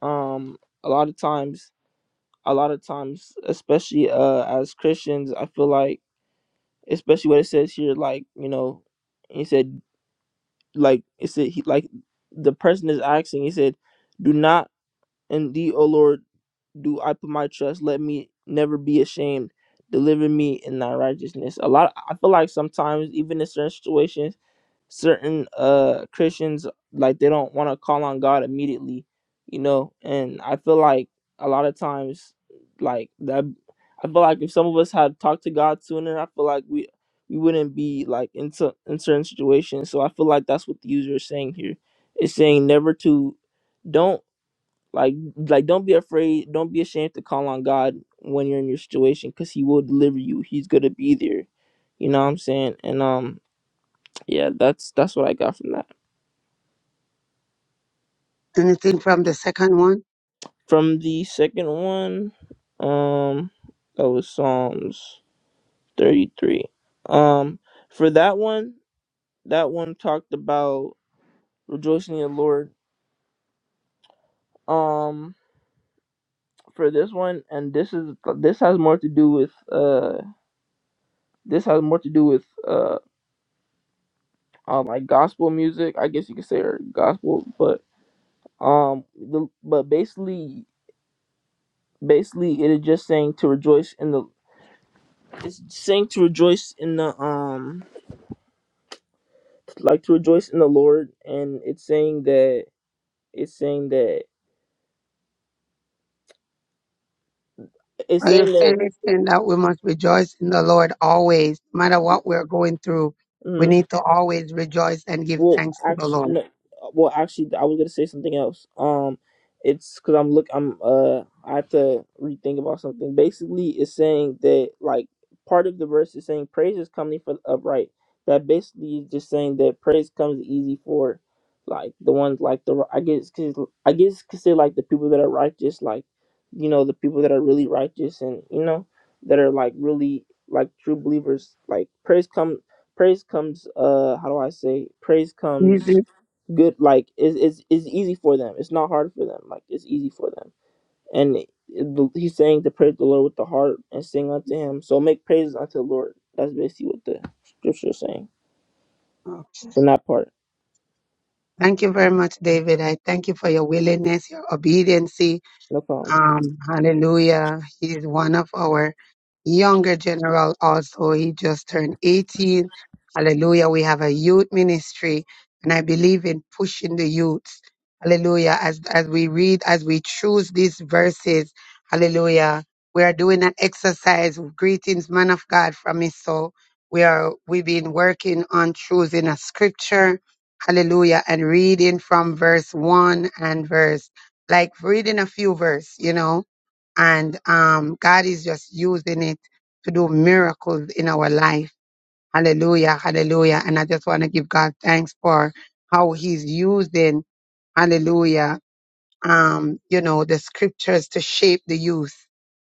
J: um a lot of times a lot of times, especially uh as Christians, I feel like especially what it says here, like, you know, he said like it said he like the person is asking, he said, Do not and indeed, O Lord do I put my trust. Let me never be ashamed. Deliver me in thy righteousness. A lot I feel like sometimes even in certain situations, certain uh Christians like they don't want to call on God immediately, you know, and I feel like a lot of times like that I feel like if some of us had talked to God sooner, I feel like we we wouldn't be like in, cer- in certain situations. So I feel like that's what the user is saying here. It's saying never to don't. Like like don't be afraid, don't be ashamed to call on God when you're in your situation cuz he will deliver you. He's going to be there. You know what I'm saying? And um yeah, that's that's what I got from that.
C: Anything from the second one?
J: From the second one, um that was Psalms 33. Um for that one, that one talked about rejoicing in the Lord. Um for this one and this is this has more to do with uh this has more to do with uh. um like gospel music. I guess you could say or gospel, but um the, but basically basically it is just saying to rejoice in the it's saying to rejoice in the um like to rejoice in the Lord and it's saying that it's saying that it's
C: Are
J: saying
C: you
J: that
C: saying this thing that we must rejoice in the Lord always, no matter what we're going through? We
J: mm-hmm,
C: need to always rejoice and give
J: Well,
C: thanks to the
J: actually,
C: Lord.
J: no. Well, actually, I was gonna say something else. Um, it's because I'm look. I'm uh. I have to rethink about something. Basically, it's saying that like part of the verse is saying praise is coming for the upright. That basically is just saying that praise comes easy for like the ones like the I guess cause I guess cause they like the people that are righteous, like you know the people that are really righteous and you know that are like really like true believers. Like praise comes praise comes uh how do i say praise
C: Easy.
J: comes good like is is is easy for them it's not hard for them like it's easy for them and it- the- he's saying to praise the lord with the heart and sing unto him so make praises unto the lord that's basically what the scripture is saying
C: Okay.
J: in that part
C: Thank you very much, David. I thank you for your willingness, your obedience.
J: no problem
C: Um, hallelujah. He is one of our younger general also. He just turned 18. Hallelujah. We have a youth ministry and I believe in pushing the youths. Hallelujah. As, as we read, as we choose these verses, hallelujah. We are doing an exercise. Greetings, man of God from his soul. We are, we've been working on choosing a scripture. Hallelujah. And reading from verse one and verse like reading a few verse, you know, and um, God is just using it to do miracles in our life. Hallelujah, hallelujah. And I just want to give God thanks for how he's using, hallelujah, um, you know, the scriptures to shape the youth.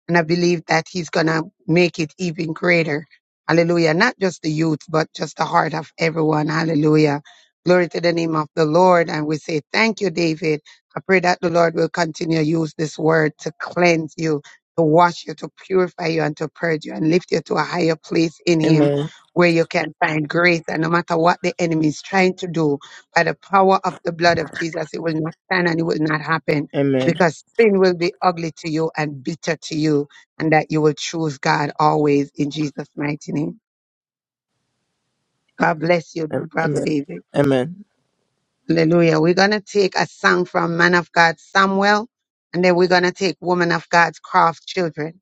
C: And I believe that he's going to make it even greater. Hallelujah. Not just the youth, but just the heart of everyone. Hallelujah. Glory to the name of the Lord. And we say, thank you, David. I pray that the Lord will continue to use this word to cleanse you, to wash you, to purify you, and to purge you and lift you to a higher place in him
J: amen
C: where you can find grace. And no matter what the enemy is trying to do, by the power of the blood of Jesus, it will not stand and it will not happen
J: amen
C: because sin will be ugly to you and bitter to you, and that you will choose God always in Jesus' mighty name. God bless you,
J: Am-
C: brother
J: amen
C: David.
J: amen
C: Hallelujah. We're going to take a song from Man of God Samuel, and then we're going to take Woman of God's Craft Children.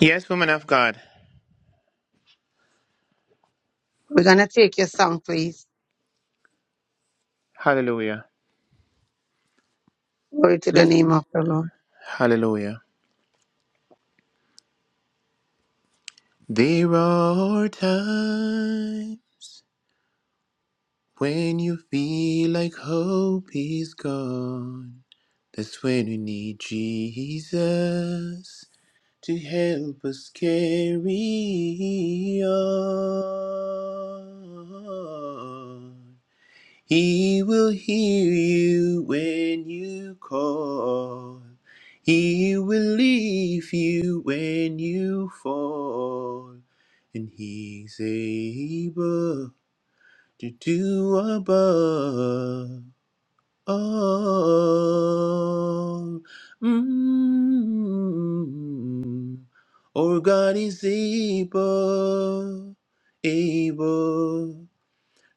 B: Yes, woman of God.
C: We're going to take your song, please.
B: Hallelujah.
C: Glory to the
B: Let's.
C: name of the Lord.
B: Hallelujah. There are times. When you feel like hope is gone, that's when we need Jesus to help us carry on. He will hear you when you call. He will leave you when you fall, and He's able to do above. Oh, Mm. Or God is able, able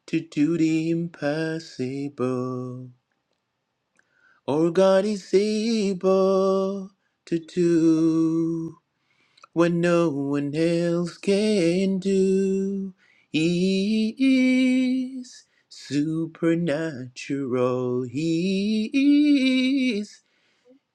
B: to do the impossible. Or God is able to do what no one else can do. He is supernatural. He is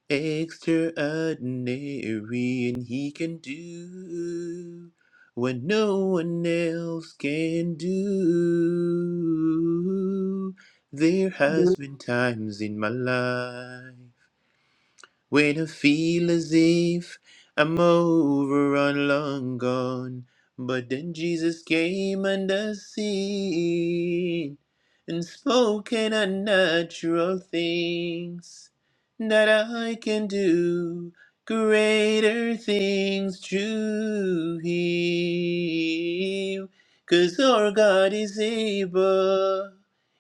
B: extraordinary, and he can do what no one else can do. There
C: Mm-hmm.
B: has been times in my life. When I feel as if I'm over and long gone. But then Jesus came and I seen and spoken unnatural things that I can do greater things through Him, 'cause our God is able,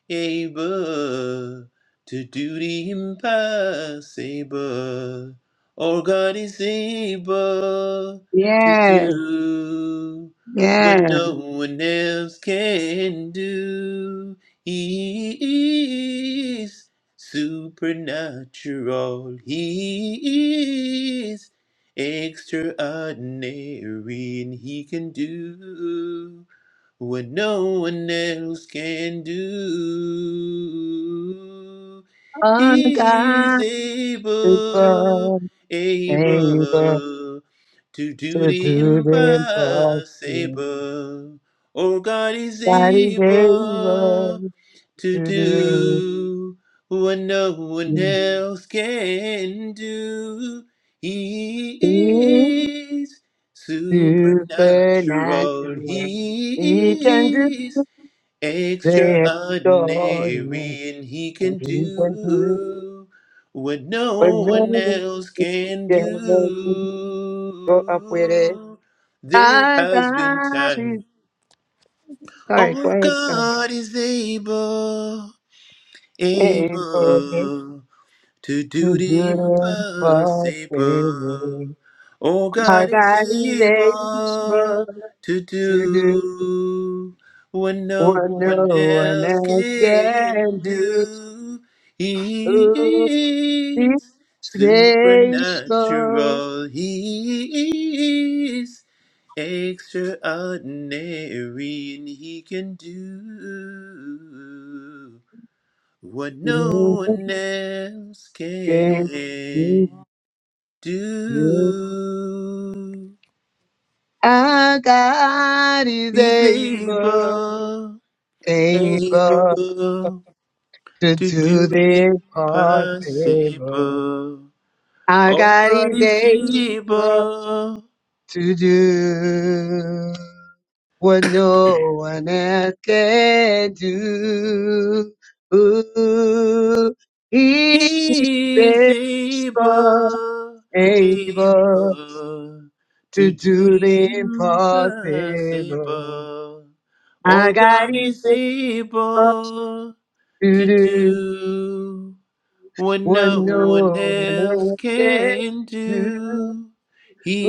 B: able to do the impossible. Our God is able to
C: Yes,
B: do what
C: yes.
B: no one else can do. He is supernatural. He is extraordinary, and he can do what no one else can do.
C: Ungodly
B: He's able,
C: able
B: able to do
C: to
B: the
C: do the impossible.
B: impossible. Oh, God is
C: God is able
B: able to
C: to
B: do what no
C: do.
B: one else can do. He
C: Supernatural.
B: is supernatural.
C: He can do
B: He is
C: the extraordinary.
B: extraordinary, and he can
C: He can do
B: do what
C: what
B: no
C: no
B: one
C: one
B: else can
C: can do. Go up with it.
B: do. There
C: I
B: has been
C: got
B: time.
C: it. Sorry, go
B: All
C: ahead, son.
B: God is able
C: It's okay.
B: able to do
C: The
B: the
C: good
B: impossible.
C: impossible.
B: Oh,
C: Our
B: God is
C: God is
B: able
C: able
B: to
C: to do
B: do what
C: what
B: no
C: no
B: one
C: one
B: else
C: else
B: can
C: can
B: do. He
C: do. He's
B: is
C: faithful.
B: supernatural. He is extraordinary, and He can do what no one else
C: Again, he's
B: can
C: good.
B: do.
C: Our God is
B: He's
C: able,
B: able,
C: able
B: able
C: to
B: to
C: do
B: do
C: the
B: the
C: impossible.
B: impossible.
C: Our
B: Oh,
C: God
B: God
C: is
B: is
C: able
B: able.
C: to do what no one else can do. Ooh, he is
B: He's
C: faithful,
B: able,
C: able.
B: able
C: to
B: to do
C: do the
B: the
C: impossible.
B: impossible. Oh,
C: I got
B: God is
C: equal
B: able.
C: to
B: to
C: do
B: do what
C: what
B: no one
C: no one
B: else
C: else can
B: can
C: do.
B: do.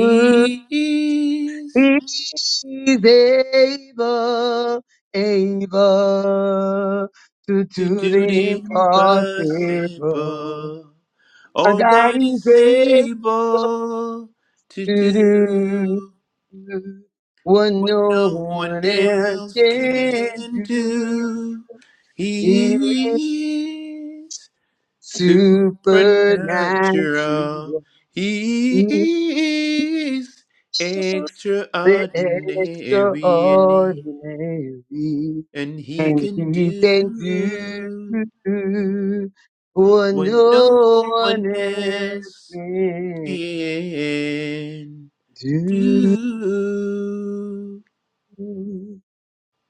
C: Ooh,
B: is
C: He's able, able to
B: to
C: do
B: do
C: the
B: the
C: impossible.
B: impossible.
C: I
B: All
C: got
B: God is
C: equal
B: able to
C: to do
B: do
C: what
B: what
C: no
B: no one
C: one else
B: else
C: can
B: can do.
C: do.
B: He is Supernatural.
C: supernatural,
B: He is extraordinary and he,
C: extraordinary,
B: and he
C: and
B: can
C: He can do
B: do
C: what
B: what
C: no
B: no one
C: one else
B: else
C: can
B: can do.
C: do.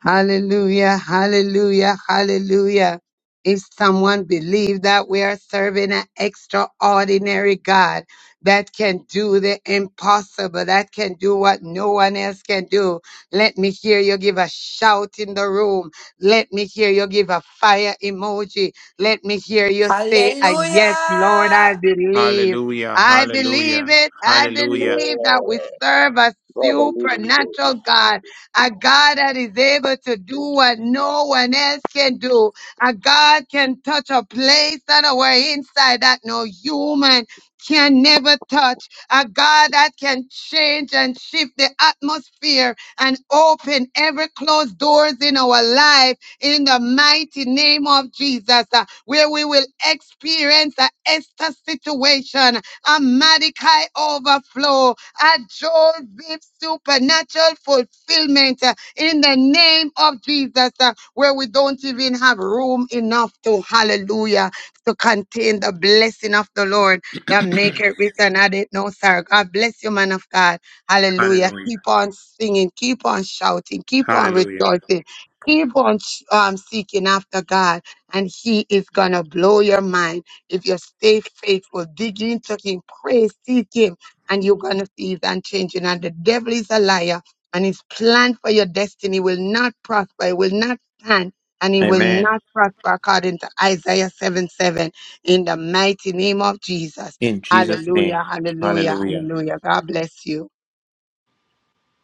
C: Hallelujah, hallelujah, hallelujah. If someone believes that we are serving an extraordinary God that can do the impossible, that can do what no one else can do, let me hear you give a shout in the room. Let me hear you give a fire emoji. Let me hear you say, a Yes, Lord, I
D: Hallelujah.
C: believe.
B: Hallelujah,
C: I believe
B: hallelujah,
C: it. I
K: Yeah.
B: hallelujah,
C: believe that we serve a
K: Love and living God.
C: supernatural God a God that is able to do what no one else can do. A God can touch a place that our inside that no human can never touch. A God that can change and shift the atmosphere and open every closed doors in our life in the mighty name of Jesus, uh, where we will experience a Esther situation a Mordecai overflow, a Joel with supernatural fulfillment uh, in the name of Jesus, uh, where we don't even have room enough to, hallelujah, to contain the blessing of the Lord that make it rich and add it no sorrow. God bless you, man of God. Hallelujah.
B: hallelujah,
C: Keep on singing, keep on shouting, keep on
B: hallelujah.
C: rejoicing. Keep on sh- um, seeking after God, and He is gonna blow your mind. If you stay faithful, dig into Him, pray, seek Him, and you're going to see His unchanging. And the devil is a liar, and his plan for your destiny will not prosper, it will not stand, and it will
B: Amen.
C: not prosper according to Isaiah 7 7. In the mighty name of Jesus.
B: In Jesus' name,
C: Hallelujah, hallelujah,
B: hallelujah.
C: hallelujah. God bless you.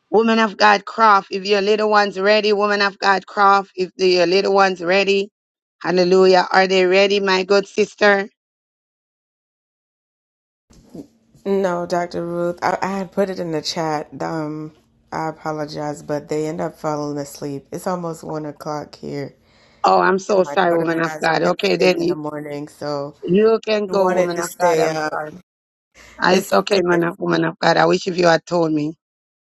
C: Woman of God Croft, if your little one's ready, woman of God Croft, if the, your little one's ready, hallelujah. Are they ready, my good sister?
E: No, Dr. Ruth, I, I had put it in the chat. Um, I apologize, but they end up falling asleep. It's almost one o'clock here.
C: Oh, I'm so
E: My
C: sorry,
E: daughter
C: woman of
E: has
C: God. Okay,
E: testing
C: then
E: in the
C: you
E: morning, so
C: you can
E: I
C: go,
E: wanted
C: woman
E: to
C: of God.
E: stay
C: I'm
E: up.
C: sorry. Ah, It's
E: It's
C: okay, man
E: okay.
C: of, woman of God. I wish if you had told me.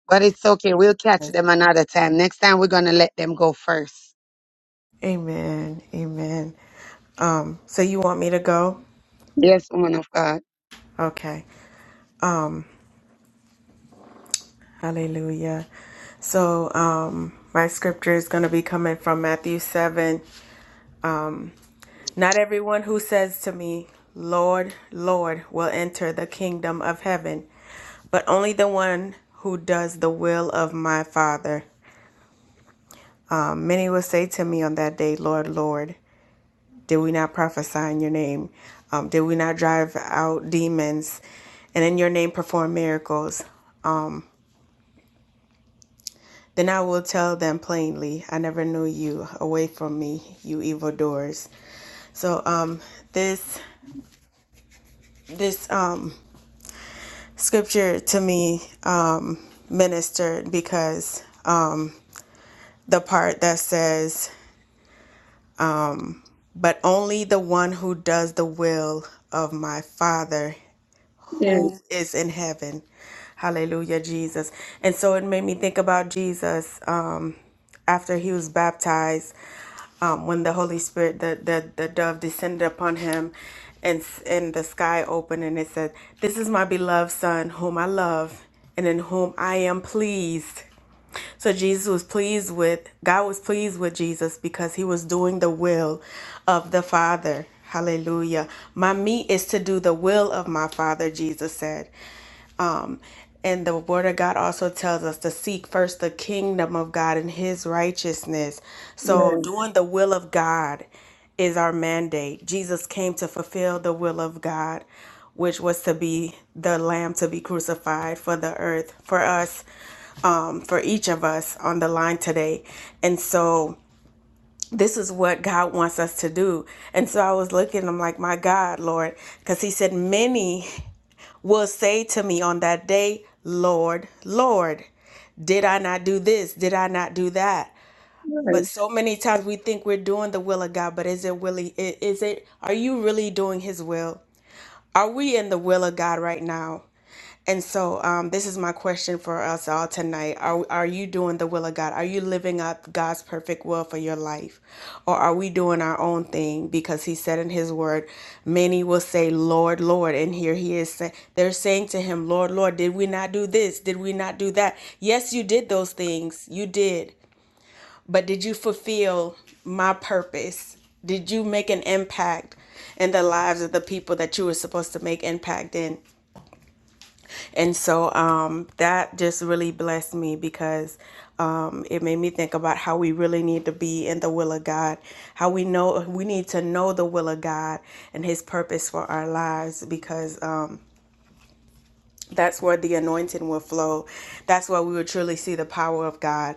C: But it's okay. We'll catch them another time. Next time, we're going to let them go first.
E: Amen. Amen. Um, so you want me to go?
C: Yes, woman of God.
E: Okay. Um, hallelujah. So, um, my scripture is going to be coming from Matthew 7 Not everyone who says to me, Lord, Lord, will enter the kingdom of heaven, but only the one who does the will of my Father. Um, many will say to me on that day, Lord, Lord, did we not prophesy in your name? Um, did we not drive out demons and in your name perform miracles? Then I will tell them plainly, I never knew you. Away from me, you evildoers. So um, this this um scripture to me um, ministered because um, the part that says, But only the one who does the will of my Father
C: Yes,
E: who is in heaven. Hallelujah, Jesus. And so it made me think about Jesus um, after he was baptized, um, when the Holy Spirit, the, the, the dove descended upon him and, and the sky opened, and it said, This is my beloved Son, whom I love and in whom I am pleased. So Jesus was pleased with God was pleased with Jesus because he was doing the will of the Father. Hallelujah. My meat is to do the will of my Father, Jesus said. Um and the word of God also tells us to seek first the kingdom of God and his righteousness. So
C: yes,
E: doing the will of God is our mandate. Jesus came to fulfill the will of God, which was to be the lamb to be crucified for the earth for us um, for each of us on the line today. And so this is what God wants us to do. And so I was looking, I'm like, my God, Lord, because He said, Many will say to me on that day, Lord, Lord, did I not do this? Did I not do that? But
C: right.
E: so many times we think we're doing the will of God, but is it really, is it, are you really doing His will? Are we in the will of God right now? And so, um, this is my question for us all tonight. Are, are you doing the will of God? Are you living out God's perfect will for your life? Or are we doing our own thing? Because He said in His word, many will say, Lord, Lord. And here He is saying, they're saying to Him, Lord, Lord, did we not do this? Did we not do that? Yes, you did those things. You did. But did you fulfill my purpose? Did you make an impact in the lives of the people that you were supposed to make impact in? And so um, that just really blessed me because um, it made me think about how we really need to be in the will of God, how we know we need to know the will of God and His purpose for our lives because. um, that's where the anointing will flow. That's where we will truly see the power of God.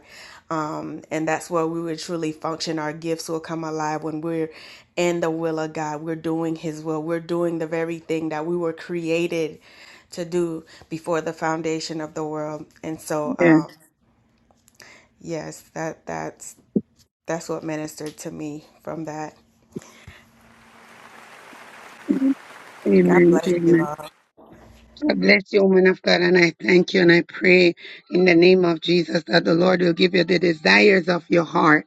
E: Um, and that's where we will truly function. Our gifts will come alive when we're in the will of God. We're doing His will. We're doing the very thing that we were created to do before the foundation of the world. And so,
C: Yes.
E: um, yes, that that's that's what ministered to me from that. God
C: Amen.
E: bless you
C: Amen.
E: all.
C: God bless you, woman of God. And I thank you and I pray in the name of Jesus that the Lord will give you the desires of your heart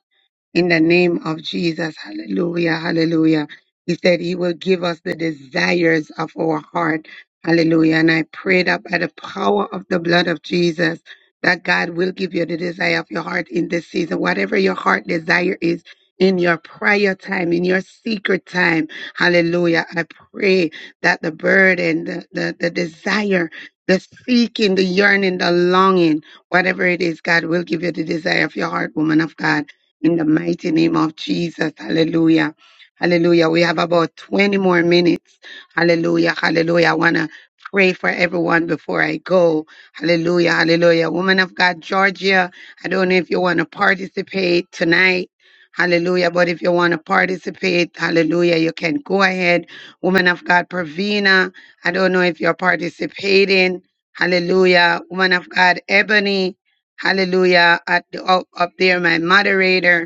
C: in the name of Jesus. Hallelujah. Hallelujah. He said he will give us the desires of our heart. Hallelujah. And I prayed up by the power of the blood of Jesus, that God will give you the desire of your heart in this season. Whatever your heart desire is in your prayer time, in your secret time. Hallelujah. I pray that the burden, the, the, the desire, the seeking, the yearning, the longing, whatever it is, God will give you the desire of your heart, woman of God in the mighty name of Jesus. Hallelujah. Hallelujah. We have about 20 more minutes. Hallelujah. Hallelujah. I want to pray for everyone before I go. Hallelujah. Hallelujah. Woman of God, Georgia, I don't know if you want to participate tonight. Hallelujah. But if you want to participate, hallelujah, you can go ahead. Woman of God, Pravina, I don't know if you're participating. Hallelujah. Woman of God, Ebony, hallelujah. At the, up, up there, my moderator.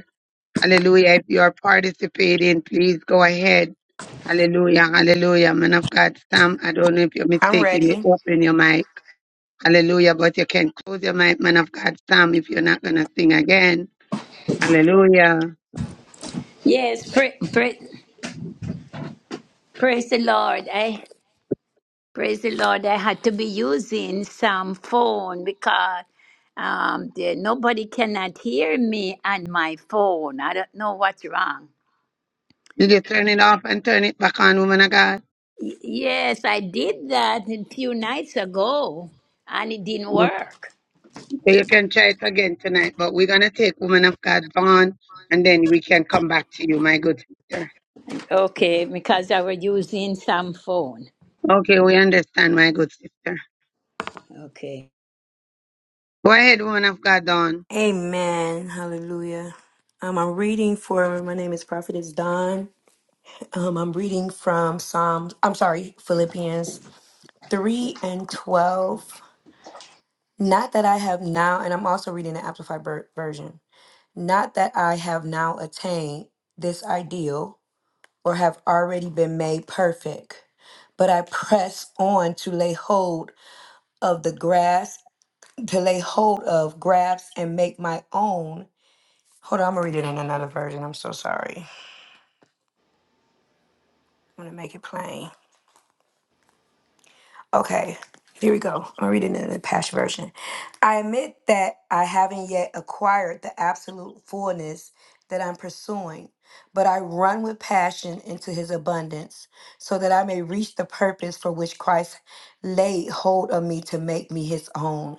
C: Hallelujah. If you are participating, please go ahead. Hallelujah. Hallelujah. Man of God, Sam, I don't know if you're
D: I'm
C: mistaken. You
D: ready.
C: open your mic. Hallelujah. But you can close your mic, man of God, Sam, if you're not going to sing again. Hallelujah.
B: Yes, pray, Praise the Lord. I praise the Lord. I had to be using some phone because um, the, nobody cannot hear me on my phone. I don't know what's wrong.
C: Did you turn it off and turn it back on, woman of God?
B: Y- yes, I did that a few nights ago, and it didn't
C: No.
B: work.
C: So you can try it again tonight, but we're going to take woman of God on and then we can come back to you, my good sister.
B: Okay, because I was using some phone.
C: Okay, we understand, my good sister.
B: Okay.
C: Go ahead, woman of God, Dawn.
D: Amen. Hallelujah. Um, I'm reading for my name is Prophetess Don. Um, I'm reading from Psalms, I'm sorry, Philippians 3 and 12. Not that I have now, and I'm also reading the Amplified ver- version. Not that I have now attained this ideal or have already been made perfect, but I press on to lay hold of the grass, to lay hold of, grasp, and make my own. Hold on, I'm gonna read it in another version. I'm so sorry. I'm gonna make it plain. Okay, here we go. I'm reading in the Passion Version. I admit that I haven't yet acquired the absolute fullness that I'm pursuing, but I run with passion into his abundance so that I may reach the purpose for which Christ laid hold of me to make me his own.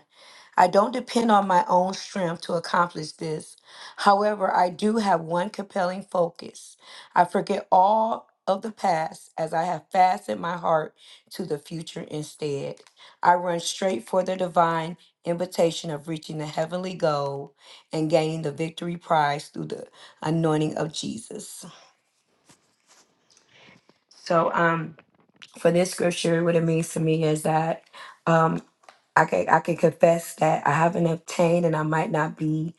D: I don't depend on my own strength to accomplish this. However, I do have one compelling focus. I forget all of the past as I have fastened my heart to the future instead. I run straight for the divine invitation of reaching the heavenly goal and gaining the victory prize through the anointing of Jesus. So, um, for this scripture, what it means to me is that um, I can I can confess that I haven't obtained and I might not be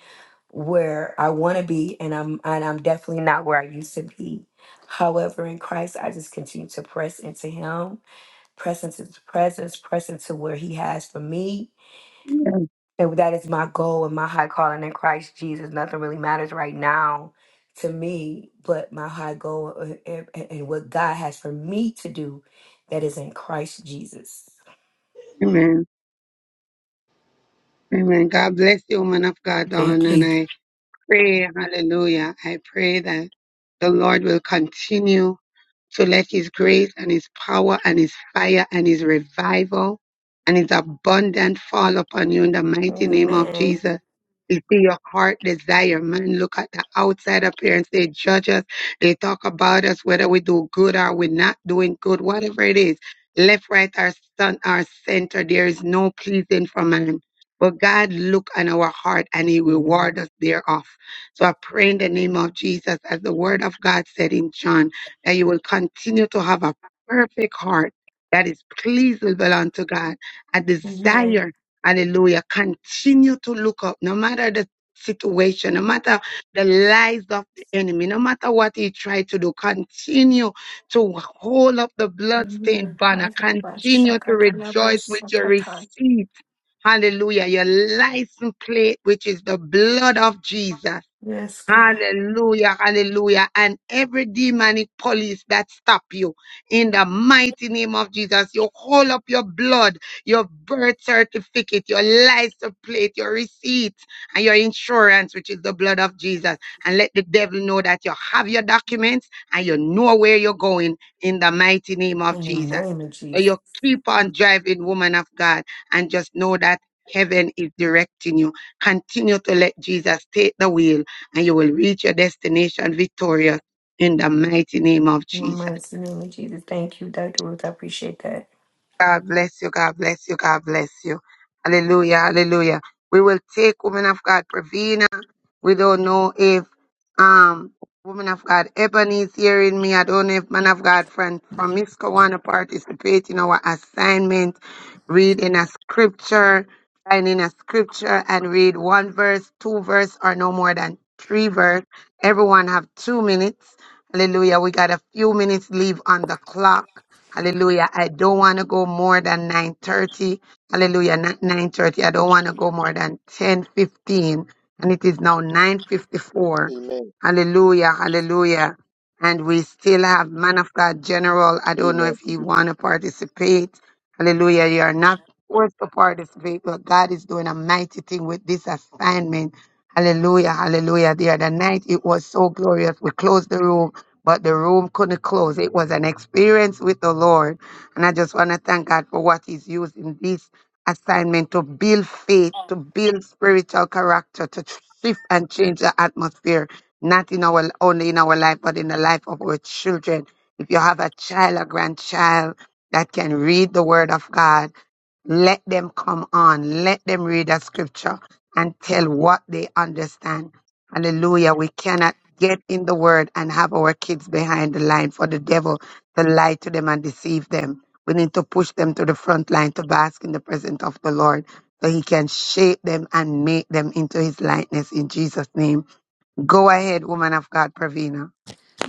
D: where I want to be, and I'm and I'm definitely not where I used to be. However, in Christ, I just continue to press into Him, press into His presence, press into where He has for me,
C: Yes.
D: and that is my goal and my high calling in Christ Jesus. Nothing really matters right now to me, but my high goal uh, and, and and what God has for me to do, that is in Christ Jesus.
C: Amen. Amen. God bless you, woman of God, Dawn.
D: Thank
C: And
D: you.
C: I pray, hallelujah, I pray that the Lord will continue so let his grace and his power and his fire and his revival and his abundant fall upon you in the mighty name of
D: Amen.
C: Jesus. It be your heart desire, man. Look at the outside appearance. They judge us. They talk about us, whether we do good or we're not doing good, whatever it is. Left, right, or son, or center. There is no pleasing for man. But God look on our heart and he
D: Yeah.
C: reward us thereof. So I pray in the name of Jesus as the word of God said in John. And you will continue to have a perfect heart that is pleasable unto God. A
D: Amen.
C: desire, hallelujah, continue to look up no matter the situation, no matter the lies of the enemy, no matter what he tried to do, continue to hold up the bloodstained
D: Amen.
C: banner, continue to rejoice with your
D: Ashakatayabashakata.
C: receipt. Hallelujah, your license plate, which is the blood of Jesus.
D: Yes, God.
C: Hallelujah, hallelujah. And every demonic police that stop you in the mighty name of Jesus, you hold up your blood, your birth certificate, your license plate, your receipt, and your insurance, which is the blood of Jesus. And let the devil know that you have your documents and you know where you're going in the mighty name of
D: In the
C: Jesus.
D: name of
C: So
D: Jesus.
C: you keep on driving, woman of God, and just know that heaven is directing you. Continue to let Jesus take the wheel and you will reach your destination victorious in the mighty name of
D: In the
C: Jesus.
D: mighty name of Jesus. Thank you, Dr. Ruth. I appreciate that.
C: God bless you. God bless you. God bless you. Hallelujah. Hallelujah. We will take woman of God, Pravina. We don't know if um woman of God Ebony is hearing me. I don't know if man of God friend from Misco want to participate in our assignment, reading a scripture, finding a scripture and read one verse, two verse, or no more than three verse. Everyone have two minutes. Hallelujah. We got a few minutes leave on the clock. Hallelujah. I don't want to go more than 9.30. Hallelujah. Not 9.30. I don't want to go more than 10.15 and it is now 9:54.
K: Amen.
C: Hallelujah, hallelujah. And we still have man of God general. I don't know
K: Amen.
C: if you want to participate. Hallelujah. You are not forced to participate, but God is doing a mighty thing with this assignment. Hallelujah, hallelujah. The other night it was so glorious. We closed the room, but the room couldn't close. It was an experience with the Lord. And I just want to thank God for what He's using this assignment to build faith, to build spiritual character, to shift and change the atmosphere, not in our only in our life, but in the life of our children. If you have a child, a grandchild that can read the word of God, let them come on. Let them read the scripture and tell what they understand. Hallelujah. We cannot get in the word and have our kids behind the line for the devil to lie to them and deceive them we need to push them to the front line to bask in the presence of the Lord so he can shape them and make them into his likeness in Jesus' name. Go ahead, woman of God, Pravina.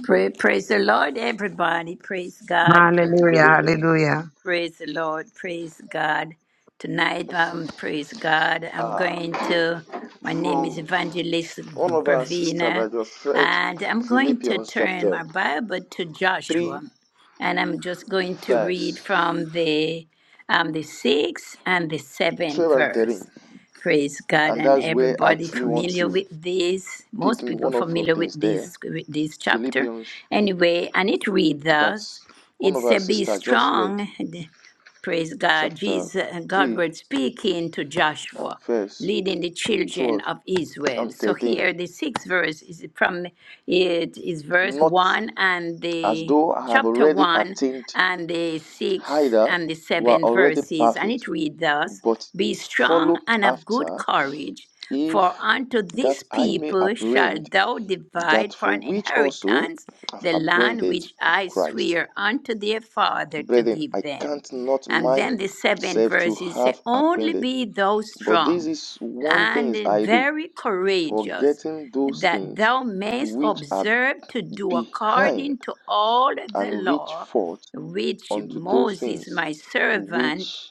B: Pray, praise the Lord, everybody. Praise God.
K: Good
C: Hallelujah,
K: evening.
C: hallelujah.
B: Praise the Lord. Praise God. Tonight, um, praise God. I'm
K: Uh,
B: going to, my name is
K: from
B: Evangelist
K: one of our sisters
B: Pravina,
K: that just read
B: and I'm going to
K: Philippians
B: turn
K: chapter
B: my Bible to
K: 3,
B: Joshua. And I'm just going to read
K: verse
B: from the um, the sixth and the
K: 12
B: seventh
K: and
B: verse.
K: 13.
B: Praise God,
K: And
B: and
K: that's where I
B: everybody
K: actually want
B: familiar
K: to
B: with this.
K: pick
B: Most
K: in
B: people
K: one of the
B: familiar with
K: things there.
B: this with this chapter,
K: Philippians,
B: anyway. And it reads thus:
K: that's one
B: it
K: of our
B: said, Be
K: sisters just read
B: strong, praise God.
K: chapter
B: Jesus, God
K: 3
B: was speaking to
K: and
B: Joshua,
K: verse
B: leading the children
K: 12
B: of Israel.
K: and
B: So
K: 13.
B: here, the sixth verse is from it is verse
K: Not
B: one and
K: as
B: the
K: though I have
B: chapter
K: already
B: one
K: attained
B: and the sixth
K: either
B: and the
K: were
B: seventh
K: already
B: verses, and
K: perfect
B: it reads thus:
K: but
B: Be strong
K: follow
B: and of good
K: after
B: courage.
K: if
B: For unto
K: that
B: this
K: I may
B: people shall
K: apprehend
B: thou
K: that
B: divide for
K: for
B: an
K: which also
B: inheritance
K: I've
B: the land
K: apprehended
B: which
K: of
B: I
K: Christ.
B: swear unto their father to
K: Brethren,
B: give
K: I
B: them.
K: count not
B: And then the seventh
K: myself to
B: verse is say,
K: have
B: Only
K: apprehended,
B: be thou
K: but this
B: strong
K: is one thing
B: and
K: I do,
B: very courageous,
K: forgetting those
B: that
K: things
B: thou mayest
K: which are
B: observe to do
K: behind
B: according to all the
K: and reach
B: law
K: forth
B: which
K: unto those
B: Moses
K: things
B: my servant
K: which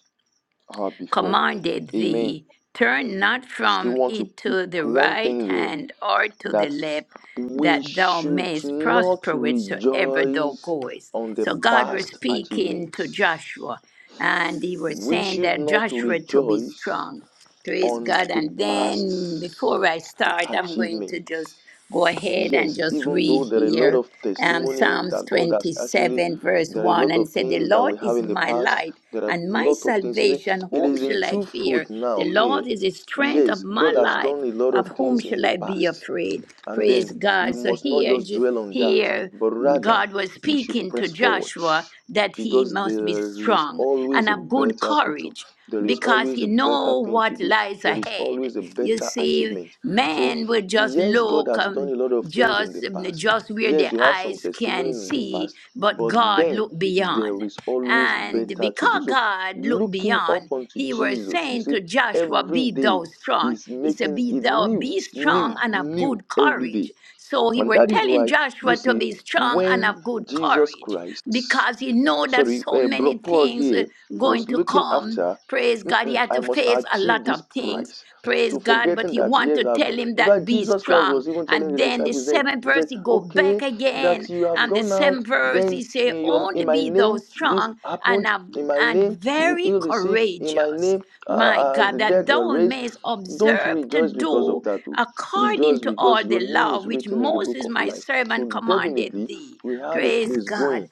K: are before.
B: commanded
K: Amen.
B: thee, turn not
K: still
B: from
K: want to
B: it
K: pick
B: to the
K: one
B: right
K: thing there
B: hand or to the
K: that
B: left,
K: we
B: that thou
K: should
B: mayest
K: not
B: prosper whithersoever thou
K: rejoice
B: goest.
K: on the
B: So God was
K: past
B: speaking to
K: achievements.
B: Joshua, and he was
K: We
B: saying
K: should
B: that
K: not
B: Joshua to be
K: rejoice
B: strong. Praise
K: on
B: God.
K: the
B: And then before
K: past
B: I start, I'm going to just
K: achievements.
B: go ahead and
K: Yes,
B: just
K: even though
B: read
K: there are a lot
B: here
K: of
B: um,
K: testimony
B: Psalms
K: that God has actually,
B: 27, verse
K: there are a
B: 1,
K: lot
B: and it
K: of
B: said, The
K: things that we
B: Lord
K: have
B: is
K: in the
B: my
K: past.
B: light
K: There are
B: and
K: a
B: my
K: lot of things. It
B: salvation.
K: it
B: Whom
K: is in
B: shall I fear?
K: twofold now
B: The Lord
K: here.
B: is the strength of
K: Yes,
B: my
K: God has
B: life.
K: done a lot
B: Of
K: of
B: whom
K: things in
B: shall
K: the
B: I be
K: past.
B: afraid?
K: And then
B: Praise
K: we
B: God. So
K: must not
B: here,
K: just
B: J-
K: dwell on that,
B: here,
K: but rather
B: God was
K: we should
B: speaking to
K: press forward
B: Joshua that he
K: because
B: must be
K: there is
B: strong
K: always
B: and
K: a
B: of good
K: better future.
B: courage
K: There is
B: because
K: always a
B: he
K: better
B: know
K: thing to
B: what
K: do.
B: lies
K: There is
B: ahead.
K: always a
B: You
K: better
B: see,
K: achievement. So,
B: man will just
K: yes, God
B: look
K: has done
B: um,
K: a lot of things in the
B: just
K: past.
B: just where
K: Yes,
B: the
K: you have some
B: eyes
K: testimony
B: can
K: in the
B: see,
K: past,
B: but
K: but
B: God
K: then
B: look
K: there
B: beyond.
K: is always
B: And
K: better to do.
B: because
K: So,
B: God looked
K: looking up
B: beyond,
K: unto
B: he was
K: Jesus, you
B: saying
K: see,
B: to Joshua,
K: every
B: Be
K: day
B: thou strong.
K: is
B: He said,
K: making
B: Be
K: it
B: thou
K: new,
B: be
K: new,
B: strong and of
K: new
B: good
K: every day.
B: courage. So he
K: And
B: was
K: that is
B: telling
K: why you
B: Joshua to
K: see
B: be strong and
K: when
B: of good
K: Jesus
B: courage
K: Christ
B: because he know that
K: sorry,
B: so
K: uh, bro
B: many
K: Paul
B: things uh,
K: here was
B: going to
K: looking
B: come.
K: after,
B: Praise God. He
K: "Mm-mm,
B: had
K: I
B: to
K: must
B: face a
K: achieve
B: lot
K: this
B: of things.
K: price.
B: Praise
K: So
B: God. But
K: forgetting
B: he
K: that,
B: want
K: yes,
B: to
K: I've
B: tell
K: gone.
B: him
K: In
B: that
K: fact,
B: be
K: Jesus Christ
B: strong.
K: was even telling
B: And
K: the
B: then the
K: disciples then,
B: seventh
K: he
B: verse,
K: said,
B: he go
K: okay,
B: back
K: that
B: again
K: you have
B: and the
K: gone out,
B: seventh verse,
K: then
B: he say,
K: in your
B: only
K: in my
B: be thou
K: name this
B: strong and,
K: happened,
B: av-
K: in my
B: and
K: name you
B: very
K: healed the sick, in my
B: courageous.
K: name uh,
B: My
K: uh,
B: God,
K: the
B: that
K: dead were
B: thou
K: raised.
B: mayest
K: Don't
B: observe to
K: rejoice because of
B: do
K: that. oh.
B: according
K: Rejoice
B: to
K: because
B: all the
K: your name
B: law
K: is
B: which
K: written in the book
B: Moses
K: of
B: my
K: life.
B: servant
K: So
B: commanded
K: definitely
B: thee.
K: we have a
B: Praise
K: place going
B: God.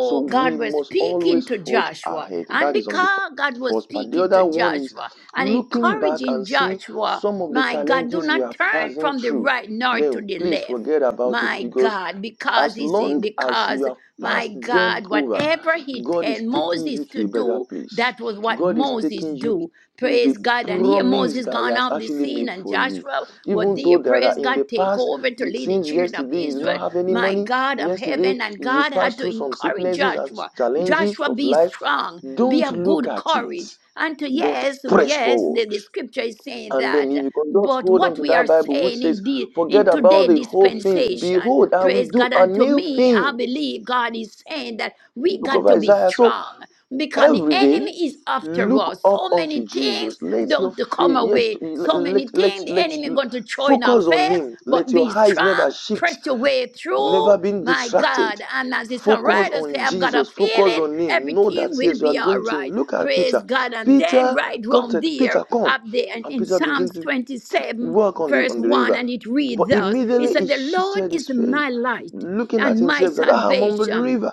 K: so we
B: God was
K: must
B: speaking
K: always
B: to
K: forge
B: Joshua.
K: ahead.
B: And
K: That is on the
B: because God was
K: first part. The
B: speaking to
K: other one is
B: Joshua and
K: looking back
B: encouraging
K: and see
B: Joshua,
K: some of the
B: my God, do
K: challenges we
B: not
K: are
B: turn
K: passing
B: from the
K: through.
B: right nor to
K: Then
B: the
K: please
B: left
K: forget about it
B: my
K: because
B: God, because
K: as
B: he's
K: long as you
B: because
K: have
B: my
K: passed them
B: God,
K: over,
B: whatever he
K: God
B: tell
K: is taking you
B: Moses to
K: to a better
B: do,
K: place.
B: that was what
K: God is
B: Moses
K: taking you
B: do.
K: to
B: Praise
K: the
B: God. And here
K: promise
B: Moses
K: that He
B: gone
K: has
B: off the
K: actually
B: scene
K: made
B: and
K: for you.
B: Joshua was
K: Even though
B: there,
K: there are
B: praise
K: in
B: God,
K: the
B: take
K: past,
B: over to
K: it
B: lead the
K: seems
B: children of
K: yesterday you do
B: Israel,
K: not have any
B: my
K: money,
B: God of
K: Yesterday,
B: heaven. And
K: you
B: God had
K: passed
B: to
K: through some
B: encourage
K: sicknesses and
B: Joshua.
K: challenges
B: Joshua,
K: of
B: be
K: life.
B: strong, be
K: Don't
B: of
K: look
B: good
K: at it,
B: courage. And to
K: but
B: yes,
K: press
B: yes, the,
K: forward.
B: the scripture is saying
K: And then,
B: that
K: if you can just
B: but
K: hold on
B: what
K: to
B: we are
K: that Bible which
B: saying
K: says,
B: in the
K: Forget
B: in
K: about
B: today
K: the whole things.
B: dispensation
K: Behold, I will
B: praise
K: do
B: god
K: a
B: and to
K: new
B: me i
K: thing.
B: believe god is saying that
K: The
B: we
K: book
B: got
K: of
B: to be
K: Isaiah. So,
B: strong because the
K: every day,
B: enemy is after
K: look
B: us
K: up
B: so
K: unto
B: many things
K: Jesus. Let your
B: don't to come
K: faith, yes,
B: away so
K: let,
B: many
K: let,
B: things the
K: let,
B: enemy
K: let,
B: going to throw in our
K: focus on
B: face
K: Him. Let
B: but
K: your
B: be
K: eyes never
B: strong
K: shift
B: press your way through
K: never been
B: my
K: distracted.
B: god and as the
K: Focus
B: songwriter say
K: on
B: i've got a
K: Jesus. Focus
B: feeling
K: on Him. Know that
B: everything will
K: yes, you are
B: be all
K: going to Him.
B: right
K: Look at Peter.
B: Praise God. And then
K: Peter
B: right
K: got
B: round
K: it.
B: there,
K: Peter, come.
B: up there and
K: And
B: in in
K: Peter began
B: Psalms
K: to
B: 27,
K: walk on the
B: verse
K: on the
B: 1,
K: river.
B: and it
K: But
B: reads thus He
K: immediately he
B: said, The Lord
K: shifted his
B: is
K: face,
B: my light
K: looking at
B: and my
K: himself that ah, I'm on the
B: salvation.
K: river.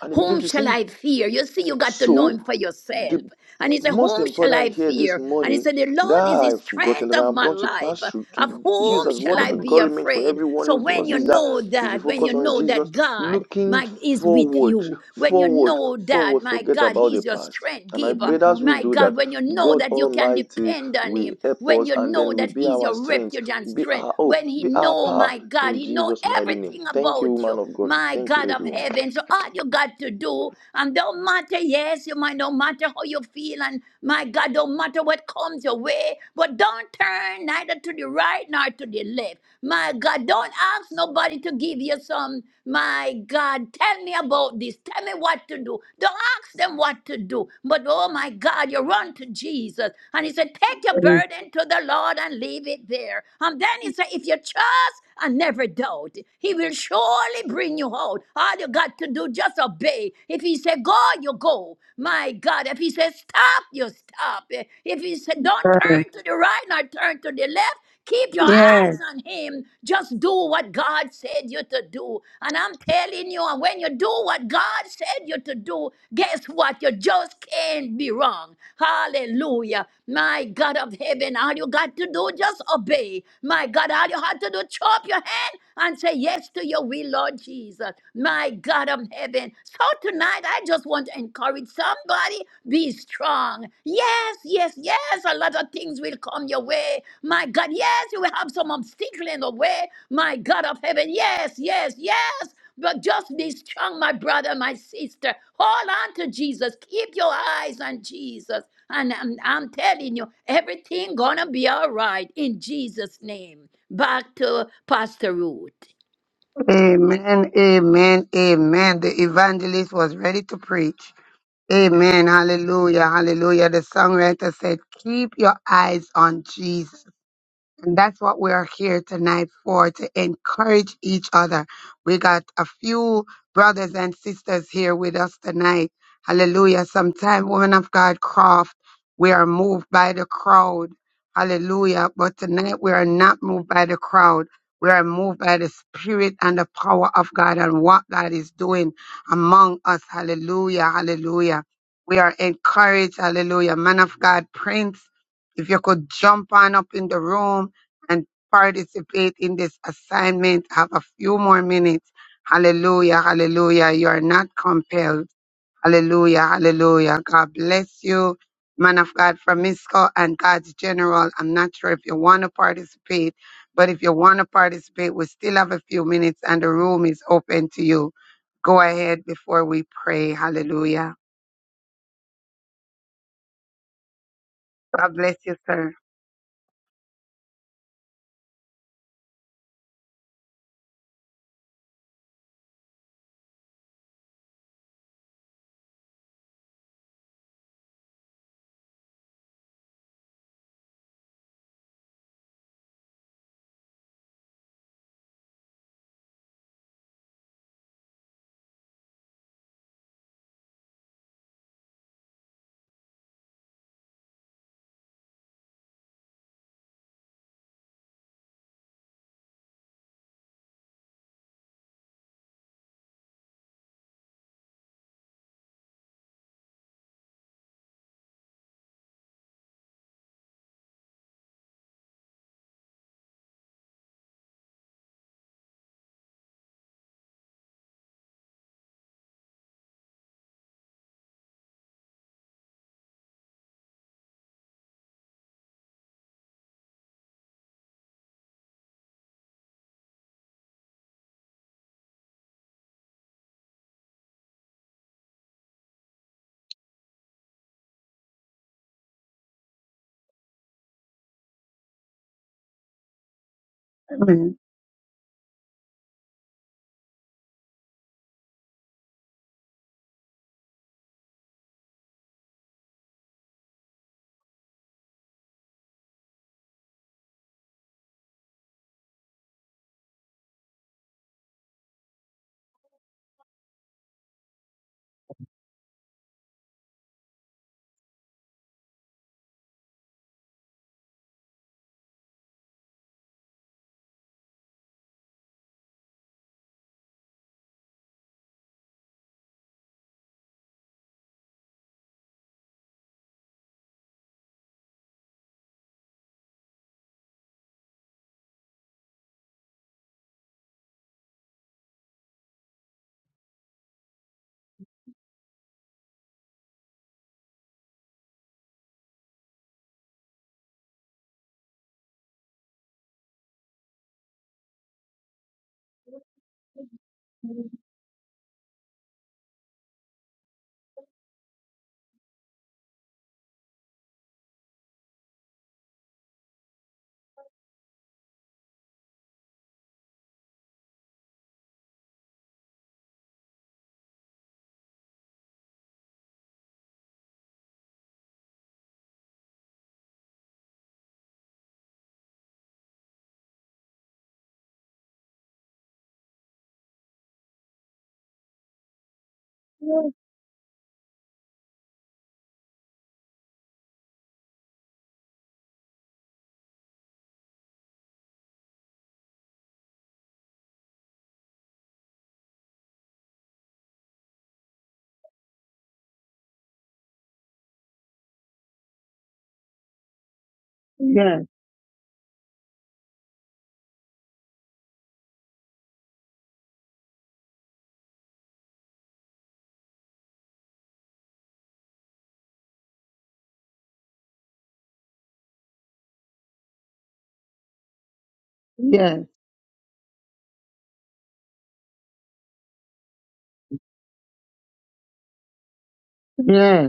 K: And he began
B: Whom
K: to
B: shall
K: sink.
B: I fear? You see, you got to know
K: So,
B: him for yourself.
K: the
B: And he said,
K: most
B: Whom shall
K: important
B: I
K: here this
B: fear? And he
K: morning
B: said, The
K: that
B: Lord is the
K: I've gotten,
B: strength
K: that
B: of
K: I'm
B: my
K: going to
B: life.
K: pass through
B: Of
K: to use
B: whom
K: as
B: shall
K: word
B: I
K: of
B: be
K: encouragement for
B: afraid?
K: everyone
B: So
K: is
B: when
K: us
B: you
K: is that
B: know
K: we should
B: that, when you
K: focus on
B: know
K: Jesus,
B: that God
K: looking
B: my, is with
K: forward,
B: you, when you
K: forward,
B: know that,
K: forward,
B: my
K: forget
B: God,
K: about the
B: He's your
K: past.
B: strength
K: And I
B: giver,
K: pray that as we
B: my
K: do that,
B: God, when you know
K: God
B: that you can
K: Almighty
B: depend on
K: will
B: Him,
K: help
B: when
K: us
B: you
K: and
B: know
K: then will
B: that
K: be
B: He's
K: our
B: your
K: strength,
B: refuge and
K: be
B: strength,
K: our hope,
B: when He
K: be our
B: know,
K: power
B: my God,
K: in
B: He know
K: Jesus' mighty name.
B: everything
K: Thank you,
B: about you
K: man of God.
B: my
K: Thank you,
B: God of
K: everyone.
B: heaven. So all you got to do, and don't matter, yes, you might don't matter how you feel, and my God, don't matter what comes your way, but don't turn neither to the right nor to the left. My God, don't ask nobody to give you some. My God, tell me about this. Tell me what to do. Don't ask them what to do. But oh my God, you run to Jesus. And he said, Take your
C: Praise
B: burden to the Lord and leave it there. And then he said, If you trust and never doubt, he will surely bring you out. All you got to do, just obey. If he said, Go, you go. My God. If he says Stop, you stop. If he said, Don't
C: God.
B: turn to the right nor turn to the left, Keep your
C: Yes.
B: eyes on Him. Just do what God said you to do. And I'm telling you, and when you do what God said you to do, guess what? You just can't be wrong. Hallelujah. My God of heaven, all you got to do, just obey. My God, all you had to do, chop your hand and say yes to your will, Lord Jesus. My God of heaven. So tonight, I just want to encourage somebody. Be strong. Yes, yes, yes. A lot of things will come your way. My God, yes, you will have some obstacle in the way. My God of heaven, yes, yes, yes. But just be strong, my brother, my sister. Hold on to Jesus. Keep your eyes on Jesus. And I'm, I'm telling you, everything gonna be all right in Jesus' name. Back to Pastor Ruth.
C: Amen, amen, amen. The evangelist was ready to preach. Amen, hallelujah, hallelujah. The songwriter said, Keep your eyes on Jesus. And that's what we are here tonight for, to encourage each other. We got a few brothers and sisters here with us tonight. Hallelujah. Sometime, women of God, craft, we are moved by the crowd. Hallelujah. But tonight we are not moved by the crowd. We are moved by the spirit and the power of God and what God is doing among us. Hallelujah. Hallelujah. We are encouraged. Hallelujah. Man of God, Prince, if you could jump on up in the room and participate in this assignment. Have a few more minutes. Hallelujah, hallelujah. You are not compelled. Hallelujah, hallelujah. God bless you, man of God from Misco and God's General. I'm not sure if you want to participate, but if you want to participate, we still have a few minutes and the room is open to you. Go ahead before we pray. Hallelujah. God bless you, sir. Amen. Yes, yes, yes.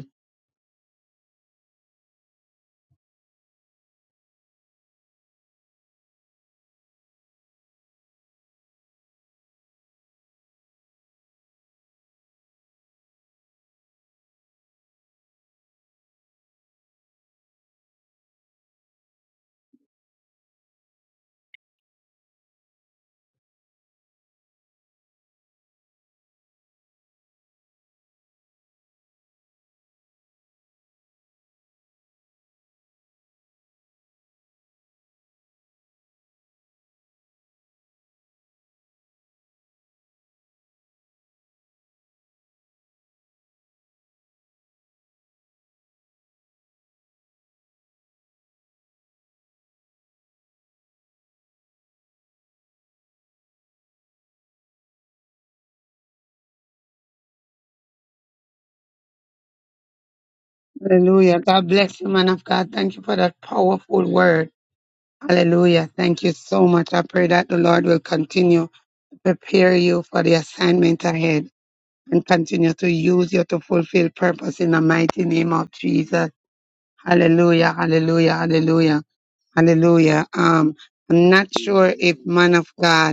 C: Hallelujah. God bless you, man of God. Thank you for that powerful word. Hallelujah. Thank you so much. I pray that the Lord will continue to prepare you for the assignment ahead and continue to use you to fulfill purpose in the mighty name of
K: Amen.
C: Jesus. Hallelujah. Hallelujah. Hallelujah. Hallelujah. Um, I'm not sure if man of God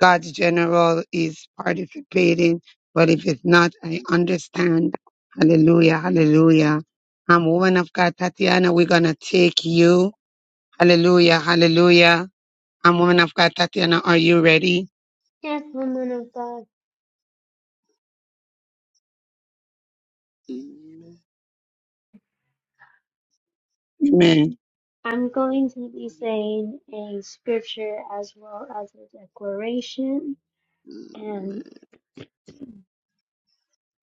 C: God's general is participating, but if it's not, I understand. Hallelujah,
K: Amen.
C: hallelujah. I'm woman of God, Tatiana. We're gonna take you. Hallelujah, hallelujah. I'm woman of God, Tatiana. Are you ready?
F: Yes, woman of God.
K: Amen.
C: Amen.
F: I'm going to be saying a scripture as well as a declaration. And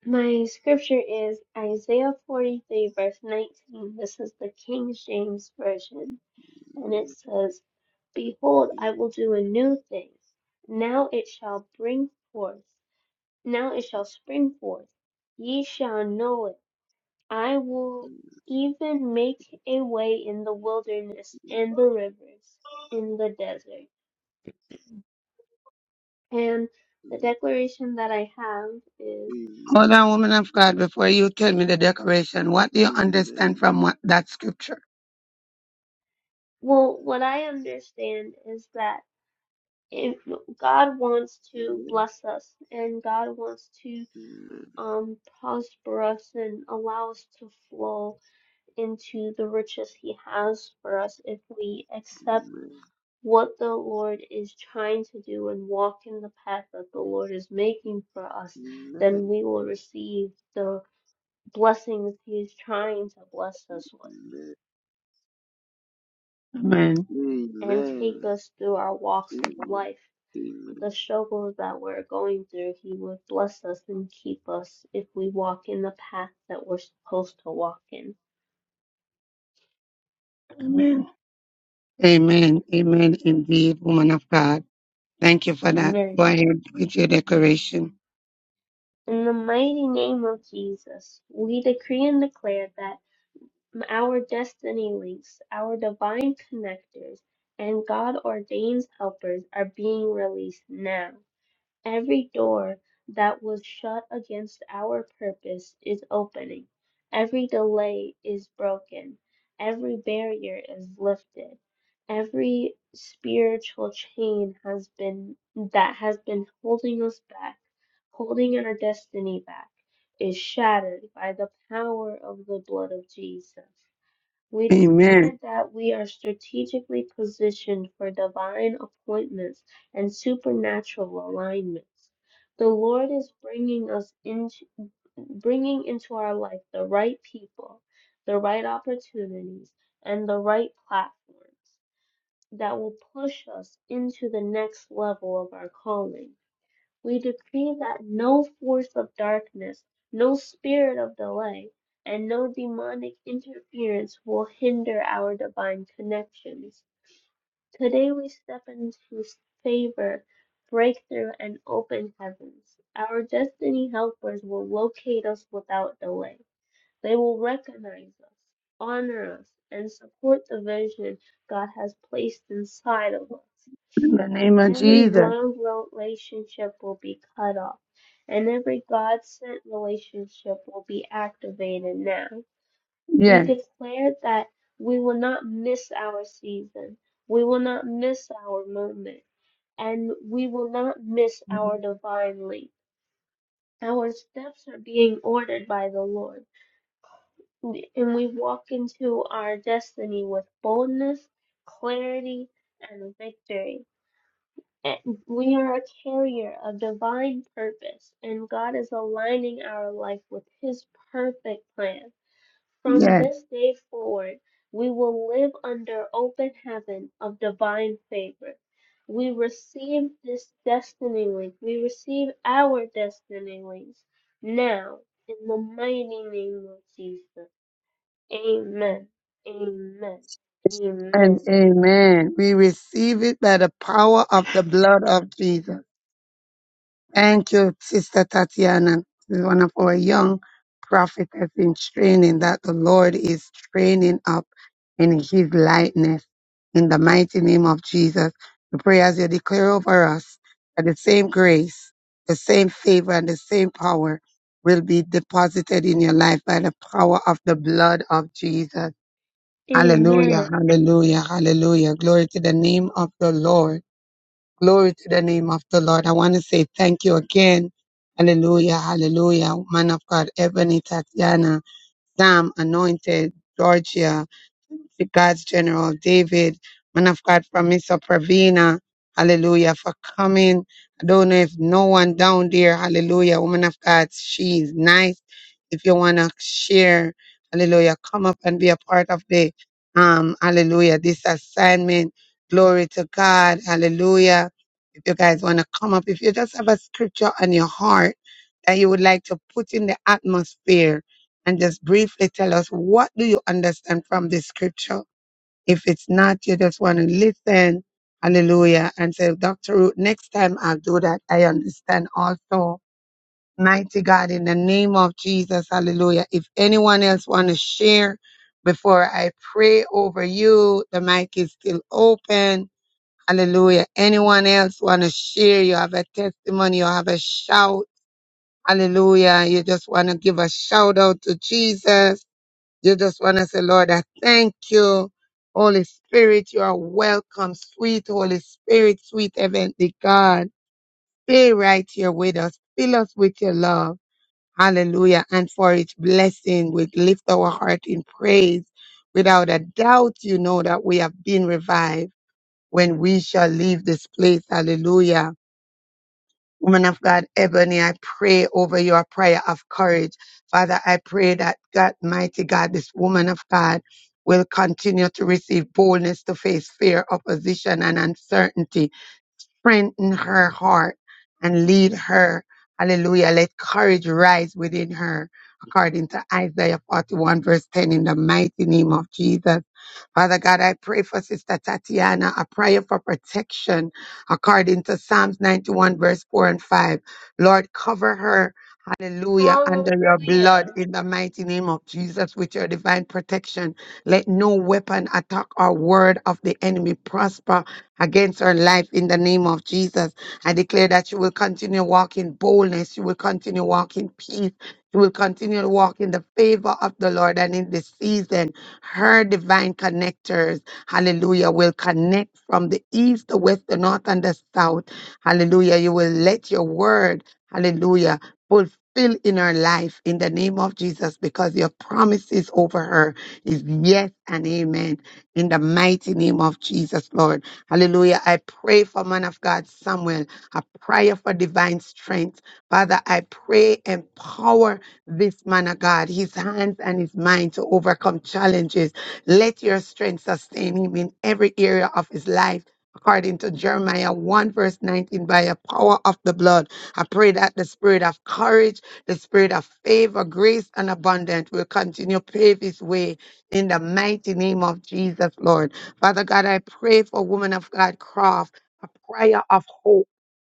F: my scripture is Isaiah 43, verse 19. This is the King James Version. And it says, Behold, I will do a new thing. Now it shall bring forth. Now it shall spring forth. Ye shall know it. I will even make a way in the wilderness and the rivers in the desert. And the declaration that I have is
K: Amen.
C: Hold on, woman of God, before you tell me the decoration, what do you understand
K: Amen.
C: from what that scripture?
F: well, what I understand is that if God wants to
K: Amen.
F: bless us and God wants to
K: Amen.
F: um prosper us and allow us to flow into the riches he has for us if we accept what the Lord is trying to do and walk in the path that the Lord is making for us, then we will receive the blessings he is trying to bless us with
C: Amen.
F: and take
K: Amen.
F: us through our walks of
K: Amen.
F: life.
K: Amen.
F: The struggles that we're going through, he would bless us and keep us if we walk in the path that we're supposed to walk in.
C: Amen. Amen. Amen. Indeed, woman of God. Thank you for that.
F: Amen.
C: Go ahead with your decoration.
F: In the mighty name of Jesus, we decree and declare that our destiny links, our divine connectors, and God ordains helpers are being released now. Every door that was shut against our purpose is opening. Every delay is broken. Every barrier is lifted. Every spiritual chain has been that has been holding us back, holding our destiny back, is shattered by the power of the blood of Jesus. We
C: Amen.
F: declare that we are strategically positioned for divine appointments and supernatural alignments. The Lord is bringing us into bringing into our life the right people, the right opportunities, and the right platforms that will push us into the next level of our calling. We decree that no force of darkness, no spirit of delay, and no demonic interference will hinder our divine connections. Today we step into favor, breakthrough, and open heavens. Our destiny helpers will locate us without delay. They will recognize us, honor us, and support the vision God has placed inside of us.
C: In the name of
F: Every
C: Jesus.
F: wrong relationship will be cut off, and every God sent relationship will be activated now. We
C: Yes.
F: declare that we will not miss our season, we will not miss our moment, and we will not miss our divine leap. Our steps are being ordered by the Lord, and we walk into our destiny with boldness, clarity, and victory. eh, we are a carrier of divine purpose, and God is aligning our life with His perfect plan. From
C: Yes.
F: this day forward, we will live under open heaven of divine favor. We receive this destiny link. We receive our destiny links now in the mighty name of Jesus. Amen. Amen.
C: And
F: Amen.
C: amen. We receive it by the power of the blood of Jesus. Thank you, Sister Tatiana. This is one of our young prophetess in training that the Lord is training up in his likeness. In the mighty name of Jesus, we pray as you declare over us that the same grace, the same favor, and the same power will be deposited in your life by the power of the blood of Jesus.
F: Amen.
C: Hallelujah, hallelujah, hallelujah. Glory to the name of the Lord. Glory to the name of the Lord. I want to say thank you again. Hallelujah, hallelujah. Man of God, Ebony, Tatiana, Sam, Anointed, Georgia, to God's General David, man of God from Mr. Pravina, hallelujah, for coming. I don't know if no one down there, hallelujah, woman of God, she's nice. If you want to share, hallelujah, come up and be a part of the, um, hallelujah, this assignment. Glory to God, hallelujah. If you guys want to come up, if you just have a scripture on your heart that you would like to put in the atmosphere and just briefly tell us what do you understand from this scripture if it's not, you just want to listen. Hallelujah. And say, Dr. Ruth, next time I'll do that. I understand also. Mighty God, in the name of Jesus, hallelujah. If anyone else want to share before I pray over you, the mic is still open. Hallelujah. Anyone else want to share? You have a testimony, you have a shout. Hallelujah. You just want to give a shout out to Jesus. You just want to say, Lord, I thank you. Holy Spirit, you are welcome. Sweet Holy Spirit, sweet heavenly God. Stay right here with us. Fill us with your love. Hallelujah. And for each blessing, we lift our heart in praise. Without a doubt, you know that we have been revived when we shall leave this place. Hallelujah. Woman of God, Ebony, I pray over your prayer of courage. Father, I pray that God, mighty God, this woman of God will continue to receive boldness to face fear, opposition, and uncertainty strengthen her heart and lead her. Hallelujah. Let courage rise within her according to Isaiah 41 verse 10 in the mighty name of Jesus. Father God, I pray for Sister Tatiana, a prayer for protection according to Psalms 91 verse 4 and 5. Lord, cover her. Hallelujah. Under your
F: Hallelujah.
C: blood in the mighty name of Jesus with your divine protection. Let no weapon, attack, or word of the enemy prosper against her life in the name of Jesus. I declare that you will continue walking boldness. You will continue walking peace. You will continue to walk in the favor of the Lord. And in this season, her divine connectors, hallelujah, will connect from the east, the west, the north, and the south. Hallelujah. You will let your word, hallelujah, fulfill in her life in the name of Jesus because your promises over her is yes and amen in the mighty name of Jesus, Lord. Hallelujah. I pray for man of God Samuel. I pray for divine strength. Father, I pray empower this man of God, his hands and his mind to overcome challenges. Let your strength sustain him in every area of his life. According to Jeremiah 1, verse 19, by the power of the blood, I pray that the spirit of courage, the spirit of favor, grace, and abundance will continue to pave his way in the mighty name of Jesus, Lord. Father God, I pray for woman of God Croft, a prayer of hope.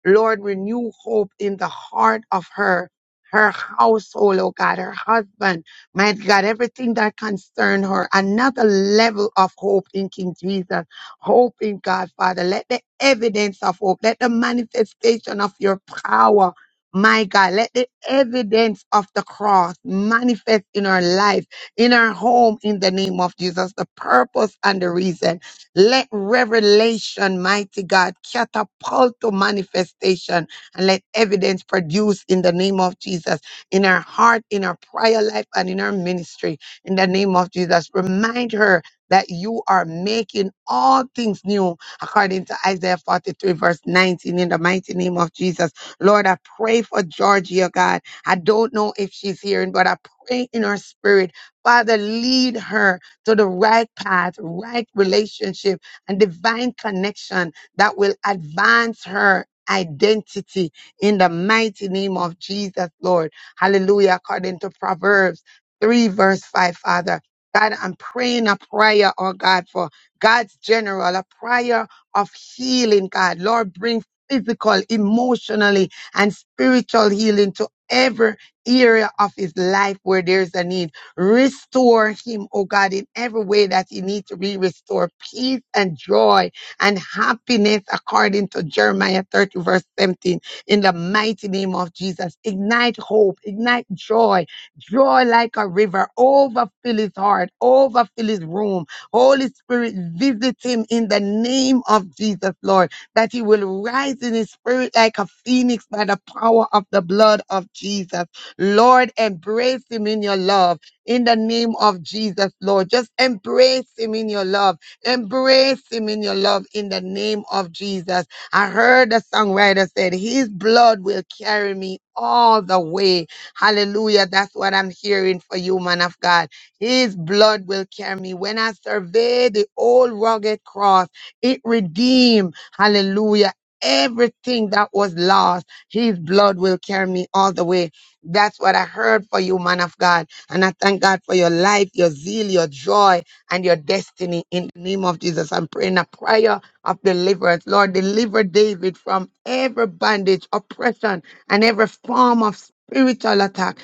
C: Lord, renew hope in the heart of her, her household, oh God, her husband, my God, everything that concern her. Another level of hope in King Jesus, hope in God, Father. Let the evidence of hope, let the manifestation of your power, my God, let the evidence of the cross manifest in her life, in her home, in the name of Jesus, the purpose and the reason. Let revelation, mighty God, catapult to manifestation and let evidence produce in the name of Jesus in her heart, in her prayer life, and in her ministry. In the name of Jesus, remind her that you are making all things new according to Isaiah 43, verse 19, in the mighty name of Jesus. Lord, I pray for Georgia, God. I don't know if she's hearing, but I pray in her spirit. Father, lead her to the right path, right relationship, and divine connection that will advance her identity in the mighty name of Jesus, Lord. Hallelujah. According to Proverbs 3, verse 5, Father. God, I'm praying a prayer, oh God, for God's general, a prayer of healing, God. Lord, bring physical, emotionally, and spiritual healing to every area of his life where there's a need. Restore him, oh God, in every way that he needs to be restored. Peace and joy and happiness according to Jeremiah 30 verse 17 in the mighty name of Jesus. Ignite hope, ignite joy, joy like a river. Overfill his heart, overfill his room. Holy Spirit, visit him in the name of Jesus, Lord, that he will rise in his spirit like a phoenix by the power of the blood of Jesus. Lord, embrace him in your love in the name of Jesus, Lord. Just embrace him in your love. Embrace him in your love in the name of Jesus. I heard the songwriter said, his blood will carry me all the way. Hallelujah. That's what I'm hearing for you, man of God. His blood will carry me. When I survey the old rugged cross, it redeemed. Hallelujah. Everything that was lost, his blood will carry me all the way. That's what I heard for you, man of God and I thank God for your life, your zeal, your joy, and your destiny in the name of Jesus. I'm praying a prayer of deliverance. Lord, deliver David from every bondage, oppression, and every form of spiritual attack.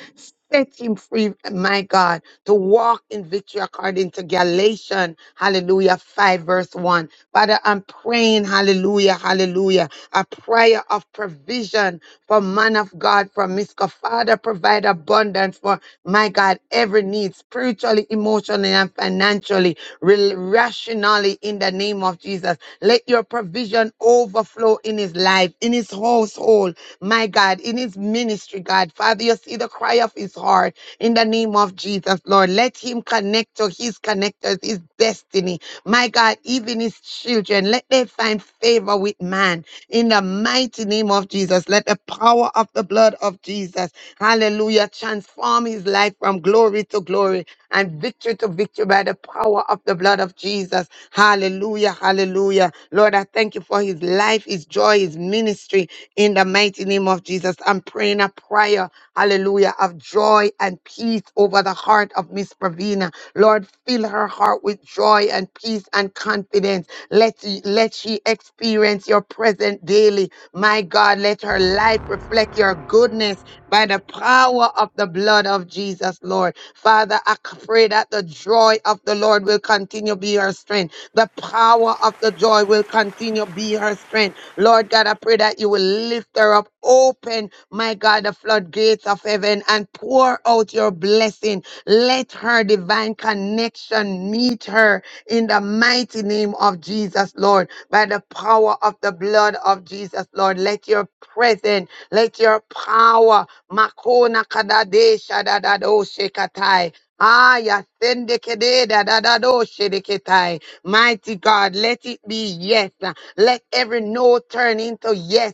C: Set him free, my God, to walk in victory according to Galatians, hallelujah, 5 verse 1. Father, I'm praying, hallelujah, hallelujah, a prayer of provision for man of God, for Miska. Father, provide abundance for, my God, every need, spiritually, emotionally, and financially, rel- rationally in the name of Jesus. Let your provision overflow in his life, in his household, my God, in his ministry, God. Father, you see the cry of his heart in the name of Jesus, Lord. Let him connect to his connectors, his destiny, my God, even his children. Let them find favor with man in the mighty name of Jesus. Let the power power of the blood of Jesus. Hallelujah. Transform his life from glory to glory and victory to victory by the power of the blood of Jesus. Hallelujah. Hallelujah. Lord, I thank you for his life, his joy, his ministry in the mighty name of Jesus. I'm praying a prayer. Hallelujah. Of joy and peace over the heart of Miss Pravina. Lord, fill her heart with joy and peace and confidence let, let she experience your presence daily. My God, let her life reflect your goodness by the power of the blood of Jesus, Lord. Father, I pray that the joy of the Lord will continue to be her strength. The power of the joy will continue to be her strength. Lord God, I pray that you will lift her up, open, my God, the floodgates of heaven and pour out your blessing let her divine connection meet her in the mighty name of Jesus, Lord, by the power of the blood of Jesus, Lord. Let your presence, let your power, Makona Kadadesha Dadadoshe Ah, Yasendekede Dadadoshe Deketai. Mighty God, let it be yes. Let every no turn into yes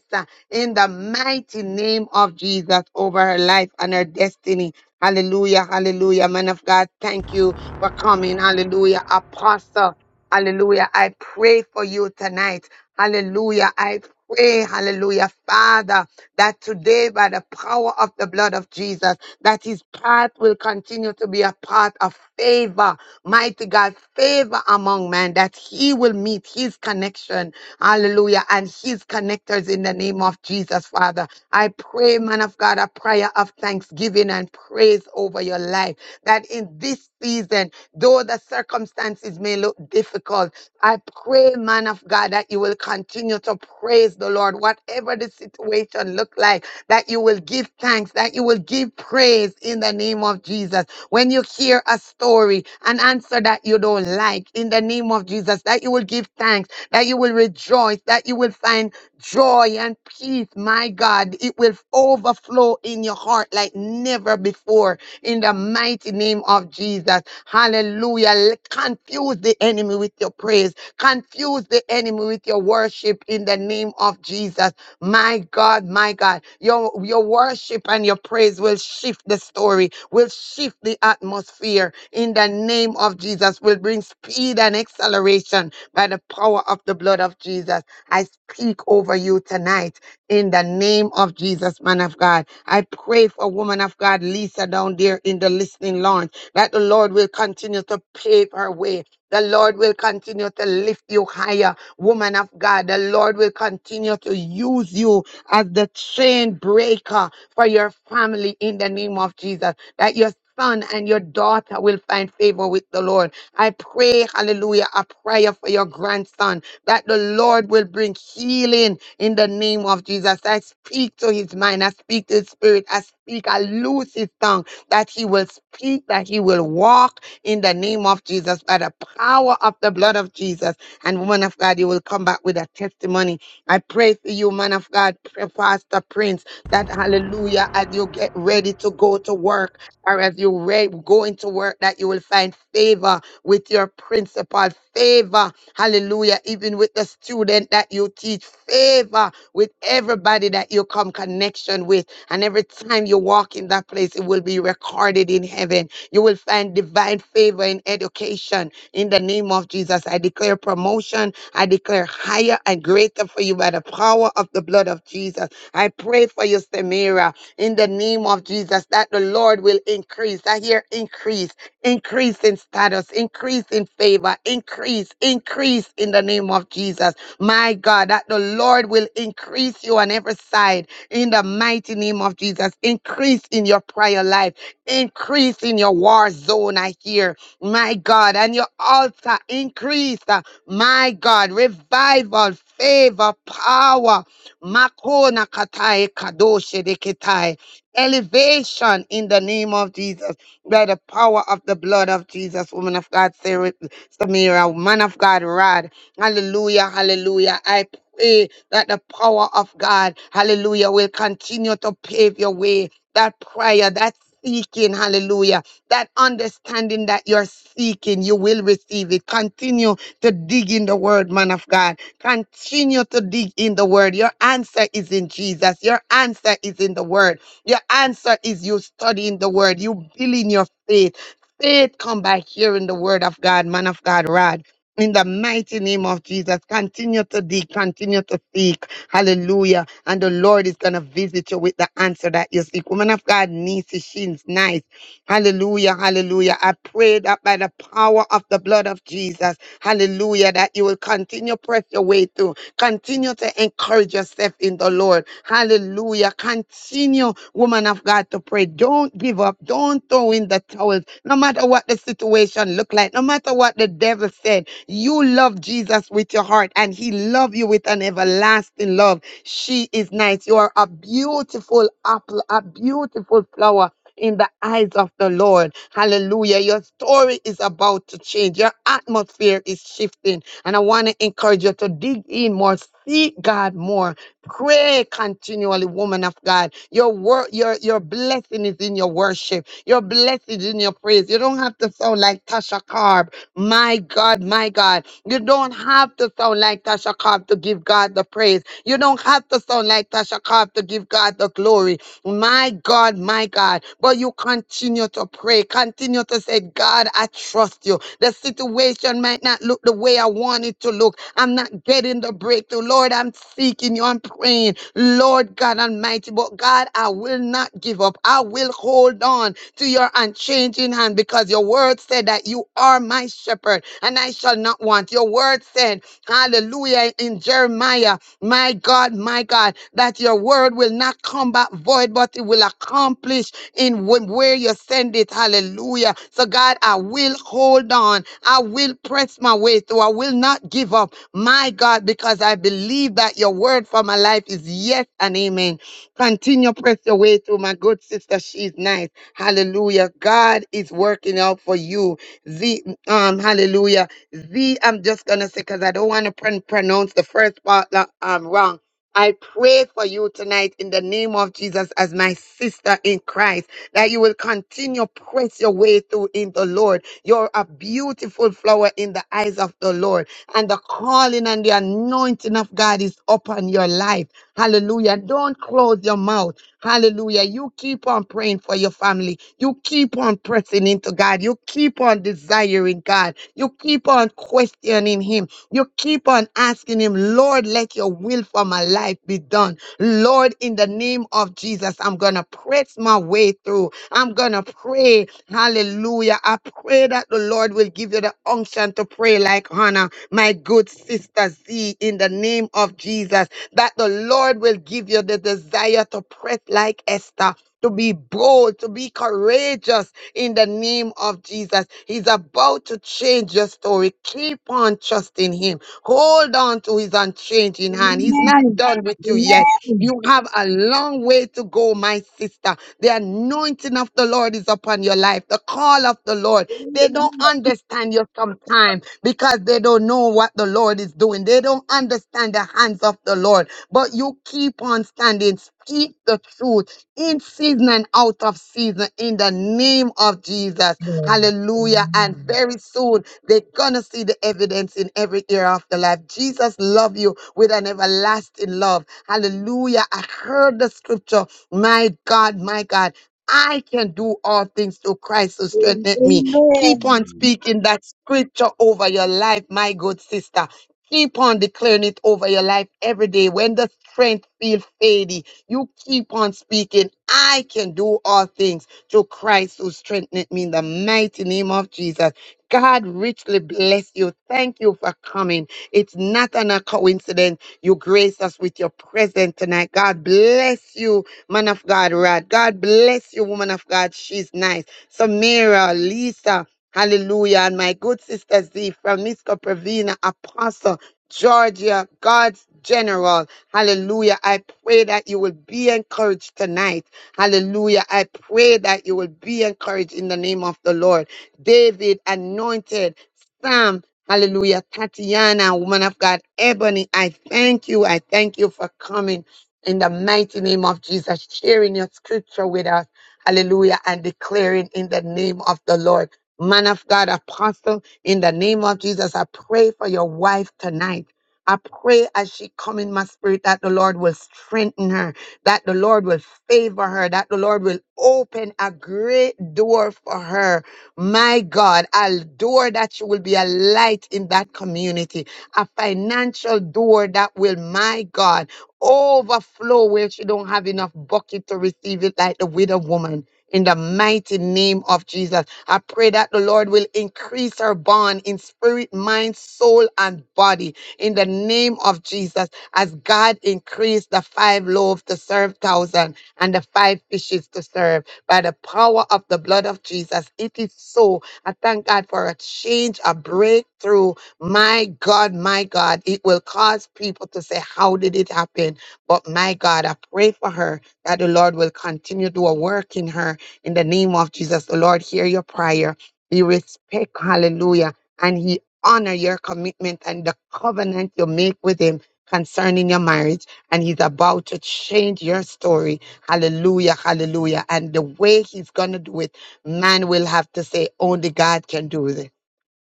C: in the mighty name of Jesus over her life and her destiny Hallelujah, hallelujah. Man of God, thank you for coming. Hallelujah. Apostle, hallelujah. I pray for you tonight. Hallelujah. I pray, hallelujah, Father, that today by the power of the blood of Jesus, that his path will continue to be a path of favor. Mighty God, favor among men, that he will meet his connection. Hallelujah. And his connectors in the name of Jesus, Father. I pray, man of God, a prayer of thanksgiving and praise over your life. That in this season, though the circumstances may look difficult, I pray, man of God, that you will continue to praise the Lord, whatever the situation look like, that you will give thanks, that you will give praise in the name of Jesus. When you hear a story, an answer that you don't like, in the name of Jesus, that you will give thanks, that you will rejoice, that you will find joy and peace, my God. It will overflow in your heart like never before in the mighty name of Jesus. Hallelujah. L- Confuse the enemy with your praise. Confuse the enemy with your worship in the name of Jesus. My God, my God. Your, your worship and your praise will shift the story, will shift the atmosphere in the name of Jesus, will bring speed and acceleration by the power of the blood of Jesus. I speak over you tonight in the name of Jesus, man of God. I pray for woman of God, Lisa, down there in the listening lounge, that the Lord will continue to pave her way. The Lord will continue to lift you higher, woman of God. The Lord will continue to use you as the chain breaker for your family in the name of Jesus. That your son and your daughter will find favor with the Lord I pray, hallelujah, a prayer for your grandson that the Lord will bring healing in the name of Jesus. I speak to his mind, I speak to his spirit, I speak, I loose his tongue that he will speak, that he will walk in the name of Jesus by the power of the blood of Jesus. And woman of God, you will come back with a testimony. I pray for you, man of God, Pastor Prince, that hallelujah, as you get ready to go to work or as you re- go into work that you will find favor with your principal favor hallelujah even with the student that you teach favor with everybody that you come connection with and every time you walk in that place it will be recorded in heaven you will find divine favor in education in the name of jesus i declare promotion i declare higher and greater for you by the power of the blood of jesus i pray for you samira in the name of Jesus, that the Lord will increase. I hear increase, increase in status, increase in favor, increase, increase in the name of Jesus. My God, that the Lord will increase you on every side in the mighty name of Jesus. Increase in your prayer life, increase in your war zone. I hear, my God, and your altar increase. uh, My God, revival, favor, power Makona katai kadoshe deketai. Elevation in the name of Jesus by the power of the blood of Jesus, woman of God, Sarah, Samira, man of God, Rod. Hallelujah, hallelujah. I pray that the power of God, hallelujah, will continue to pave your way. That prayer, that seeking, hallelujah, that understanding that you're seeking, you will receive it. Continue to dig in the word, man of God. Continue to dig in the word. Your answer is in Jesus. Your answer is in the word. Your answer is you studying the word, you building your faith. Faith come by hearing the word of God, man of God, Rod. In the mighty name of Jesus, continue to dig, continue to seek. Hallelujah. And the Lord is going to visit you with the answer that you seek. Woman of God, Nisi, she's nice. Hallelujah, hallelujah. I pray that by the power of the blood of Jesus, hallelujah, that you will continue press your way through. Continue to encourage yourself in the Lord. Hallelujah. Continue, woman of God, to pray. Don't give up. Don't throw in the towel. No matter what the situation look like, no matter what the devil said, you love Jesus with your heart and he love you with an everlasting love. She is nice. You are a beautiful apple, a beautiful flower in the eyes of the Lord. Hallelujah. Your story is about to change. Your atmosphere is shifting. And I want to encourage you to dig in more, seek God more, pray continually, woman of God. Your work, your your blessing is in your worship. Your blessing is in your praise. You don't have to sound like Tasha Carb. My God, my God. You don't have to sound like Tasha Carb to give God the praise. You don't have to sound like Tasha Carb to give God the glory. My God, my God. But you continue to pray, continue to say, God, I trust you. The situation might not look the way I want it to look. I'm not getting the breakthrough. Lord, I'm seeking you. I'm praying. Lord God Almighty. But God, I will not give up. I will hold on to your unchanging hand because your word said that you are my shepherd and I shall not want. Your word said, Hallelujah, in Jeremiah. My God, my God, that your word will not come back void, but it will accomplish in wh- where you send it. Hallelujah. So, God, I will hold on. I will press my way through. I will not give up. My God, because I believe that your word for my life is yes and amen. Continue press your way through, my good sister. She's nice. Hallelujah. God is working out for you. The um, hallelujah. Z, I'm just going to say, because I don't want to pron- pronounce the first part that I'm wrong. I pray for you tonight in the name of Jesus as my sister in Christ that you will continue press your way through in the Lord. You're a beautiful flower in the eyes of the Lord and the calling and the anointing of God is upon your life. Hallelujah. Don't close your mouth. Hallelujah. You keep on praying for your family. You keep on pressing into God. You keep on desiring God. You keep on questioning Him. You keep on asking Him, Lord, let your will for my life be done. Lord, in the name of Jesus, I'm going to press my way through. I'm going to pray. Hallelujah. I pray that the Lord will give you the unction to pray like Hannah, my good sister Z, in the name of Jesus that the Lord will give you the desire to press like Esther, to be bold, to be courageous in the name of Jesus. He's about to change your story. Keep on trusting Him. Hold on to His unchanging hand. He's
L: Amen.
C: not done with you
L: Amen.
C: yet. You have a long way to go, my sister. The anointing of the Lord is upon your life. The call of the Lord. They
L: Amen.
C: don't understand you sometimes because they don't know what the Lord is doing. They don't understand the hands of the Lord. But you keep on standing Speak the truth in season and out of season in the name of Jesus. Hallelujah. And very soon they're going to see the evidence in every area of the life. Jesus love you with an everlasting love. Hallelujah. I heard the scripture. My God, my God. I can do all things through Christ who strengthened me. Keep on
L: Amen.
C: speaking that scripture over your life, my good sister. Keep on declaring it over your life every day. When the strength feels fading, you keep on speaking, I can do all things through Christ who strengthened me in the mighty name of Jesus. God richly bless you. Thank you for coming. It's not an a coincidence. You grace us with your presence tonight. God bless you, man of God, Rod. God bless you, woman of God. She's nice. Samira, Lisa, hallelujah. And my good sister Z, Framisco Pravina, Apostle, Georgia, God's general. Hallelujah. I pray that you will be encouraged tonight. Hallelujah. I pray that you will be encouraged in the name of the Lord. David, anointed, Sam, hallelujah, Tatiana, woman of God, Ebony, I thank you. I thank you for coming in the mighty name of Jesus, sharing your scripture with us, hallelujah, and declaring in the name of the Lord. Man of God, apostle, in the name of Jesus, I pray for your wife tonight. I pray as she come in my spirit that the Lord will strengthen her that the Lord will favor her, that the Lord will open a great door for her my God, a door that you will be a light in that community, a financial door that will, my God, overflow where she don't have enough bucket to receive it like the widow woman. In the mighty name of Jesus, I pray that the Lord will increase her bond in spirit, mind, soul, and body. In the name of Jesus, as God increased the five loaves to serve thousand and the five fishes to serve by the power of the blood of Jesus. It is so. I thank God for a change, a breakthrough. My God, my God, it will cause people to say, How did it happen? But my God, I pray for her that the Lord will continue to do a work in her in the name of Jesus. The Lord, hear your prayer. He respect, hallelujah, and he honor your commitment and the covenant you make with him concerning your marriage. And he's about to change your story Hallelujah, hallelujah. And the way he's going to do it, man will have to say, only God can do this.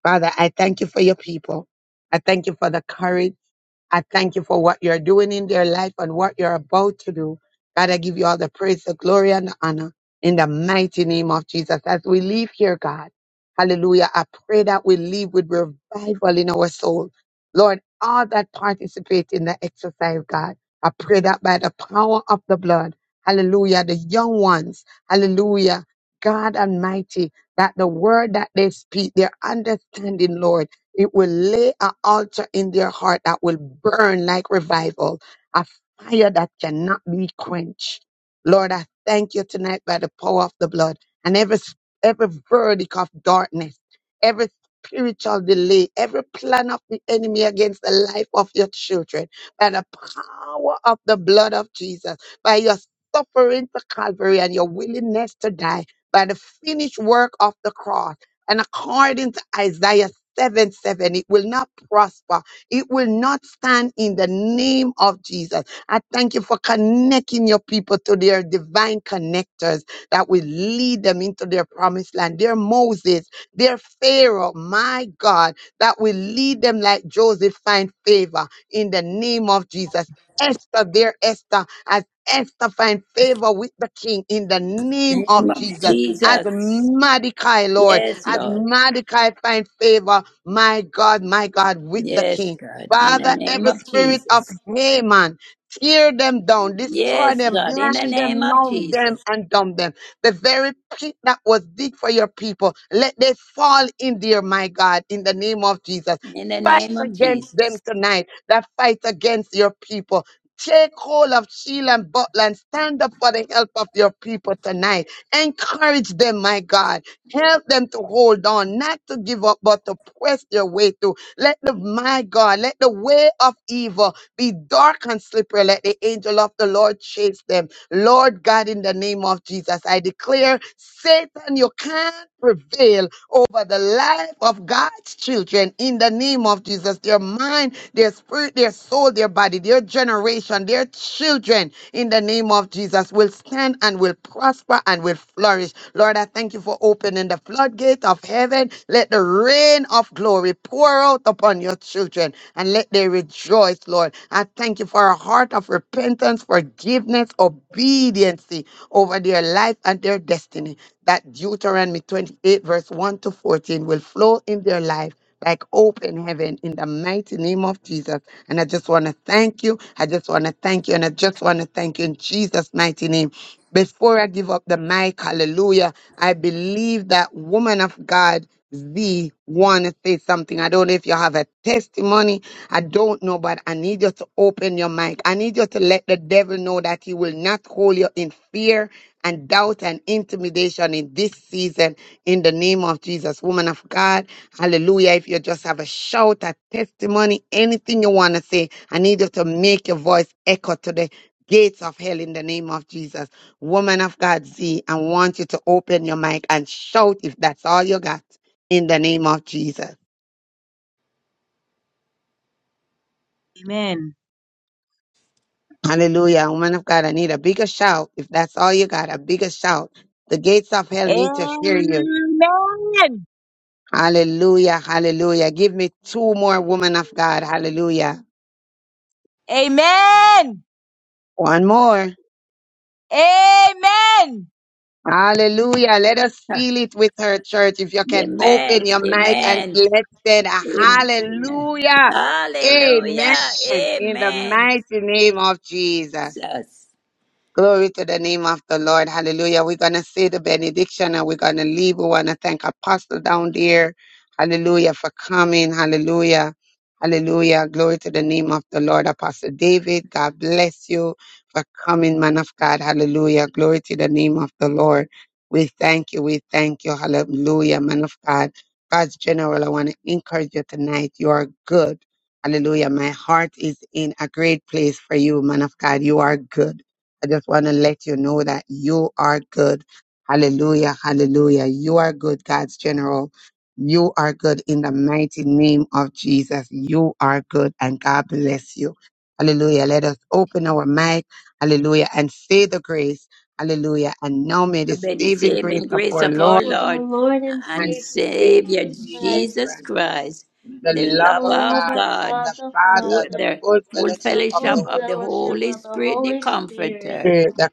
C: Father, I thank you for your people. I thank you for the courage. I thank you for what you're doing in their life and what you're about to do. God, I give you all the praise, the glory, and the honor in the mighty name of Jesus. As we leave here, God, hallelujah, I pray that we leave with revival in our soul. Lord, all that participate in the exercise, God, I pray that by the power of the blood, hallelujah, the young ones, hallelujah, God Almighty, that the word that they speak, their understanding, Lord, it will lay an altar in their heart that will burn like revival, a fire that cannot be quenched. Lord, I thank you tonight by the power of the blood and every, every verdict of darkness, every spiritual delay, every plan of the enemy against the life of your children, by the power of the blood of Jesus, by your suffering to Calvary and your willingness to die, by the finished work of the cross. And according to Isaiah 7 7, it will not prosper. It will not stand in the name of Jesus. I thank you for connecting your people to their divine connectors that will lead them into their promised land. Their Moses, their Pharaoh, my God, that will lead them like Joseph, find favor in the name of Jesus. Esther, their Esther, as Esther find favor with the king in the name
B: Name
C: of
B: of
C: Jesus. As
B: Jesus.
C: Mordecai, Lord.
B: Yes,
C: As
B: Lord.
C: Mordecai find favor, my God, my God, with the
B: Yes,
C: king.
B: God. In the
C: Father,
B: name
C: every
B: of
C: spirit of
B: Jesus.
C: Haman, tear them down, destroy
B: Yes,
C: them,
B: God, in the
C: blind
B: name
C: them,
B: of
C: numb them,
B: Jesus.
C: and dumb them. The very pit that was deep for your people, let they fall in there, my God, in the name of Jesus.
B: In the
C: Fight
B: name of
C: against
B: Jesus.
C: them tonight that fight against your people. Take hold of Shield and Butler and stand up for the help of your people tonight. Encourage them, my God. Help them to hold on, not to give up, but to press their way through. Let the, my God, let the way of evil be dark and slippery. Let the angel of the Lord chase them Lord God, in the name of Jesus, I declare, Satan, you can't prevail over the life of God's children in the name of Jesus. Their mind, their spirit, their soul, their body, their generation, their children in the name of Jesus will stand and will prosper and will flourish. Lord, I thank you for opening the floodgate of heaven. Let the rain of glory will pour out upon your children and let they rejoice, Lord. I thank you for a heart of repentance, forgiveness, obedience over their life and their destiny. That Deuteronomy 28, verse 1 to 14, will flow in their life. Like open heaven in the mighty name of Jesus. And I just want to thank you. I just want to thank you. And I just want to thank you in Jesus' mighty name. Before I give up the mic, hallelujah, I believe that woman of God, Z, want to say something. I don't know if you have a testimony. I don't know, but I need you to open your mic. I need you to let the devil know that he will not hold you in fear and doubt and intimidation in this season in the name of Jesus. Woman of God, hallelujah. If you just have a shout, a testimony, anything you want to say, I need you to make your voice echo to the gates of hell in the name of Jesus woman of God Z, I want you to open your mic and shout if that's all you got in the name of Jesus. Hallelujah. Woman of God, I need a bigger shout. If that's all you got, a bigger shout. The gates of hell need to hear you.
L: Amen.
C: Hallelujah. Hallelujah. Give me two more women of God. Hallelujah.
L: Amen.
C: One more.
L: Amen.
C: Hallelujah. Let us feel it with her church. If you can open
B: Amen.
C: your mic and
B: Amen.
C: let's say a
B: Amen.
C: hallelujah. Amen.
B: Hallelujah.
C: In the
B: Amen.
C: mighty name of Jesus.
B: Jesus.
C: Glory to the name of the Lord. Hallelujah. We're going to say the benediction and we're going to leave. We want to thank Apostle down there. Hallelujah for coming. Hallelujah. Hallelujah. Glory to the name of the Lord. Apostle David, God bless you for coming, man of God. Hallelujah. Glory to the name of the Lord. We thank you. We thank you. Hallelujah, man of God. God's general, I want to encourage you tonight. You are good. Hallelujah. My heart is in a great place for you, man of God. You are good. I just want to let you know that you are good. Hallelujah. Hallelujah. You are good, God's general. You are good in the mighty name of Jesus. You are good and God bless you. Hallelujah. Let us open our mic. Hallelujah. And say the grace. Hallelujah. And now may the
B: May the
C: saving grace
B: saving
C: of
B: grace
C: our
B: of
C: Lord
B: our
F: of our
B: Lord
F: Lord and
B: and
C: and
F: Savior
C: Savior
B: Savior
F: Jesus Christ,
C: Jesus
B: Jesus
C: Christ,
B: Christ,
C: the
B: the
F: the
C: love
B: love
C: of
F: love
B: of
C: God,
F: of
B: God,
F: God
C: the
F: the
B: full-
C: Father, the
F: Father,
B: the
C: full
B: full
C: fellowship
F: the
C: of the
B: fellowship
F: full
B: of
C: Holy
B: the
C: Spirit
F: fellowship
B: Holy
F: of the
B: Spirit, the
F: Holy Spirit,
B: Comforter,
C: Spirit, the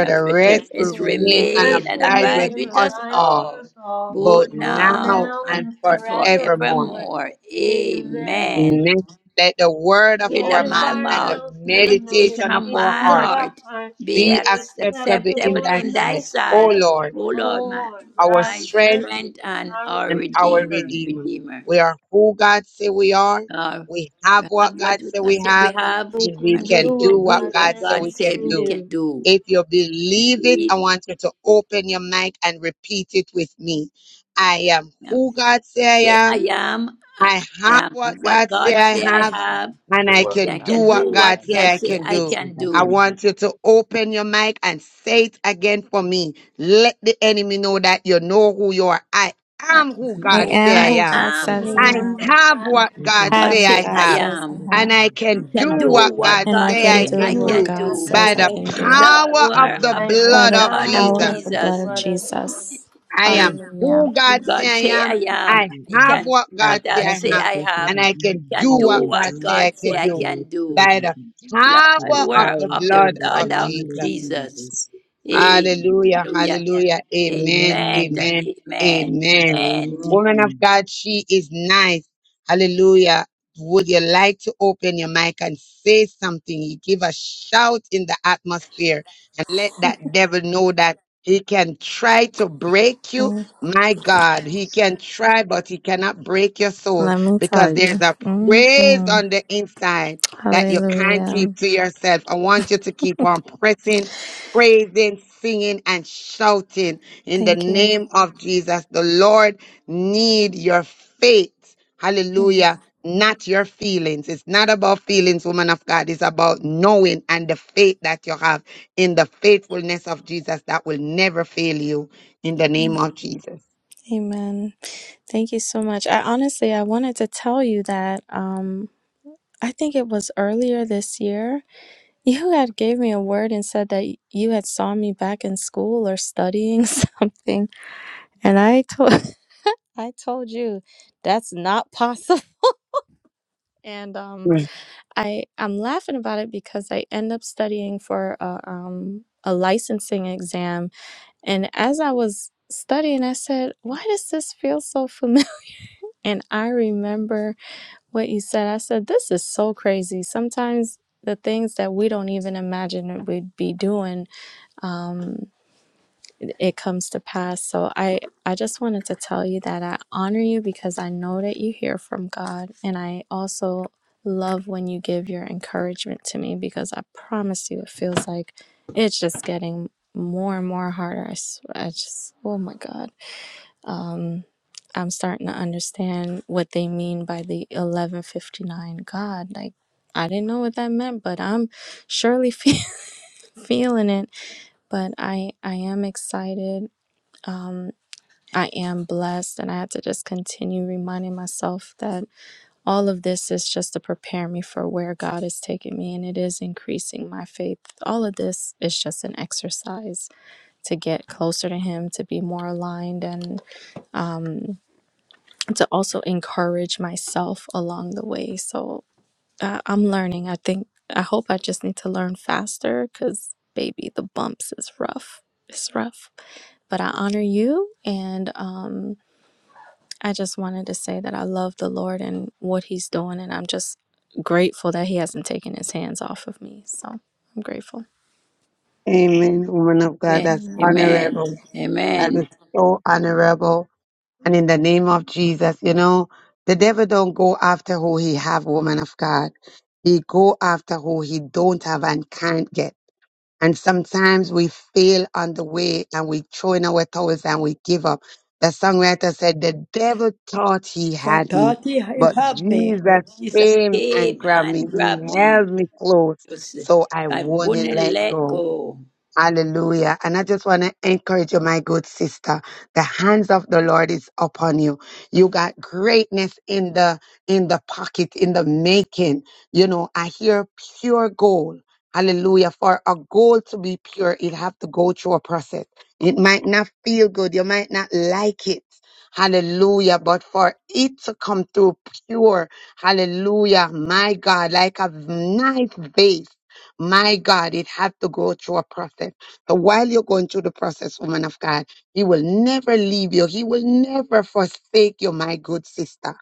B: and
F: and
B: perturbed.
C: rest,
F: forever
C: remain, and
B: remain
F: rest,
B: and
C: abide
F: remain,
C: with
B: abide
F: and
B: with
C: us
B: us
F: abide
C: all,
F: with
B: all,
F: us all,
C: both
B: both
F: both
C: now
B: now
F: now
C: and
B: and,
F: and
B: and
C: forevermore.
F: forevermore.
B: forevermore.
F: Amen.
B: Amen.
C: Amen. Let the word of
B: Word
C: our
B: of
F: Word of
B: my
C: mouth
F: our
C: and the
B: mouth,
F: mouth and the
B: meditation
C: meditation
B: of
C: of our
B: my
F: meditation of
C: heart
F: our
B: heart
F: hearts
B: be
C: be
B: ac-
F: be
C: acceptable in
B: acceptable
F: acceptable
C: thy
F: in
B: in thy
F: thy
C: sight. O
B: sight,
F: sight,
C: Lord,
B: O
F: O
B: Lord, my,
F: Lord,
C: our
F: our
B: my
C: strength
F: strength,
B: strength and
F: our
B: our
C: and our
B: redeemed,
F: redeemer.
C: Redeemer.
B: Redeemer.
C: We are who God say we are.
B: Uh,
C: We
B: we
C: have what
B: have what
C: God
B: we
C: say
B: God
C: we
B: said we
C: have,
B: have,
F: We
C: and we
F: can
B: and we
C: can
F: do
C: do
F: what
B: can
C: what
B: do
F: God
C: God
B: what
F: says
C: say
B: God
C: we
F: we
B: said
C: can
F: can
B: we
C: do.
B: can
F: do.
B: do.
C: If you believe it, I want you to open your mic and repeat it with me. I am who God say
B: Say
C: I am.
B: I am. I,
C: I
B: I
C: have
B: am
C: what
B: what
C: God say
B: God
C: I
B: say I
C: have,
B: have.
L: Amen.
C: and I can
B: I
C: do
F: God
B: can do
C: what
F: says
B: what
C: God
F: I can
C: say
B: God
C: I
B: say
F: do.
C: can
B: I
L: Let's
C: do.
L: say
B: can
L: that
C: I
L: in
B: do.
L: time.
C: want you to open your mic and say it again for me. Let the enemy know that you know who you are. I
B: I,
C: am who
B: I'm
M: I
C: God
B: go,
C: say
M: am
B: I
C: I
M: who
C: am.
L: Let's
M: God
L: say
B: am
M: says
B: who
L: that
M: I
F: I
C: I
F: am who
M: am.
C: have
F: God
C: what
F: says
M: I
C: God
B: God
M: have
C: say
M: what
B: say
C: I
B: I
M: God
C: have,
M: says I
B: am.
C: and
M: have.
C: I can
B: Can
L: I
C: do
B: do
L: can
C: what
L: hear
B: what
C: God
M: And I
B: God
C: say
L: what
M: can
C: I
B: say
L: God
F: do
M: do
B: I
C: can
M: what
L: says
B: can
C: do
F: what
L: I
F: God
M: God
B: do.
L: can
C: by
F: says
M: says I
C: the
L: hear.
F: I
M: can
B: The
M: do
F: can
M: it.
F: do.
C: power of
B: Lord
L: Hear
C: the
B: of
F: By
B: the
F: the
M: By
C: blood
M: the
C: of
B: Lord
L: and do
B: of
C: Jesus.
M: power
F: power
M: of
F: of
M: the
F: the
M: blood
B: Jesus.
M: of
F: blood
L: the
F: of Jesus.
M: Jesus.
C: I
B: He,
C: am
M: Hallelujah.
C: who
B: who
C: God say
B: God
C: I
B: say
C: am.
B: I
L: who
B: am.
C: I
L: I
B: He
L: am.
C: have
B: can
C: what
L: I
C: God
B: what
C: say
B: God
L: have
C: I
B: say
L: what
C: have,
B: I
L: God says
B: have.
L: I
C: and I
L: am.
B: He
C: can
B: can
C: do
L: I
B: do
C: what
L: can
C: God
B: what
L: do
C: say I
B: God say
L: what
C: can
B: I
C: do
B: can
L: God says
B: do.
C: by
L: I
C: the
L: can do.
B: blood,
L: With the
C: power of
B: word
L: power
C: the
B: of the
L: and
C: blood
L: the
C: of
B: blood of
L: blood of
C: Jesus.
B: Jesus.
L: Jesus.
C: Hallelujah,
B: Hallelujah.
C: hallelujah, amen,
B: Amen
L: Amen.
B: and
C: amen,
B: amen.
C: amen.
B: Amen.
C: Woman of
L: Amen.
C: God, she is nice. Hallelujah. Would you like to open your mic and say something? You give a shout in the atmosphere and let that devil know that he can try to break you.
M: Mm,
C: My God, he can try, but he cannot break your soul
M: Let me tell
C: because there's
M: you.
C: a praise
M: hmm
C: on the inside that you can't
M: Hallelujah.
C: keep to yourself. I want you to keep on pressing praising, singing, and shouting in the
M: Thank you.
C: name of Jesus. The Lord need your faith.
M: Mm,
C: Hallelujah. Not your feelings. It's not about feelings, woman of God. It's about knowing and the faith that you have in the faithfulness of Jesus that will never fail you in the
M: yeah.
C: name of Jesus.
M: Amen. Thank you so much. I honestly I wanted to tell you that um I think it was earlier this year You had gave me a word and said that y- you had saw me back in school or studying something, and I told I told you that's not possible. And um,
C: Right.
M: I I'm laughing about it because I end up studying for a um a licensing exam, and as I was studying, I said, "Why does this feel so familiar?" And I remember what you said. I said, "This is so crazy." Sometimes the things that we don't even imagine that we'd be doing. Um, it comes to pass. So I I just wanted to tell you that I honor you because I know that you hear from God and I also love when you give your encouragement to me because I promise you it feels like it's just getting more and more harder. I, s- I just oh my god. Um I'm starting to understand what they mean by the 1159 God. Like I didn't know what that meant, but I'm surely fe- feeling it. But I I am excited. Um, I am blessed, and I had to just continue reminding myself that all of this is just to prepare me for where God is taking me, and it is increasing my faith. All of this is just an exercise to get closer to Him, to be more aligned, and um, to also encourage myself along the way. So uh, I'm learning. I think, I hope I just need to learn faster because, baby, the bumps is rough. It's rough. But I honor you, and um, I just wanted to say that I love the Lord and what He's doing, and I'm just grateful that He hasn't taken His hands off of me. So I'm grateful.
C: Amen. Woman of God,
B: Amen.
C: that's
M: Amen.
B: Amen.
C: honorable. That is
B: Amen.
C: so honorable. And in the name of Jesus, you know, the devil don't go after who he have, woman of God. He go after who he don't have and can't get. And sometimes we fail on the way and we throw in our towels and we give up. The songwriter said, the devil thought he
B: I
C: had me,
B: thought he
C: but
B: had me,
C: Jesus
B: but Jesus
C: came and
B: came
C: grabbed me.
B: and grabbed
C: He
B: me.
C: held me close,
B: Just,
C: so I
B: I
C: won't
B: wouldn't
C: let
B: let
C: go.
B: go.
C: Hallelujah. And I just want to encourage you, my good sister. The hands of the Lord is upon you. You got greatness in the in the pocket, in the making. You know, I hear pure gold. Hallelujah. For a goal to be pure, it have to go through a process. It might not feel good. You might not like it. Hallelujah. But for it to come through pure, hallelujah, my God, like a nice vase. My God, it had to go through a process. So while you're going through the process, woman of God, He will never leave you. He will never forsake you, my good sister.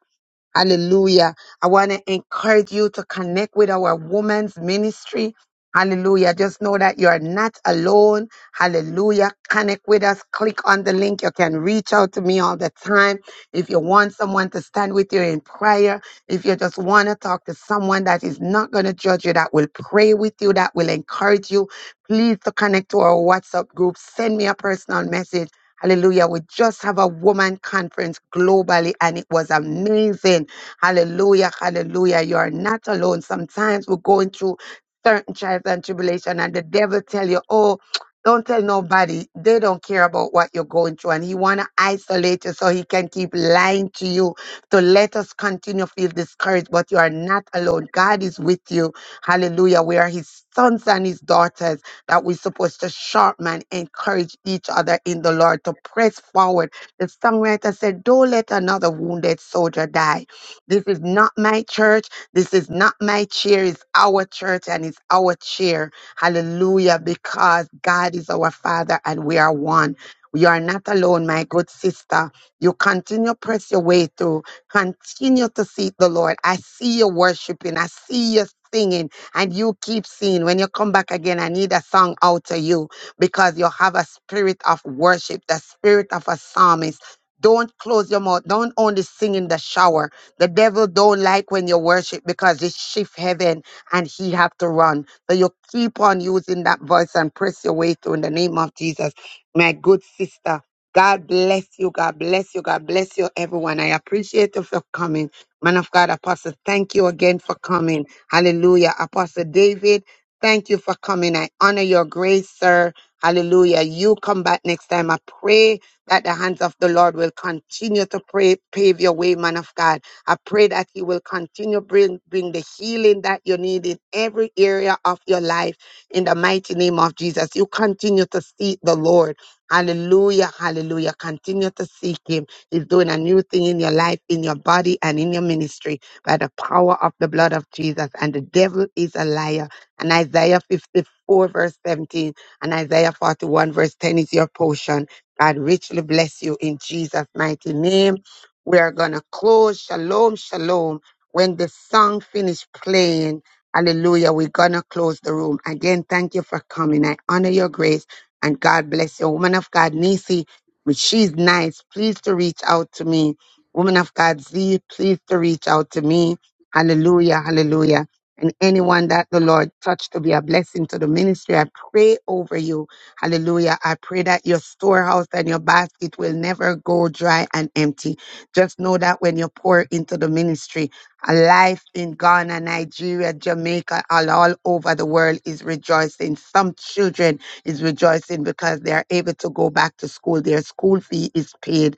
C: Hallelujah. I want to encourage you to connect with our women's ministry. Hallelujah. Just know that you are not alone. Hallelujah. Connect with us. Click on the link. You can reach out to me all the time. If you want someone to stand with you in prayer, if you just want to talk to someone that is not going to judge you, that will pray with you, that will encourage you, please to connect to our WhatsApp group. Send me a personal message Hallelujah. We just have a woman conference globally and it was amazing. Hallelujah. Hallelujah. You are not alone. Sometimes we're going through certain trials and tribulation and the devil tell you, oh, don't tell nobody. They don't care about what you're going through and he want to isolate you so he can keep lying to you. So let us continue to feel discouraged, but you are not alone. God is with you. Hallelujah. We are his sons and his daughters that we're supposed to sharpen and encourage each other in the Lord to press forward. The songwriter said, Don't let another wounded soldier die. This is not my church. This is not my cheer. It's our church and it's our cheer. Hallelujah. Because God is our Father and we are one. You are not alone, my good sister. You continue press your way through. Continue to seek the Lord. I see you worshiping. I see you singing and you keep seeing when you come back again i need a song out of you because you have a spirit of worship the spirit of a psalmist don't close your mouth don't only sing in the shower the devil don't like when you worship because it shift heaven and he have to run so you keep on using that voice and press your way through in the name of jesus my good sister God bless you. God bless you. God bless you, everyone. I appreciate you for coming. Man of God, Apostle, thank you again for coming. Hallelujah. Apostle David, thank you for coming. I honor your grace, sir. Hallelujah. You come back next time. I pray that the hands of the Lord will continue to pray, pave your way, man of God. I pray that He will continue bring bring the healing that you need in every area of your life. In the mighty name of Jesus, you continue to seek the Lord. Hallelujah, hallelujah. Continue to seek Him. He's doing a new thing in your life, in your body, and in your ministry by the power of the blood of Jesus, and the devil is a liar. And Isaiah 54, verse 17, and Isaiah 41, verse 10 is your portion. God richly bless you in Jesus' mighty name. We are going to close. Shalom, shalom. When the song finish playing, hallelujah, we're going to close the room. Again, thank you for coming. I honor your grace and God bless you. Woman of God, Nisi, she's nice. Please to reach out to me Woman of God Z, please to reach out to me. Hallelujah, hallelujah. And anyone that the Lord touched to be a blessing to the ministry, I pray over you. Hallelujah. I pray that your storehouse and your basket will never go dry and empty. Just know that when you pour into the ministry, a life in Ghana, Nigeria, Jamaica, all, all over the world is rejoicing. Some children is rejoicing because they are able to go back to school. Their school fee is paid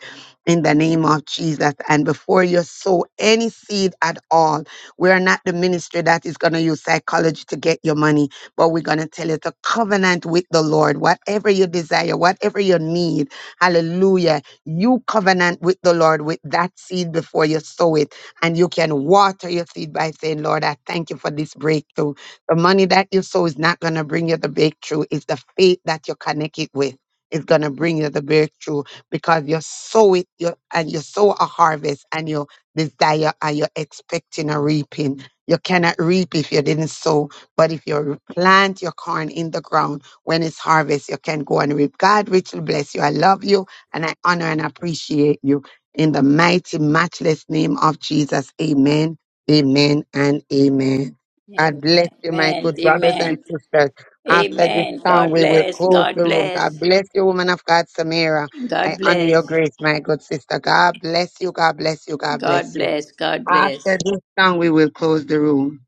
C: in the name of Jesus. And before you sow any seed at all, we are not the ministry that is going to use psychology to get your money, but we're going to tell you to covenant with the Lord. Whatever you desire, whatever you need, hallelujah, you covenant with the Lord with that seed before you sow it. And you can water your seed by saying, Lord, I thank you for this breakthrough. The money that you sow is not going to bring you the breakthrough, it's the faith that you connect it with. It's going to bring you the breakthrough because you sow it you, and you sow a harvest and you desire and you're expecting a reaping. You cannot reap if you didn't sow, but if you plant your corn in the ground when it's harvest, you can go and reap. God richly bless you. I love you and I honor and appreciate you. In the mighty, matchless name of Jesus, amen, amen, and amen.
B: Amen.
C: God bless you, my
B: Amen.
C: good brothers and
B: Amen.
C: sisters. After this
B: Amen.
C: song,
B: God
C: we will
B: bless.
C: close
B: God
C: the room.
B: bless.
C: God bless you, woman of God, Samira.
B: God
C: I honor your
B: bless.
C: grace, my good sister. God bless you. God bless you. God
B: God
C: bless you.
B: bless. God bless.
C: After this song, we will close the room.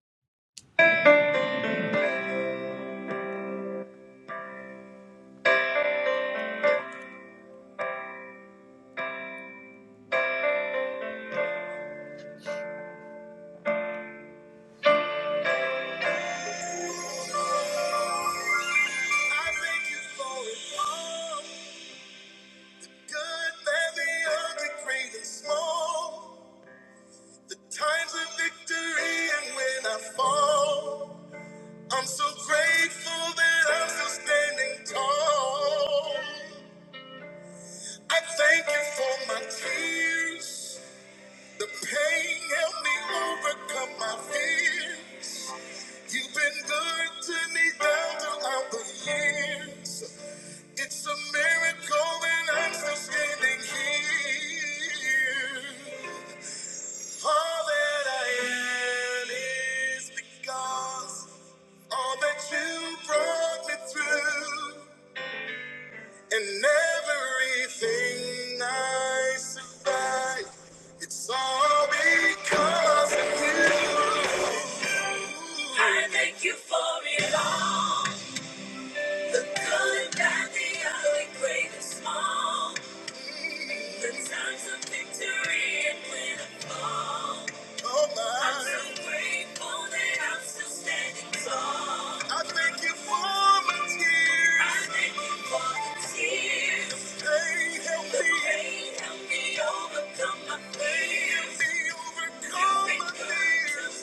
A: I thank you for it all. The good, bad, the ugly, great and small. The times of victory and when I fall. I'm so grateful that I'm still standing tall. I thank you for my tears. The pain helped me overcome my fears. You've been good to me down throughout the years. It's a miracle that I'm still standing here. All that I am is because all that you brought me through. And everything I survive, it's all because of you. I thank you for it all. The good, and bad, the ugly, great and small. The times of victory and when I fall, oh my. I'm so grateful that I'm still standing tall. I thank you for my tears. I thank you for the tears. The Pain, help me. The Pain, help me overcome my fears. They me overcome my fears. You've been my good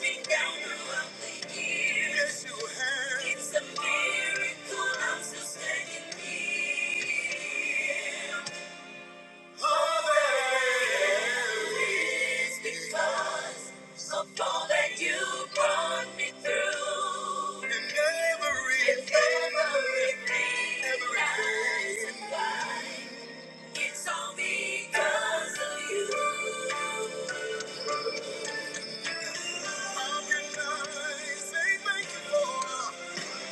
A: to me down throughout the years. Yes, you have. It's a miracle I'm still standing here. Thank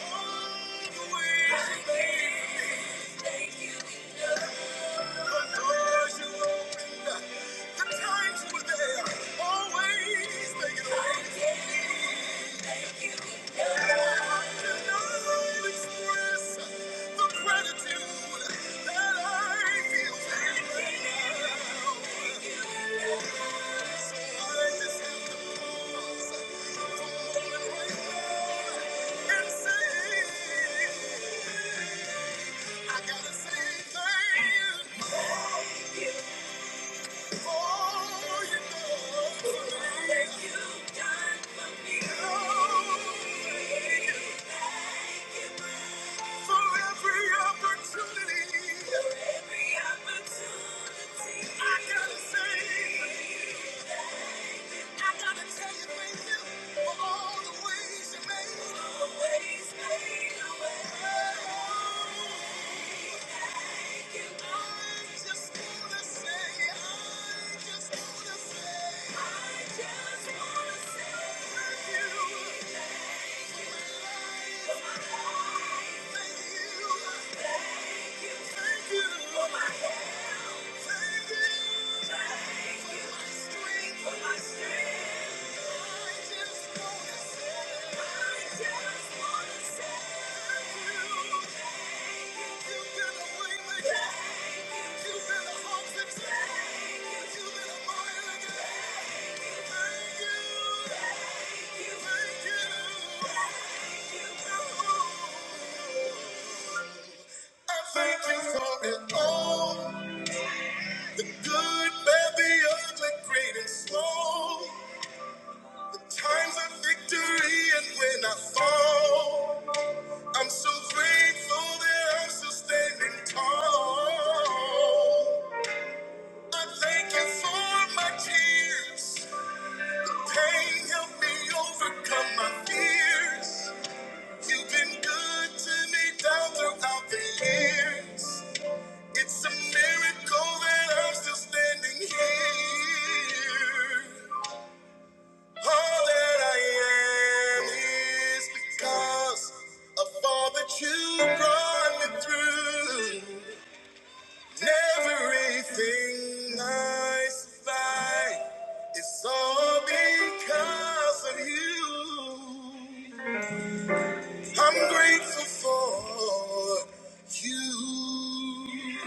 A: you. Thank you. I gotta say. I gotta tell you, thank you for all the ways you made. Always made way. Thank you. I just wanna say, I just wanna say, I just wanna say thank you. Thank you. Thank you. Thank you for my help. Thank you. Thank you for my strength. For my strength. Thank you for it all. The good, bad, the ugly, great and small. The Times of victory and when I fall, I'm so grateful that I'm still standing tall. I thank you for my tears. Pain helped me overcome my fears. You've been good to me down throughout the years. It's a miracle that I'm still standing here. All that I am is because of all that you brought me through. Everything I survive is all because of you. I'm grateful for you.